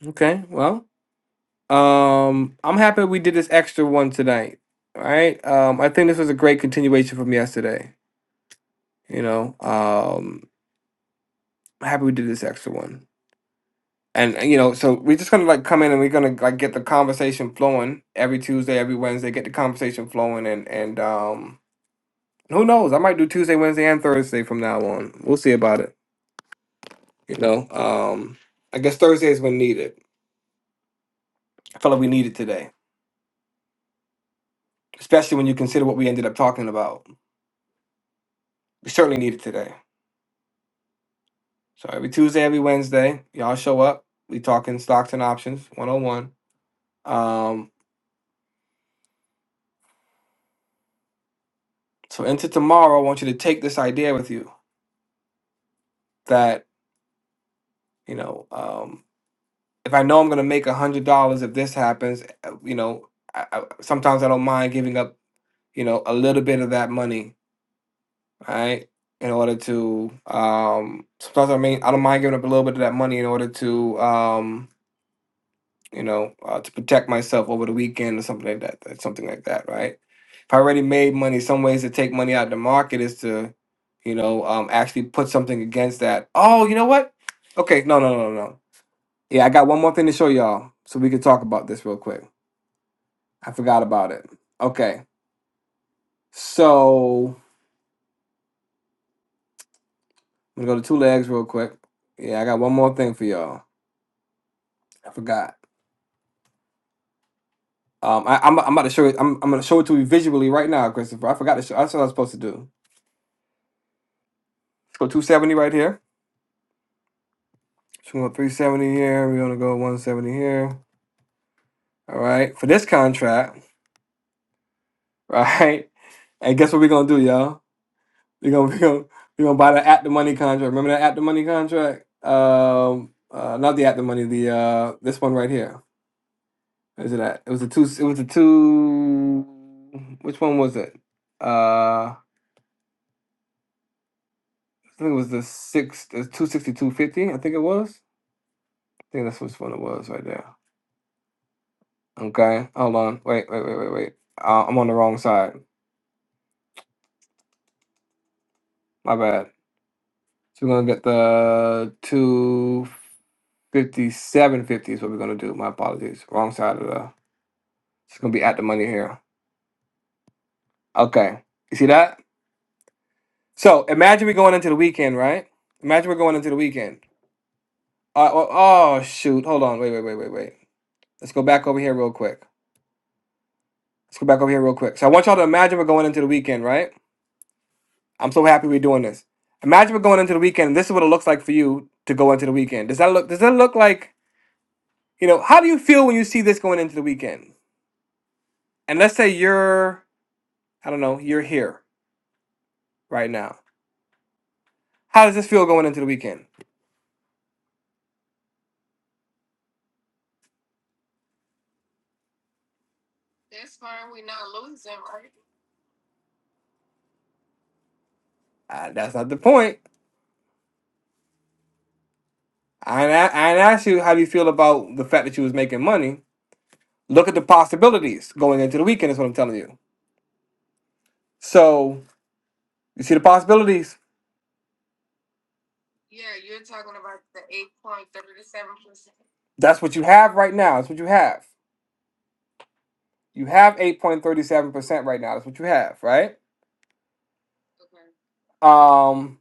Speaker 2: Okay. Well, um, I'm happy we did this extra one tonight. All right. Um, I think this was a great continuation from yesterday. You know, um, I'm happy we did this extra one. And and, you know, so we're just gonna like come in and we're gonna like get the conversation flowing every Tuesday, every Wednesday, get the conversation flowing, and and um, who knows? I might do Tuesday, Wednesday, and Thursday from now on. We'll see about it. You know, um, I guess Thursday is when needed. I felt like we needed today, especially when you consider what we ended up talking about. We certainly needed today. So every Tuesday, every Wednesday, y'all show up. We talking stocks and options 101. Um, so into tomorrow, I want you to take this idea with you that, you know, um, if I know I'm going to make a $100 if this happens, uh, you know, I, I, sometimes I don't mind giving up, you know, a little bit of that money right? In order to um sometimes I mean I don't mind giving up a little bit of that money in order to um you know uh, to protect myself over the weekend or something like that, that- something like that, right? If I already made money, some ways to take money out of the market is to you know um actually put something against that. Oh, you know what? Okay, no, no, no, no. no. Yeah, I got one more thing to show y'all so we can talk about this real quick. I forgot about it. Okay. So, I'm going to go to two legs real quick. Yeah, I got one more thing for y'all. I forgot. Um, I, I'm I'm about to show it. I'm I'm gonna show it to you visually right now, Christopher. I forgot to show. That's what I was supposed to do. Let's go 270 right here. So we go 370 here. We're gonna go 170 here. All right, for this contract, right? And guess what we're gonna do, y'all? We're gonna we're gonna we're gonna buy the at the money contract. Remember that at the money contract? Um, uh, not the at the money. The uh, this one right here. Is it at? It was the two. It was the two. Which one was it? Uh, I think it was the six. The two sixty two fifty. I think it was. think that's which one it was right there. Okay, hold on. Wait, wait, wait, wait, wait. Uh, I'm on the wrong side. My bad. So we're gonna get the two fifty-seven fifty is what we're gonna do. My apologies. Wrong side of the. It's gonna be at the money here. Okay, you see that? So imagine we're going into the weekend, right? Imagine we're going into the weekend. Uh, oh, oh shoot! Hold on. Wait, wait, wait, wait, wait. Let's go back over here real quick. Let's go back over here real quick. So I want y'all to imagine we're going into the weekend, right? I'm so happy we're doing this. Imagine we're going into the weekend. And this is what it looks like for you to go into the weekend. Does that look? Does that look like you know? How do you feel when you see this going into the weekend? And let's say you're, I don't know, you're here right now. How does this feel going into the weekend? Uh, that's not the point. I ain't a- I ain't asked you how you feel about the fact that you was making money. Look at the possibilities going into the weekend. Is what I'm telling you. So you see the possibilities. That's what you have right now. That's what you have. You have 8.37% right now. That's what you have, right? Um,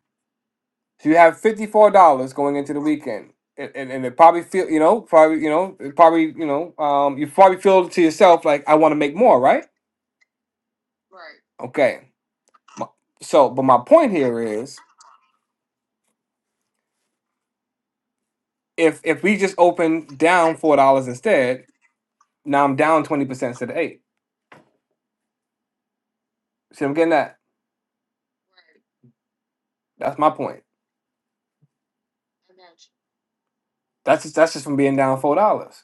Speaker 2: so you have fifty four dollars going into the weekend, and, and and it probably feel you know probably you know it probably you know um you probably feel to yourself like I want to make more, right? Okay. My- So, but my point here is if if we just open down four dollars instead, now I'm down twenty percent instead of eight. See, I'm getting that. That's my point. That's just, that's just from being down four dollars.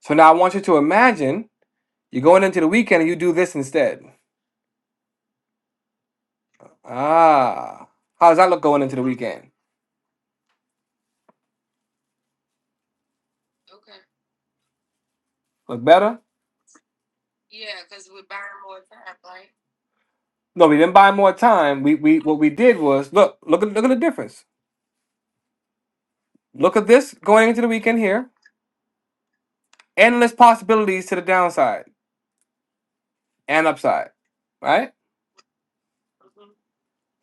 Speaker 2: So now I want you to imagine you're going into the weekend and you do this instead. Ah, how does that look going into the weekend? Look better? No, we didn't buy more time. We we what we did was look look at look at the difference. Look at this going into the weekend here. Endless possibilities to the downside and upside. Right?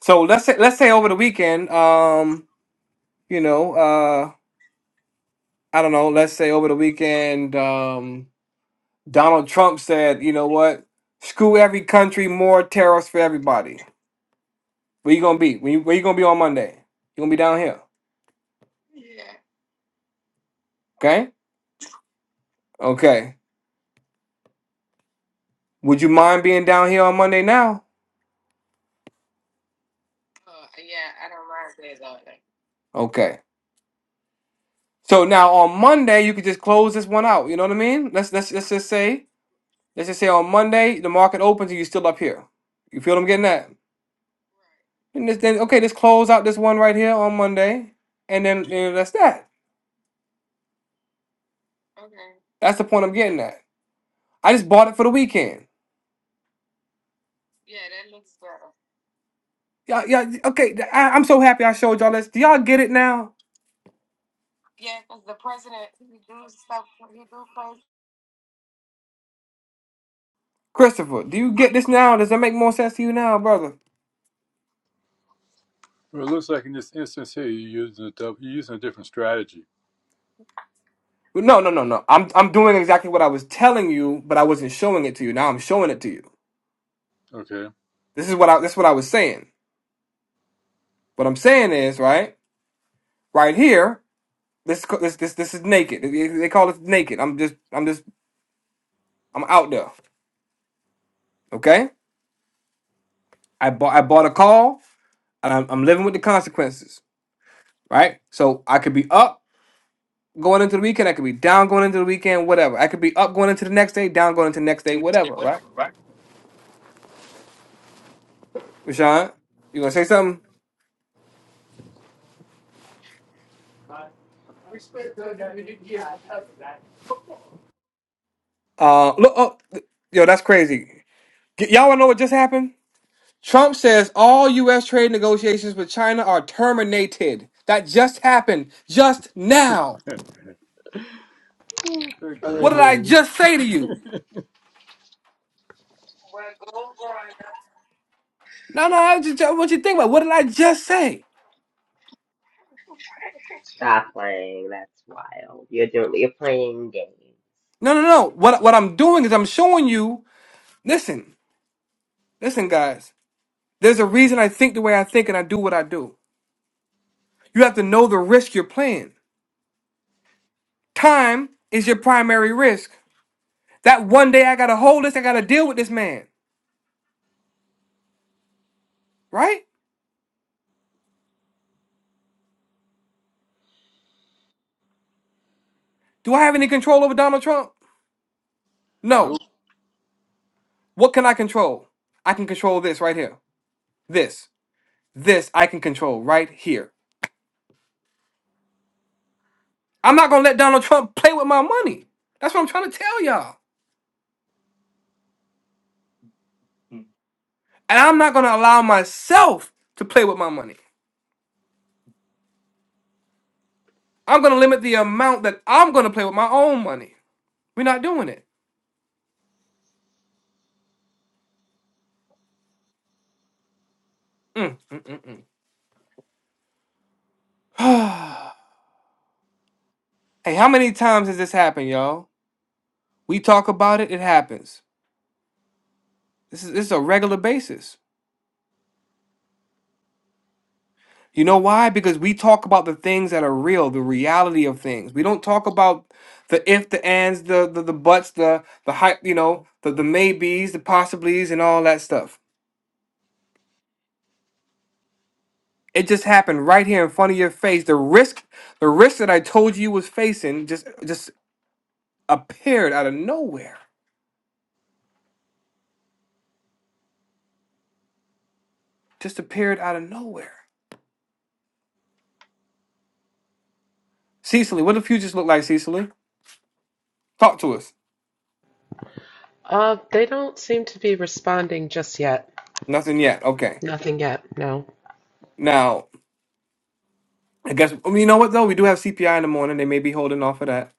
Speaker 2: So let's say let's say over the weekend, um, you know, uh I don't know, let's say over the weekend, um Donald Trump said, you know what, screw every country, more tariffs for everybody. Where you gonna be? Where you, where you gonna be on Monday? You gonna be down here. Okay? Okay. Would you mind being down here on Monday now? Okay. So now on Monday you could just close this one out. You know what I mean? Let's let's let's just say let's just say on Monday the market opens and you're still up here. You feel what I'm getting at? And this, then okay, let's close out this one right here on Monday, and then and that's that. That's the point I'm getting at. I just bought it for the weekend. Yeah, yeah. Okay, I, I'm so happy I showed y'all this. Do y'all get it now, Christopher? Do you get this now? Does that make more sense to you now, brother?
Speaker 3: Well, it looks like in this instance here, you're using a dou- you're using a different strategy.
Speaker 2: No, no, no, no. I'm I'm doing exactly what I was telling you, but I wasn't showing it to you. Now I'm showing it to you.
Speaker 3: Okay.
Speaker 2: This is what I this is what I was saying. What I'm saying is, right, right here, this this this this is naked. They they call it naked. I'm just I'm just I'm out there. Okay, I bought I bought a call, and I'm, I'm living with the consequences. Right, so I could be up going into the weekend. I could be down going into the weekend. Whatever. I could be up going into the next day, down going into the next day. Whatever. Right, Rashawn, you gonna say something? Uh, look, oh, yo, that's crazy. Y- y'all wanna know what just happened? Trump says all U.S. trade negotiations with China are terminated. That just happened just now.
Speaker 3: I Agree.
Speaker 2: What did I
Speaker 1: Boom.
Speaker 2: just say to you? No, no, I just, what you think about? What did I just say?
Speaker 9: Stop playing. That's wild. You're doing. You're playing games.
Speaker 2: No, no, no. What what I'm doing is I'm showing you. Listen, listen, guys. There's a reason I think the way I think and I do what I do. You have to know the risk you're playing. Time is your primary risk. That one day I gotta hold this. I gotta deal with this man. Right? Do I have any control over Donald Trump? No.
Speaker 3: Nope.
Speaker 2: What can I control? I can control this right here. This. This I can control right here. I'm not going to let Donald Trump play with my money. That's what I'm trying to tell y'all. And I'm not going to allow myself to play with my money. I'm going to limit the amount that I'm going to play with my own money. We're not doing it. Mm, mm, mm, mm. hey, how many times has this happened, y'all? We talk about it, it happens. This is, this is a regular basis. You know why? Because we talk about the things that are real, the reality of things. We don't talk about the if, the ands, the the, the buts, the the hype, you know, the the maybes, the possiblies, and all that stuff. It just happened right here in front of your face. The risk, the risk that I told you was facing, just just appeared out of nowhere. Just appeared out of nowhere. Cecily, what do the futures look like, Cecily? Talk to us.
Speaker 1: Uh, they don't seem to be responding just yet.
Speaker 2: Nothing yet. Okay.
Speaker 1: Nothing yet. No,
Speaker 2: Now, I guess I mean, you know what though. We do have CPI in the morning. They may be holding off of that.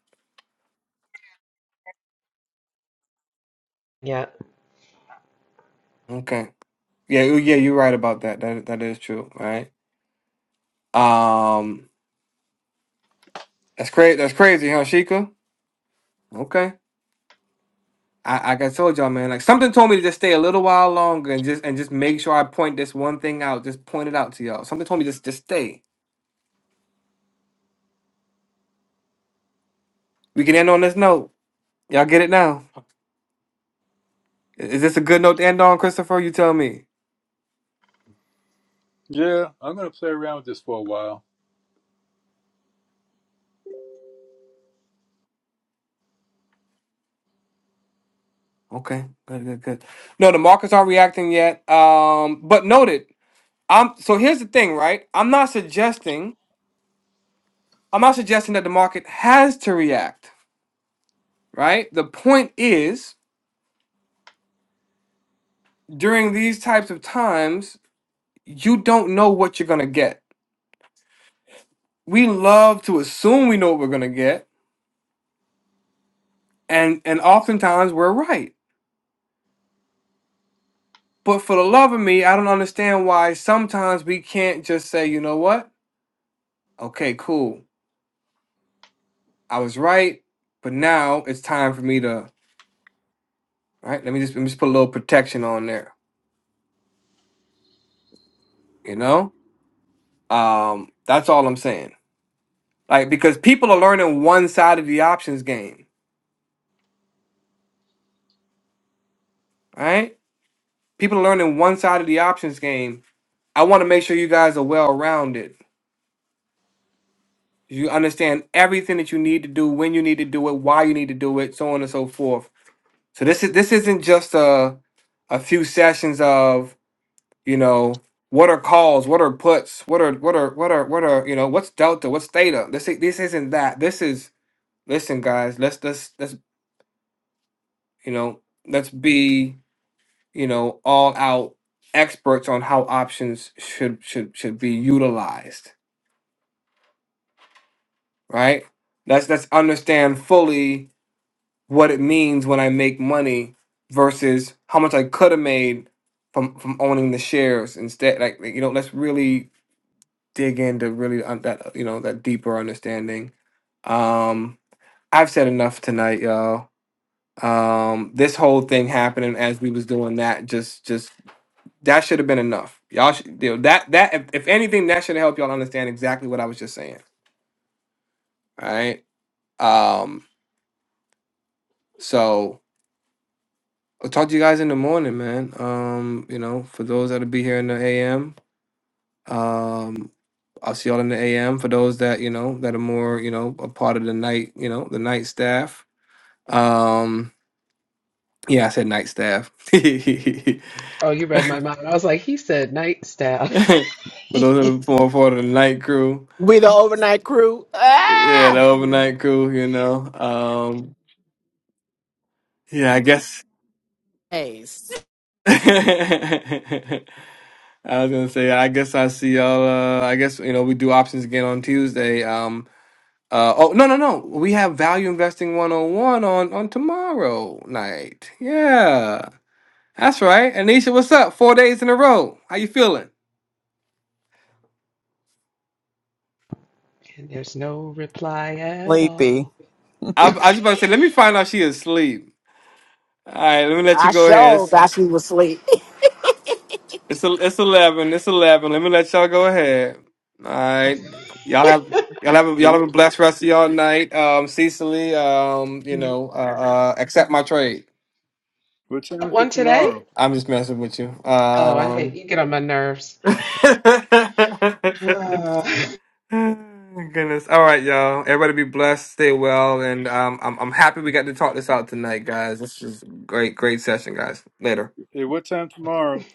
Speaker 1: yet.
Speaker 2: Okay. Yeah, you- yeah, you're right about that. That that is true, right? Um, that's crazy. That's crazy, huh, Sheikah? Okay. I like I told y'all, man. Like something told me to just stay a little while longer and just and just make sure I point this one thing out. Just point it out to y'all. Something told me just just stay. We can end on this note. Y'all get it now. I- Is this a good note to end on, Christopher? You tell me.
Speaker 3: Yeah, I'm gonna play around with this for a while.
Speaker 2: Okay. Good. Good. Good. No, the markets aren't reacting yet. Um, but noted. I'm so here's the thing, right? I'm not suggesting. I'm not suggesting that the market has to react. right? The point is, during these types of times, you don't know what you're gonna get. We love to assume we know what we're gonna get, and and oftentimes we're right. But for the love of me, I don't understand why sometimes we can't just say, you know what? Okay, cool. I was right, but now it's time for me to right. Let me just let me just put a little protection on there. You know, um, that's all I'm saying. Like because people are learning one side of the options game, right? people are learning one side of the options game. I want to make sure you guys are well rounded. You understand everything that you need to do, when you need to do it, why you need to do it, so on and so forth. So this is this isn't just a a few sessions of you know what are calls, what are puts, what are what are what are what are you know what's delta, what's theta. This i- this isn't that. This is listen, guys. Let's let's let's you know let's be you know all out experts on how options should should should be utilized right? Let's let's understand fully what it means when I make money versus how much I could have made from from owning the shares instead. Like like, you know, let's really dig into really un- that you know that deeper understanding. Um, I've said enough tonight, y'all. Um, this whole thing happening as we was doing that just just that should have been enough. Y'all should you know, that that if, if anything that should have helped y'all understand exactly what I was just saying. All right. Um, so I'll talk to you guys in the morning, man. Um, you know, for those that'll be here in the AM, um, I'll see y'all in the AM. For those that, you know, that are more, you know, a part of the night, you know, the night staff. Um, yeah, I said night staff. for those
Speaker 1: Oh, you read my mind. I was like, he said night staff.
Speaker 2: that
Speaker 1: and
Speaker 2: are more part of the night crew.
Speaker 8: We the overnight crew.
Speaker 2: Yeah, the
Speaker 8: Ah.
Speaker 2: overnight crew, you know. Um, yeah, I guess
Speaker 8: Days.
Speaker 2: I was gonna say, I guess I see y'all. Uh, I guess you know we do options again on Tuesday. Um, Uh, oh no no no! We have Value Investing 101 on on tomorrow night. Yeah, that's right. Anisha, what's up? Four days in a row. How you feeling?
Speaker 1: there's no reply at all.
Speaker 2: I, I was just about to say, let me find out she is asleep. All right, let me let you
Speaker 8: I
Speaker 2: go ahead.
Speaker 8: showed.
Speaker 2: It's
Speaker 8: I she was asleep.
Speaker 2: it's, el- it's eleven. It's eleven. Let me let y'all go ahead. All right, y'all have y'all have a,
Speaker 3: Hey,
Speaker 2: y'all have a
Speaker 3: What,
Speaker 2: blessed rest of y'all night. Um, Cecily, um, you know, uh, uh accept my trade.
Speaker 3: what time is
Speaker 1: One
Speaker 3: it
Speaker 1: today?
Speaker 3: tomorrow?
Speaker 2: I'm just messing with you.
Speaker 1: Oh, I hate
Speaker 2: Um.
Speaker 1: you. Get on my nerves. Ah.
Speaker 2: Oh, My Goodness. All right, y'all. Everybody be blessed. Stay well. And um, I'm, I'm happy we got to talk this out tonight, guys. This is great, great session, guys. Later.
Speaker 3: Hey, what time tomorrow?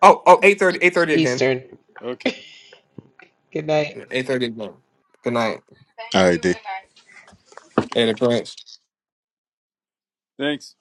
Speaker 2: Oh, oh, eight thirty, eight thirty again.
Speaker 1: Eastern.
Speaker 3: Okay.
Speaker 1: Good night.
Speaker 2: 8.30 again. Good night.
Speaker 13: All right, Dave.
Speaker 2: Later, Prince.
Speaker 3: Thanks.